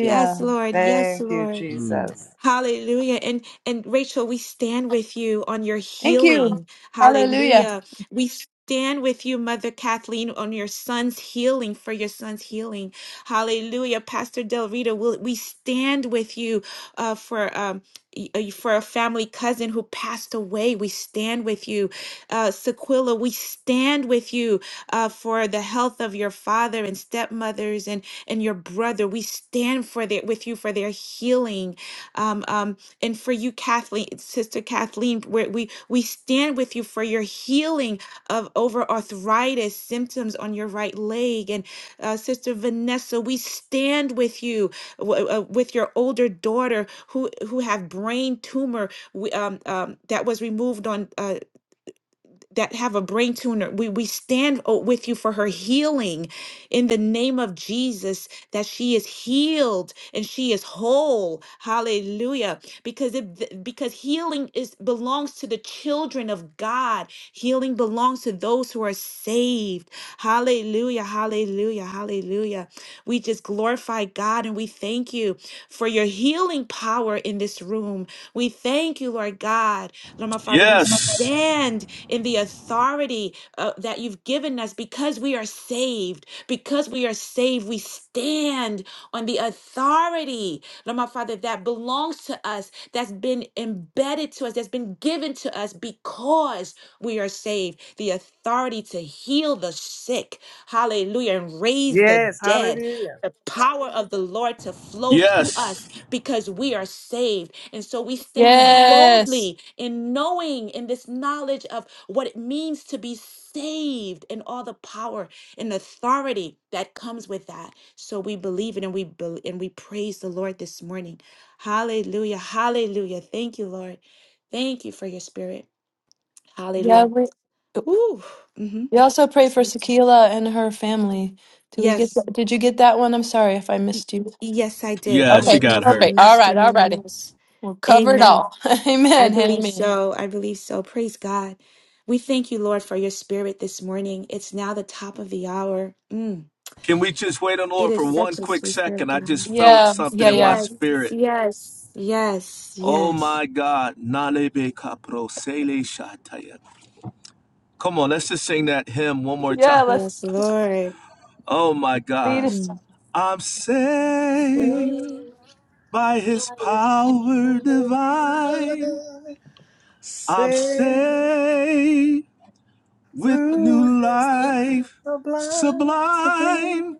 [SPEAKER 3] Yes, Lord. Yes,
[SPEAKER 4] Thank you,
[SPEAKER 3] Lord.
[SPEAKER 8] Mm.
[SPEAKER 4] Jesus.
[SPEAKER 3] Hallelujah. And and Rachel, we stand with you on your
[SPEAKER 2] Thank you.
[SPEAKER 3] healing.
[SPEAKER 2] Hallelujah.
[SPEAKER 3] Hallelujah. We stand with you, Mother Kathleen, on your son's healing, for your son's healing. Hallelujah. Pastor Del Rito, we'll, we stand with you uh, for um y- uh, for a family cousin who passed away. We stand with you. Uh, Sequilla, we stand with you uh, for the health of your father and stepmothers and, and your brother. We stand for their, with you for their healing um, um, and for you, Kathleen, Sister Kathleen, where we we stand with you for your healing of over arthritis symptoms on your right leg, and uh, Sister Vanessa, we stand with you w- uh, with your older daughter who who have brain tumor we- um, um, that was removed on uh, that have a brain tuner. We we stand o- with you for her healing in the name of Jesus that she is healed and she is whole. Hallelujah. Because it because healing is belongs to the children of God. Healing belongs to those who are saved. Hallelujah. Hallelujah. Hallelujah. We just glorify God and we thank you for your healing power in this room. We thank you, Lord God. Lord, my Father, we
[SPEAKER 1] Yes,
[SPEAKER 3] stand in the authority uh, that you've given us because we are saved. Because we are saved, we stand on the authority, Lord, my Father, that belongs to us, that's been embedded to us, that's been given to us because we are saved. The authority to heal the sick, hallelujah, and raise the
[SPEAKER 4] Yes.
[SPEAKER 3] dead.
[SPEAKER 4] Hallelujah.
[SPEAKER 3] The power of the Lord to flow through us
[SPEAKER 1] yes,
[SPEAKER 3] because we are saved and so we stand
[SPEAKER 2] Yes.
[SPEAKER 3] boldly in knowing in this knowledge of what it means to be saved and all the power and authority that comes with that. So we believe it and we bel and we praise the Lord this morning. Hallelujah. Hallelujah. Thank you, Lord. Thank you for your spirit.
[SPEAKER 2] Yeah,
[SPEAKER 3] Hallelujah.
[SPEAKER 2] we
[SPEAKER 3] Woo. hmm
[SPEAKER 2] we also pray for Sakila and her family. Do we get
[SPEAKER 3] Yes.
[SPEAKER 2] that? Did you get that one? I'm sorry if I
[SPEAKER 3] Y-
[SPEAKER 2] missed you.
[SPEAKER 3] Yes, I did. I
[SPEAKER 1] yes, She
[SPEAKER 2] Okay,
[SPEAKER 3] don't know
[SPEAKER 1] got
[SPEAKER 3] if I
[SPEAKER 1] her.
[SPEAKER 2] perfect. All
[SPEAKER 3] missed
[SPEAKER 2] right, all
[SPEAKER 3] anyone
[SPEAKER 2] righty.
[SPEAKER 3] else.
[SPEAKER 2] We'll cover it
[SPEAKER 3] Amen.
[SPEAKER 2] all.
[SPEAKER 3] I
[SPEAKER 2] Amen.
[SPEAKER 3] believe
[SPEAKER 2] Amen.
[SPEAKER 3] so. I believe so. Praise God. We thank you, Lord, for your spirit this morning. It's now the top of the hour. Mm,
[SPEAKER 1] Can we just wait on the
[SPEAKER 3] it
[SPEAKER 1] Lord for
[SPEAKER 3] is
[SPEAKER 1] one
[SPEAKER 3] such a
[SPEAKER 1] quick
[SPEAKER 3] sweet spirit,
[SPEAKER 1] second? I just
[SPEAKER 3] God.
[SPEAKER 1] felt
[SPEAKER 2] Yeah,
[SPEAKER 1] something
[SPEAKER 2] yeah,
[SPEAKER 1] in my
[SPEAKER 2] yeah.
[SPEAKER 3] Yes,
[SPEAKER 1] spirit.
[SPEAKER 3] yes, yes,
[SPEAKER 1] Oh
[SPEAKER 3] yes,
[SPEAKER 1] my God. Nalebe kapro sele shataya. Come on, let's just sing that hymn one more
[SPEAKER 2] Yeah,
[SPEAKER 1] time.
[SPEAKER 2] let's
[SPEAKER 3] yes, Lord.
[SPEAKER 1] Oh my
[SPEAKER 2] lead
[SPEAKER 1] God.
[SPEAKER 2] us.
[SPEAKER 3] Mm.
[SPEAKER 1] I'm
[SPEAKER 4] Saved
[SPEAKER 1] saved
[SPEAKER 3] Sweet
[SPEAKER 1] by his
[SPEAKER 4] by His
[SPEAKER 1] power
[SPEAKER 4] power
[SPEAKER 1] divine.
[SPEAKER 4] divine,
[SPEAKER 1] I'm
[SPEAKER 4] saved
[SPEAKER 1] saved with
[SPEAKER 4] through
[SPEAKER 1] new
[SPEAKER 4] his love
[SPEAKER 1] life
[SPEAKER 4] so blind.
[SPEAKER 3] spirit,
[SPEAKER 1] sublime.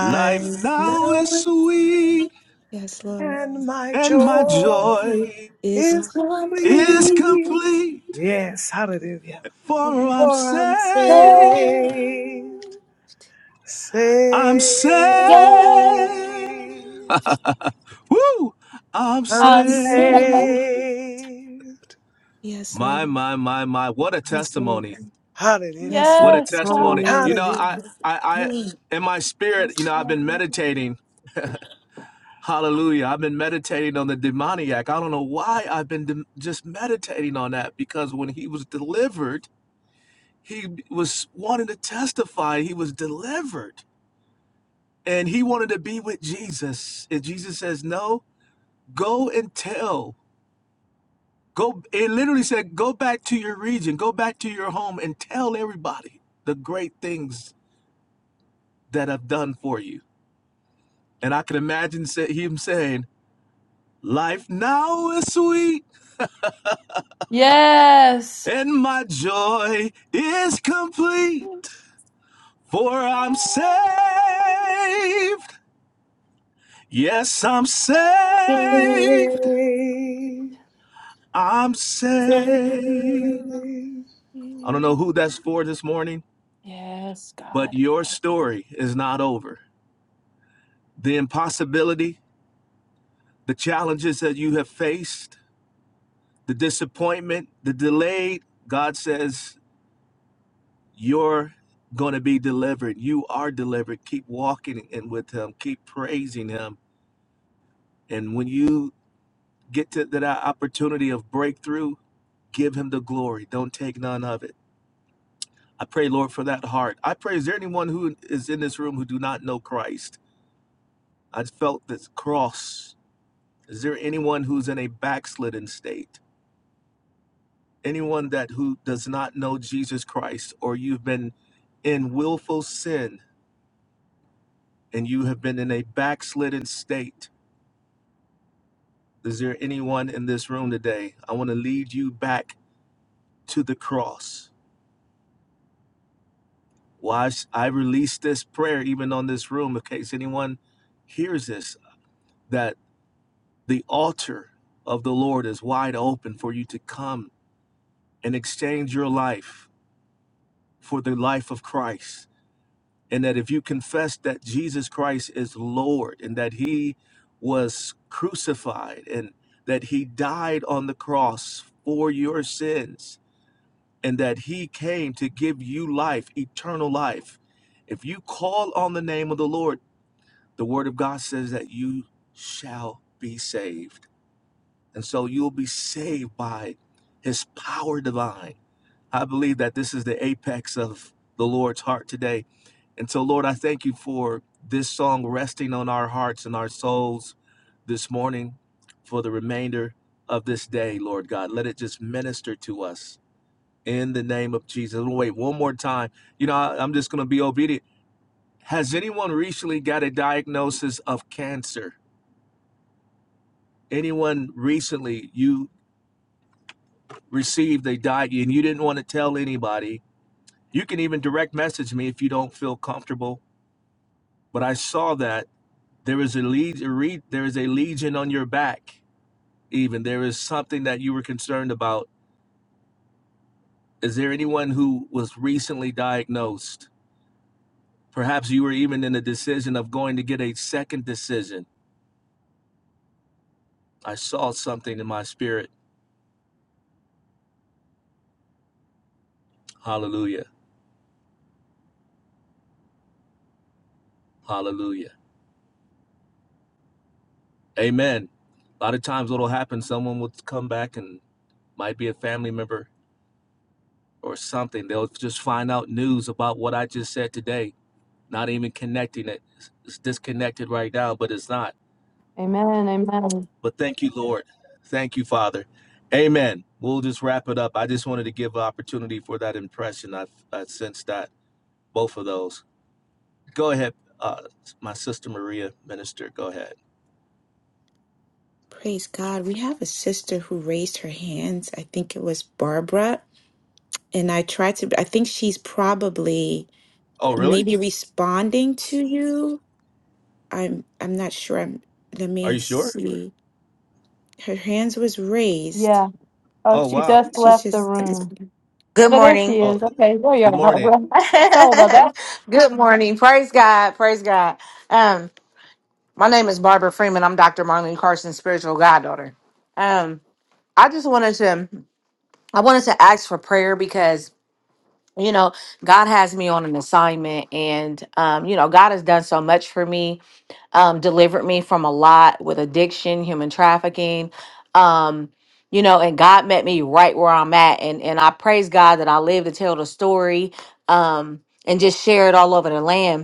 [SPEAKER 1] Life now
[SPEAKER 4] now
[SPEAKER 1] is sweet,
[SPEAKER 3] Yes, Lord.
[SPEAKER 4] and my
[SPEAKER 1] and my
[SPEAKER 4] joy
[SPEAKER 1] joy
[SPEAKER 3] Is
[SPEAKER 4] is
[SPEAKER 3] complete.
[SPEAKER 1] is
[SPEAKER 4] complete.
[SPEAKER 1] complete.
[SPEAKER 4] Yes, hallelujah.
[SPEAKER 1] For I'm
[SPEAKER 4] For I'm
[SPEAKER 2] Lord,
[SPEAKER 1] saved,
[SPEAKER 4] saved.
[SPEAKER 1] I'm
[SPEAKER 4] Saved,
[SPEAKER 1] saved,
[SPEAKER 2] Lord,
[SPEAKER 1] woo, I'm
[SPEAKER 4] I'm
[SPEAKER 2] I'm
[SPEAKER 4] saved.
[SPEAKER 2] so-
[SPEAKER 1] saved.
[SPEAKER 3] Yes,
[SPEAKER 1] My,
[SPEAKER 3] Lord.
[SPEAKER 1] my, my, my, what a
[SPEAKER 3] Yes, Lord.
[SPEAKER 1] testimony.
[SPEAKER 4] Hallelujah.
[SPEAKER 3] Yes,
[SPEAKER 1] What a
[SPEAKER 2] Yes, God.
[SPEAKER 1] testimony.
[SPEAKER 3] Lord.
[SPEAKER 1] You know, I,
[SPEAKER 4] Hallelujah.
[SPEAKER 1] I, I, in my spirit, you know, I've been meditating. Hallelujah. I've been meditating on the demoniac. I don't know why I've been dem- just meditating on that because when he was delivered, he was wanting to testify. He was delivered and he wanted to be with Jesus. And Jesus says, No, go and tell. Go, it literally said, Go back to your region, go back to your home and tell everybody the great things that I've done for you And I can imagine him saying, Life now is sweet,
[SPEAKER 2] Yes.
[SPEAKER 1] and my joy is complete, for I'm saved. Yes, I'm saved.
[SPEAKER 4] Saved,
[SPEAKER 1] I'm
[SPEAKER 4] saved.
[SPEAKER 1] saved. I don't know who that's for this morning,
[SPEAKER 2] Yes,
[SPEAKER 1] but
[SPEAKER 2] God.
[SPEAKER 1] your story is not over. The impossibility, the challenges that you have faced, the disappointment, the delay, God says, you're going to be delivered. You are delivered. Keep walking in with Him. Keep praising Him. And when you get to that opportunity of breakthrough, give Him the glory. Don't take none of it. I pray, Lord, for that heart. I pray, is there anyone who is in this room who do not know Christ? I felt this cross. Is there anyone who's in a backslidden state? Anyone that who does not know Jesus Christ, or you've been in willful sin and you have been in a backslidden state? Is there anyone in this room today? I want to lead you back to the cross. Why I release this prayer even on this room in case anyone hears this that the altar of the Lord is wide open for you to come and exchange your life for the life of Christ. And that if you confess that Jesus Christ is Lord and that he was crucified and that he died on the cross for your sins and that he came to give you life, eternal life. If you call on the name of the Lord, the word of God says that you shall be saved. And so you'll be saved by his power divine. I believe that this is the apex of the Lord's heart today. And so, Lord, I thank you for this song resting on our hearts and our souls this morning for the remainder of this day, Lord God. Let it just minister to us in the name of Jesus. We'll wait one more time. You know, I, am just going to be obedient. Has anyone recently got a diagnosis of cancer? Anyone recently you received a diet and you didn't want to tell anybody? You can even direct message me if you don't feel comfortable. But I saw that there is a legion, there is a legion on your back. Even there is something that you were concerned about. Is there anyone who was recently diagnosed? Perhaps you were even in the decision of going to get a second decision I saw something in my spirit. Hallelujah. Hallelujah. Amen. A lot of times what'll happen, someone will come back and might be a family member or something. They'll just find out news about what I just said today, not even connecting it. It's disconnected right now, but it's not.
[SPEAKER 2] Amen. Amen.
[SPEAKER 1] But thank you, Lord. Thank you, Father. Amen. We'll just wrap it up. I just wanted to give an opportunity for that impression. I've, I sensed that, both of those. Go ahead, uh, my sister Maria, minister. Go ahead.
[SPEAKER 3] Praise God. We have a sister who raised her hands. I think it was Barbara. And I tried to, I think she's probably
[SPEAKER 1] Oh, really?
[SPEAKER 3] maybe responding to you. I'm I'm not sure. I'm, let
[SPEAKER 1] Are
[SPEAKER 3] me
[SPEAKER 1] you sure?
[SPEAKER 3] see. Her hands was raised.
[SPEAKER 2] Yeah. Oh,
[SPEAKER 1] Oh,
[SPEAKER 2] she
[SPEAKER 1] wow.
[SPEAKER 2] just
[SPEAKER 3] She's
[SPEAKER 2] left the
[SPEAKER 3] just, I just
[SPEAKER 2] room.
[SPEAKER 10] Good
[SPEAKER 2] No, there she
[SPEAKER 10] morning.
[SPEAKER 1] Oh,
[SPEAKER 2] is.
[SPEAKER 1] th-
[SPEAKER 2] Okay, there you
[SPEAKER 1] good
[SPEAKER 2] are.
[SPEAKER 1] morning.
[SPEAKER 2] Barbara. Sorry about that.
[SPEAKER 10] Good morning. Praise God. Praise God. Um, my name is Barbara Freeman. I'm Dr. Marlene Carson's spiritual goddaughter. Um, I just wanted to I wanted to ask for prayer because you know god has me on an assignment and um you know god has done so much for me um delivered me from a lot with addiction human trafficking um you know and god met me right where i'm at and and i praise god that i live to tell the story um and just share it all over the land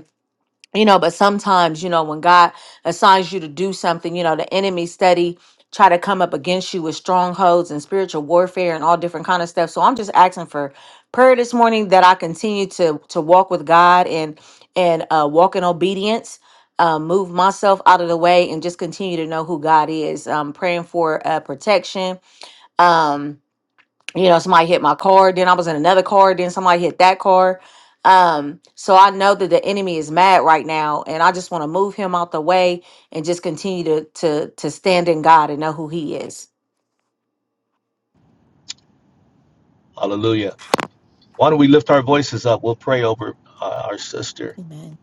[SPEAKER 10] you know but sometimes you know when god assigns you to do something you know the enemy steady try to come up against you with strongholds and spiritual warfare and all different kind of stuff so i'm just asking for prayer this morning that i continue to to walk with god and and uh walk in obedience uh, move myself out of the way and just continue to know who god is um praying for uh protection um you know somebody hit my car then i was in another car then somebody hit that car um so i know that the enemy is mad right now and i just want to move him out the way and just continue to to to stand in god and know who he is
[SPEAKER 1] Hallelujah. Why don't we lift our voices up? We'll pray over uh, our sister.
[SPEAKER 3] amen.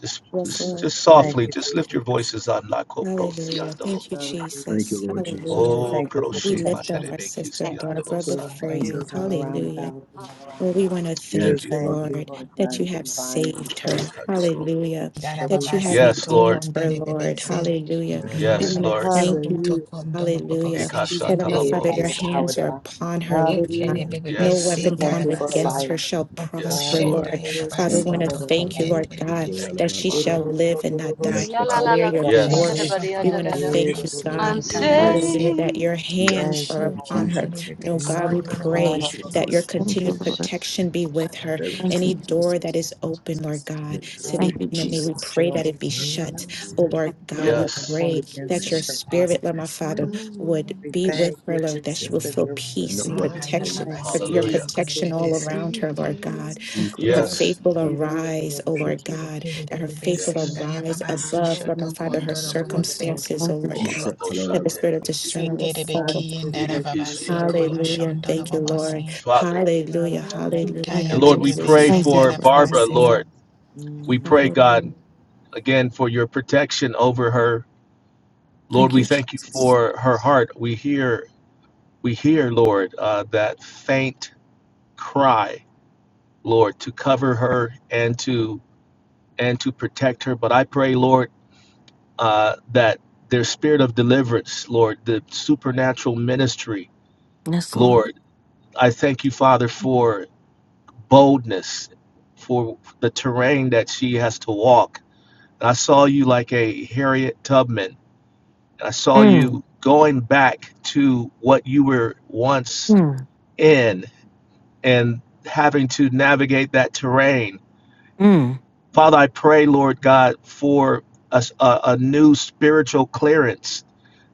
[SPEAKER 1] Just,
[SPEAKER 3] Yes,
[SPEAKER 1] just,
[SPEAKER 3] Lord.
[SPEAKER 1] just
[SPEAKER 4] Thank
[SPEAKER 1] softly,
[SPEAKER 4] you,
[SPEAKER 1] just lift your
[SPEAKER 4] Jesus.
[SPEAKER 1] voices up. Nako prosi
[SPEAKER 3] Hallelujah.
[SPEAKER 1] andolo.
[SPEAKER 3] Thank you,
[SPEAKER 4] Hallelujah.
[SPEAKER 8] Thank you,
[SPEAKER 3] Jesus.
[SPEAKER 8] Lord Jesus.
[SPEAKER 4] We
[SPEAKER 3] Hallelujah.
[SPEAKER 1] Oh,
[SPEAKER 4] thank you for
[SPEAKER 3] We
[SPEAKER 8] Nikola
[SPEAKER 1] proshi
[SPEAKER 3] lift up
[SPEAKER 1] mandele
[SPEAKER 4] protection.
[SPEAKER 3] our sister
[SPEAKER 1] mekisti andolo
[SPEAKER 3] Barbara
[SPEAKER 4] You
[SPEAKER 1] san.
[SPEAKER 4] Lord, our
[SPEAKER 3] before
[SPEAKER 8] la
[SPEAKER 3] you.
[SPEAKER 4] angels
[SPEAKER 8] la
[SPEAKER 4] all
[SPEAKER 8] la.
[SPEAKER 4] around
[SPEAKER 3] Hallelujah.
[SPEAKER 4] about. and all around.
[SPEAKER 3] Well, we want to
[SPEAKER 4] We
[SPEAKER 1] Thank
[SPEAKER 8] Yes,
[SPEAKER 3] thank
[SPEAKER 1] you.
[SPEAKER 3] you,
[SPEAKER 8] Father.
[SPEAKER 4] thank you,
[SPEAKER 3] Lord,
[SPEAKER 4] Lord
[SPEAKER 3] that
[SPEAKER 4] God,
[SPEAKER 3] you
[SPEAKER 4] for
[SPEAKER 3] have
[SPEAKER 4] divine
[SPEAKER 3] saved
[SPEAKER 4] protection.
[SPEAKER 3] her.
[SPEAKER 1] Ikandorobo.
[SPEAKER 3] Hallelujah.
[SPEAKER 4] For we
[SPEAKER 3] That you have
[SPEAKER 4] thank
[SPEAKER 7] Darababasi
[SPEAKER 1] Yes,
[SPEAKER 4] you, Lord.
[SPEAKER 1] Lord.
[SPEAKER 3] redeemed
[SPEAKER 7] tokon
[SPEAKER 3] her,
[SPEAKER 7] dere
[SPEAKER 3] Lord.
[SPEAKER 7] bebese Darababasito con derebese,
[SPEAKER 3] Hallelujah.
[SPEAKER 8] the
[SPEAKER 3] We
[SPEAKER 8] divine
[SPEAKER 1] Yes,
[SPEAKER 3] want to
[SPEAKER 1] Lord.
[SPEAKER 7] Miniababaso
[SPEAKER 3] thank you. God.
[SPEAKER 7] hoto
[SPEAKER 4] Hallelujah.
[SPEAKER 7] con
[SPEAKER 3] Hallelujah.
[SPEAKER 7] donobobose,
[SPEAKER 4] Be
[SPEAKER 1] Ikasha
[SPEAKER 3] Lord, my
[SPEAKER 4] saved
[SPEAKER 3] Father,
[SPEAKER 1] talabo.
[SPEAKER 4] by
[SPEAKER 3] your
[SPEAKER 4] your
[SPEAKER 7] shendayabese,
[SPEAKER 4] power
[SPEAKER 3] hands are
[SPEAKER 4] divine.
[SPEAKER 3] upon her, Lord God.
[SPEAKER 4] Hallelujah.
[SPEAKER 3] No
[SPEAKER 4] We
[SPEAKER 1] Yes.
[SPEAKER 7] Rekelebebese,
[SPEAKER 3] weapon
[SPEAKER 4] thank
[SPEAKER 3] formed
[SPEAKER 4] you for her
[SPEAKER 3] against
[SPEAKER 7] Tarabaso,
[SPEAKER 4] life.
[SPEAKER 3] her shall
[SPEAKER 7] Opo
[SPEAKER 4] Thank you,
[SPEAKER 1] Yes,
[SPEAKER 3] prosper,
[SPEAKER 1] Lord.
[SPEAKER 3] Lord.
[SPEAKER 4] Lord.
[SPEAKER 3] Father,
[SPEAKER 8] beauty
[SPEAKER 3] we want
[SPEAKER 7] bebese
[SPEAKER 3] to
[SPEAKER 4] Hallelujah.
[SPEAKER 8] of
[SPEAKER 7] con
[SPEAKER 3] thank you,
[SPEAKER 8] the
[SPEAKER 3] Lord
[SPEAKER 8] Nikola la
[SPEAKER 3] God,
[SPEAKER 8] kola
[SPEAKER 7] derebese,
[SPEAKER 1] Thank
[SPEAKER 3] that
[SPEAKER 8] la
[SPEAKER 1] you,
[SPEAKER 8] la.
[SPEAKER 3] she
[SPEAKER 1] Father.
[SPEAKER 3] shall live and not
[SPEAKER 8] Yes,
[SPEAKER 3] die.
[SPEAKER 2] La la
[SPEAKER 8] Father.
[SPEAKER 2] la
[SPEAKER 3] Declare
[SPEAKER 2] la
[SPEAKER 3] your
[SPEAKER 2] kushika
[SPEAKER 1] Yes.
[SPEAKER 2] da
[SPEAKER 3] glory.
[SPEAKER 2] ba da
[SPEAKER 7] bobose
[SPEAKER 2] ya
[SPEAKER 3] We
[SPEAKER 2] da
[SPEAKER 3] want to
[SPEAKER 2] da da.
[SPEAKER 3] thank you,
[SPEAKER 7] donobobose,
[SPEAKER 2] I'm
[SPEAKER 3] God.
[SPEAKER 8] Your wisdom,
[SPEAKER 3] Hallelujah,
[SPEAKER 7] Hitarabase,
[SPEAKER 3] that
[SPEAKER 2] safe.
[SPEAKER 3] your
[SPEAKER 8] your
[SPEAKER 3] hands are upon
[SPEAKER 7] Shoken
[SPEAKER 8] vision,
[SPEAKER 3] her. No, God, we
[SPEAKER 7] derebeson
[SPEAKER 8] la
[SPEAKER 1] Kandorobo
[SPEAKER 8] la
[SPEAKER 3] pray
[SPEAKER 1] bo bo
[SPEAKER 7] donobobose,
[SPEAKER 1] bo
[SPEAKER 8] la
[SPEAKER 3] that
[SPEAKER 8] la.
[SPEAKER 3] your
[SPEAKER 1] koshi.
[SPEAKER 3] continued protection be with her.
[SPEAKER 8] Every
[SPEAKER 3] Any door that is open, Lord God,
[SPEAKER 8] single
[SPEAKER 3] to the enemy, we
[SPEAKER 4] Watching
[SPEAKER 3] pray
[SPEAKER 4] over.
[SPEAKER 3] that it be shut. Oh,
[SPEAKER 8] order to
[SPEAKER 3] Lord
[SPEAKER 4] No
[SPEAKER 3] God, we
[SPEAKER 4] weapon
[SPEAKER 1] Yes.
[SPEAKER 4] formed
[SPEAKER 3] pray
[SPEAKER 4] against
[SPEAKER 3] that
[SPEAKER 8] me,
[SPEAKER 4] us
[SPEAKER 3] your
[SPEAKER 4] shall
[SPEAKER 3] spirit,
[SPEAKER 4] prosper.
[SPEAKER 3] Lord, my Father, would
[SPEAKER 4] And we
[SPEAKER 3] be with
[SPEAKER 4] thank
[SPEAKER 3] her,
[SPEAKER 4] you,
[SPEAKER 3] Lord, that she
[SPEAKER 4] Jesus,
[SPEAKER 3] will
[SPEAKER 4] that
[SPEAKER 3] feel
[SPEAKER 4] you're with
[SPEAKER 8] and
[SPEAKER 4] us.
[SPEAKER 3] peace
[SPEAKER 8] no
[SPEAKER 3] and
[SPEAKER 8] weapon formed.
[SPEAKER 3] protection.
[SPEAKER 4] Thank you,
[SPEAKER 3] put
[SPEAKER 7] Sitayababase,
[SPEAKER 3] Your
[SPEAKER 1] Hallelujah.
[SPEAKER 7] Ken
[SPEAKER 4] Jesus.
[SPEAKER 3] protection all
[SPEAKER 7] derebese,
[SPEAKER 3] around her, Lord God,
[SPEAKER 8] Nikola
[SPEAKER 3] that her
[SPEAKER 8] la
[SPEAKER 3] faith
[SPEAKER 1] Yes.
[SPEAKER 3] will
[SPEAKER 8] la la.
[SPEAKER 3] arise, oh Lord God, that her faith will
[SPEAKER 7] Kerebebese,
[SPEAKER 1] Yes.
[SPEAKER 3] arise
[SPEAKER 7] Dayababasi,
[SPEAKER 3] above, Lord my Father,
[SPEAKER 7] Shotokon
[SPEAKER 3] her
[SPEAKER 7] dono bobose.
[SPEAKER 3] circumstances, oh Lord God,
[SPEAKER 8] Blessings
[SPEAKER 3] that the spirit of
[SPEAKER 1] Oraboshaterimidi,
[SPEAKER 3] discernment will fall
[SPEAKER 7] Seterebeki and
[SPEAKER 3] upon her.
[SPEAKER 1] Dirikishi
[SPEAKER 7] Darababasi
[SPEAKER 1] Andolobo.
[SPEAKER 3] Hallelujah.
[SPEAKER 7] Koyoshon
[SPEAKER 3] Thank you, Lord.
[SPEAKER 7] Dorobobose.
[SPEAKER 1] Father.
[SPEAKER 3] Hallelujah, hallelujah,
[SPEAKER 7] Hikaya
[SPEAKER 1] And Lord, we
[SPEAKER 7] Bebebe
[SPEAKER 3] hallelujah,
[SPEAKER 1] pray
[SPEAKER 7] Send
[SPEAKER 1] for Barbara,
[SPEAKER 3] hallelujah,
[SPEAKER 7] Darababase.
[SPEAKER 1] Lord. We pray,
[SPEAKER 3] hallelujah.
[SPEAKER 1] God, again for your protection over her. Lord, we thank you for her heart. We hear, we hear, Lord, uh, that faint cry, Lord, to cover her and to and to protect her. But I pray, Lord, uh, that their spirit of deliverance, Lord, the supernatural ministry, Lord, I thank you, Father, for boldness for the terrain that she has to walk. And I saw you like a Harriet Tubman. And I saw you going back to what you were once in and having to navigate that terrain. Father, I pray, Lord God, for a a a new spiritual clearance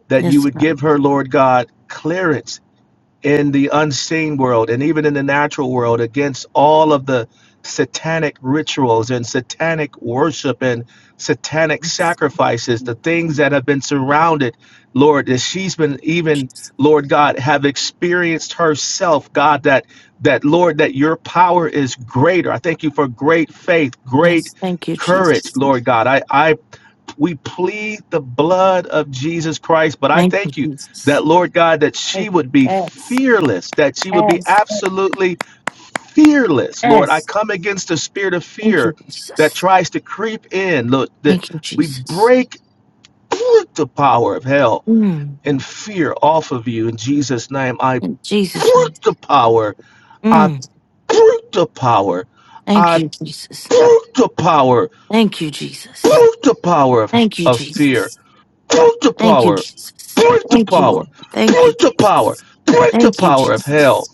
[SPEAKER 1] that you would give her, Lord God, clearance in the unseen world and even in the natural world against all of the satanic rituals and satanic worship and satanic sacrifices, the things that have been surrounded, Lord, that she's been even, Lord God, have experienced herself, God, that that Lord, that your power is greater. I thank you for great faith, great courage, Lord God. I, I we plead the blood of Jesus Christ. But I thank you that, Lord God, that she would be fearless, that she would be absolutely fearless. Lord, I come against the spirit of fear that tries to creep in. Lord, that we break the power of hell and fear off of you in Jesus' name. I break the power. I break the power. I break the power. Break the power of, of fear Break the power. Break the power. Break the power. Break the power of hell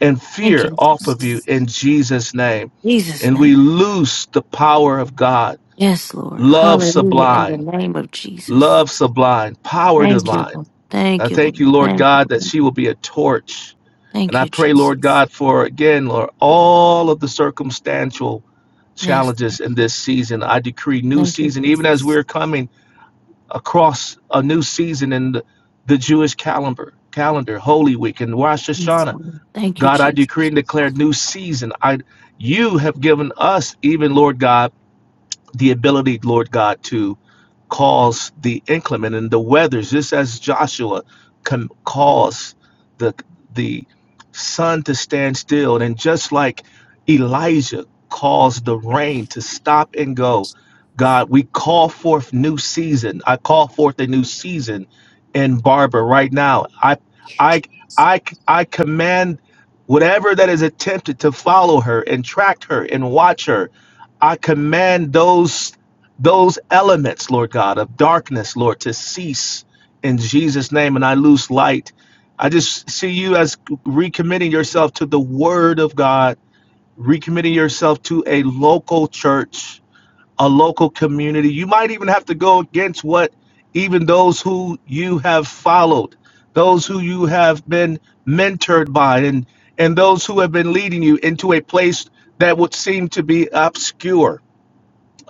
[SPEAKER 1] and fear off of you in Jesus' name. And we loose the power of God. Love sublime. Love sublime. Power divine. I thank you, Lord God, that she will be a torch. And I pray, Lord God, for again, Lord, all of the circumstantial challenges in this season. I decree new season, even as we're coming across a new season in the, the Jewish calendar, calendar, Holy Week and Rosh Hashanah. God, I decree and declare new season. I, you have given us, even Lord God the ability, Lord God, to cause the inclement and the weathers, just as Joshua can cause the the sun to stand still, and just like Elijah caused the rain to stop and go. God, we call forth new season. I call forth a new season in Barbara right now. I I I I command whatever that is attempted to follow her and track her and watch her I command those those elements, Lord God, of darkness, Lord, to cease in Jesus' name, and I lose light. I just see you as recommitting yourself to the Word of God, recommitting yourself to a local church, a local community. You might even have to go against what even those who you have followed, those who you have been mentored by, and and those who have been leading you into a place that would seem to be obscure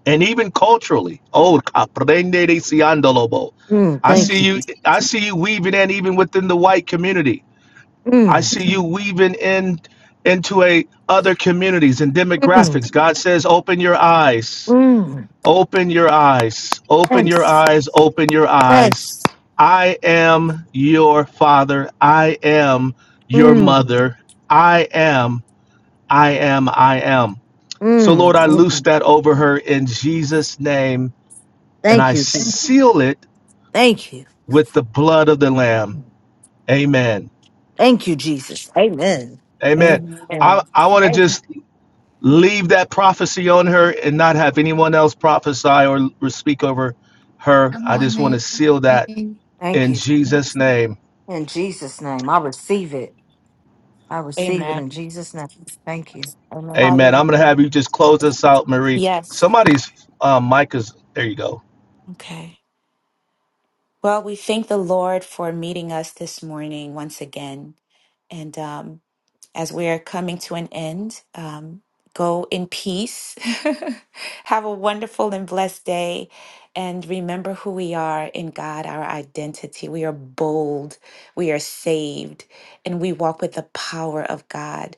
[SPEAKER 1] and even culturally. Oh, aprende de siandolobo. I see you. I see you weaving in even within the white community. I see you weaving in into a other communities and demographics. God says, open your eyes, open your eyes, open your eyes, open your eyes. I am your father. I am your mother. I am. I am. I am. So Lord, I loose that over her in Jesus' name and I seal it with the blood of the Lamb. Amen. Amen.
[SPEAKER 3] Amen.
[SPEAKER 4] Amen.
[SPEAKER 1] I, I want to just leave that prophecy on her and not have anyone else prophesy or, or speak over her.
[SPEAKER 7] Good
[SPEAKER 1] I just want to
[SPEAKER 7] morning.
[SPEAKER 1] seal that in Jesus' name.
[SPEAKER 10] in jesus name i receive it i receive
[SPEAKER 3] Amen.
[SPEAKER 10] it thank you
[SPEAKER 1] Amen. I'm going to
[SPEAKER 3] Hallelujah.
[SPEAKER 1] have you just close us out, Marie.
[SPEAKER 3] Yes.
[SPEAKER 1] Somebody's um, mic is, there you go.
[SPEAKER 3] Okay. Well, we thank the Lord for meeting us this morning once again. And um, as we are coming to an end, um, go in peace. Have a wonderful and blessed day. And remember who we are in God, our identity. We are bold, we are saved, and we walk with the power of God.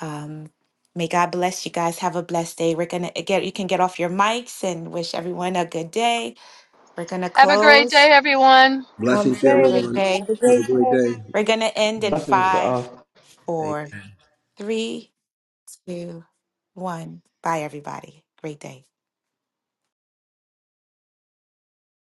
[SPEAKER 3] Um, may God bless you guys. Have a blessed day. We're gonna get you can get off your mics and wish everyone a good day. We're gonna
[SPEAKER 2] Have a great
[SPEAKER 3] close.
[SPEAKER 2] day, everyone.
[SPEAKER 4] I'm
[SPEAKER 8] to
[SPEAKER 3] Have a
[SPEAKER 4] safe.
[SPEAKER 3] great
[SPEAKER 8] everyone.
[SPEAKER 3] day.
[SPEAKER 4] Have a
[SPEAKER 8] Have a
[SPEAKER 4] great
[SPEAKER 8] great
[SPEAKER 4] day.
[SPEAKER 8] day.
[SPEAKER 3] We're gonna end in
[SPEAKER 6] Blessings to
[SPEAKER 3] five,
[SPEAKER 6] all.
[SPEAKER 3] four, three, two, one. Bye, everybody. Great day.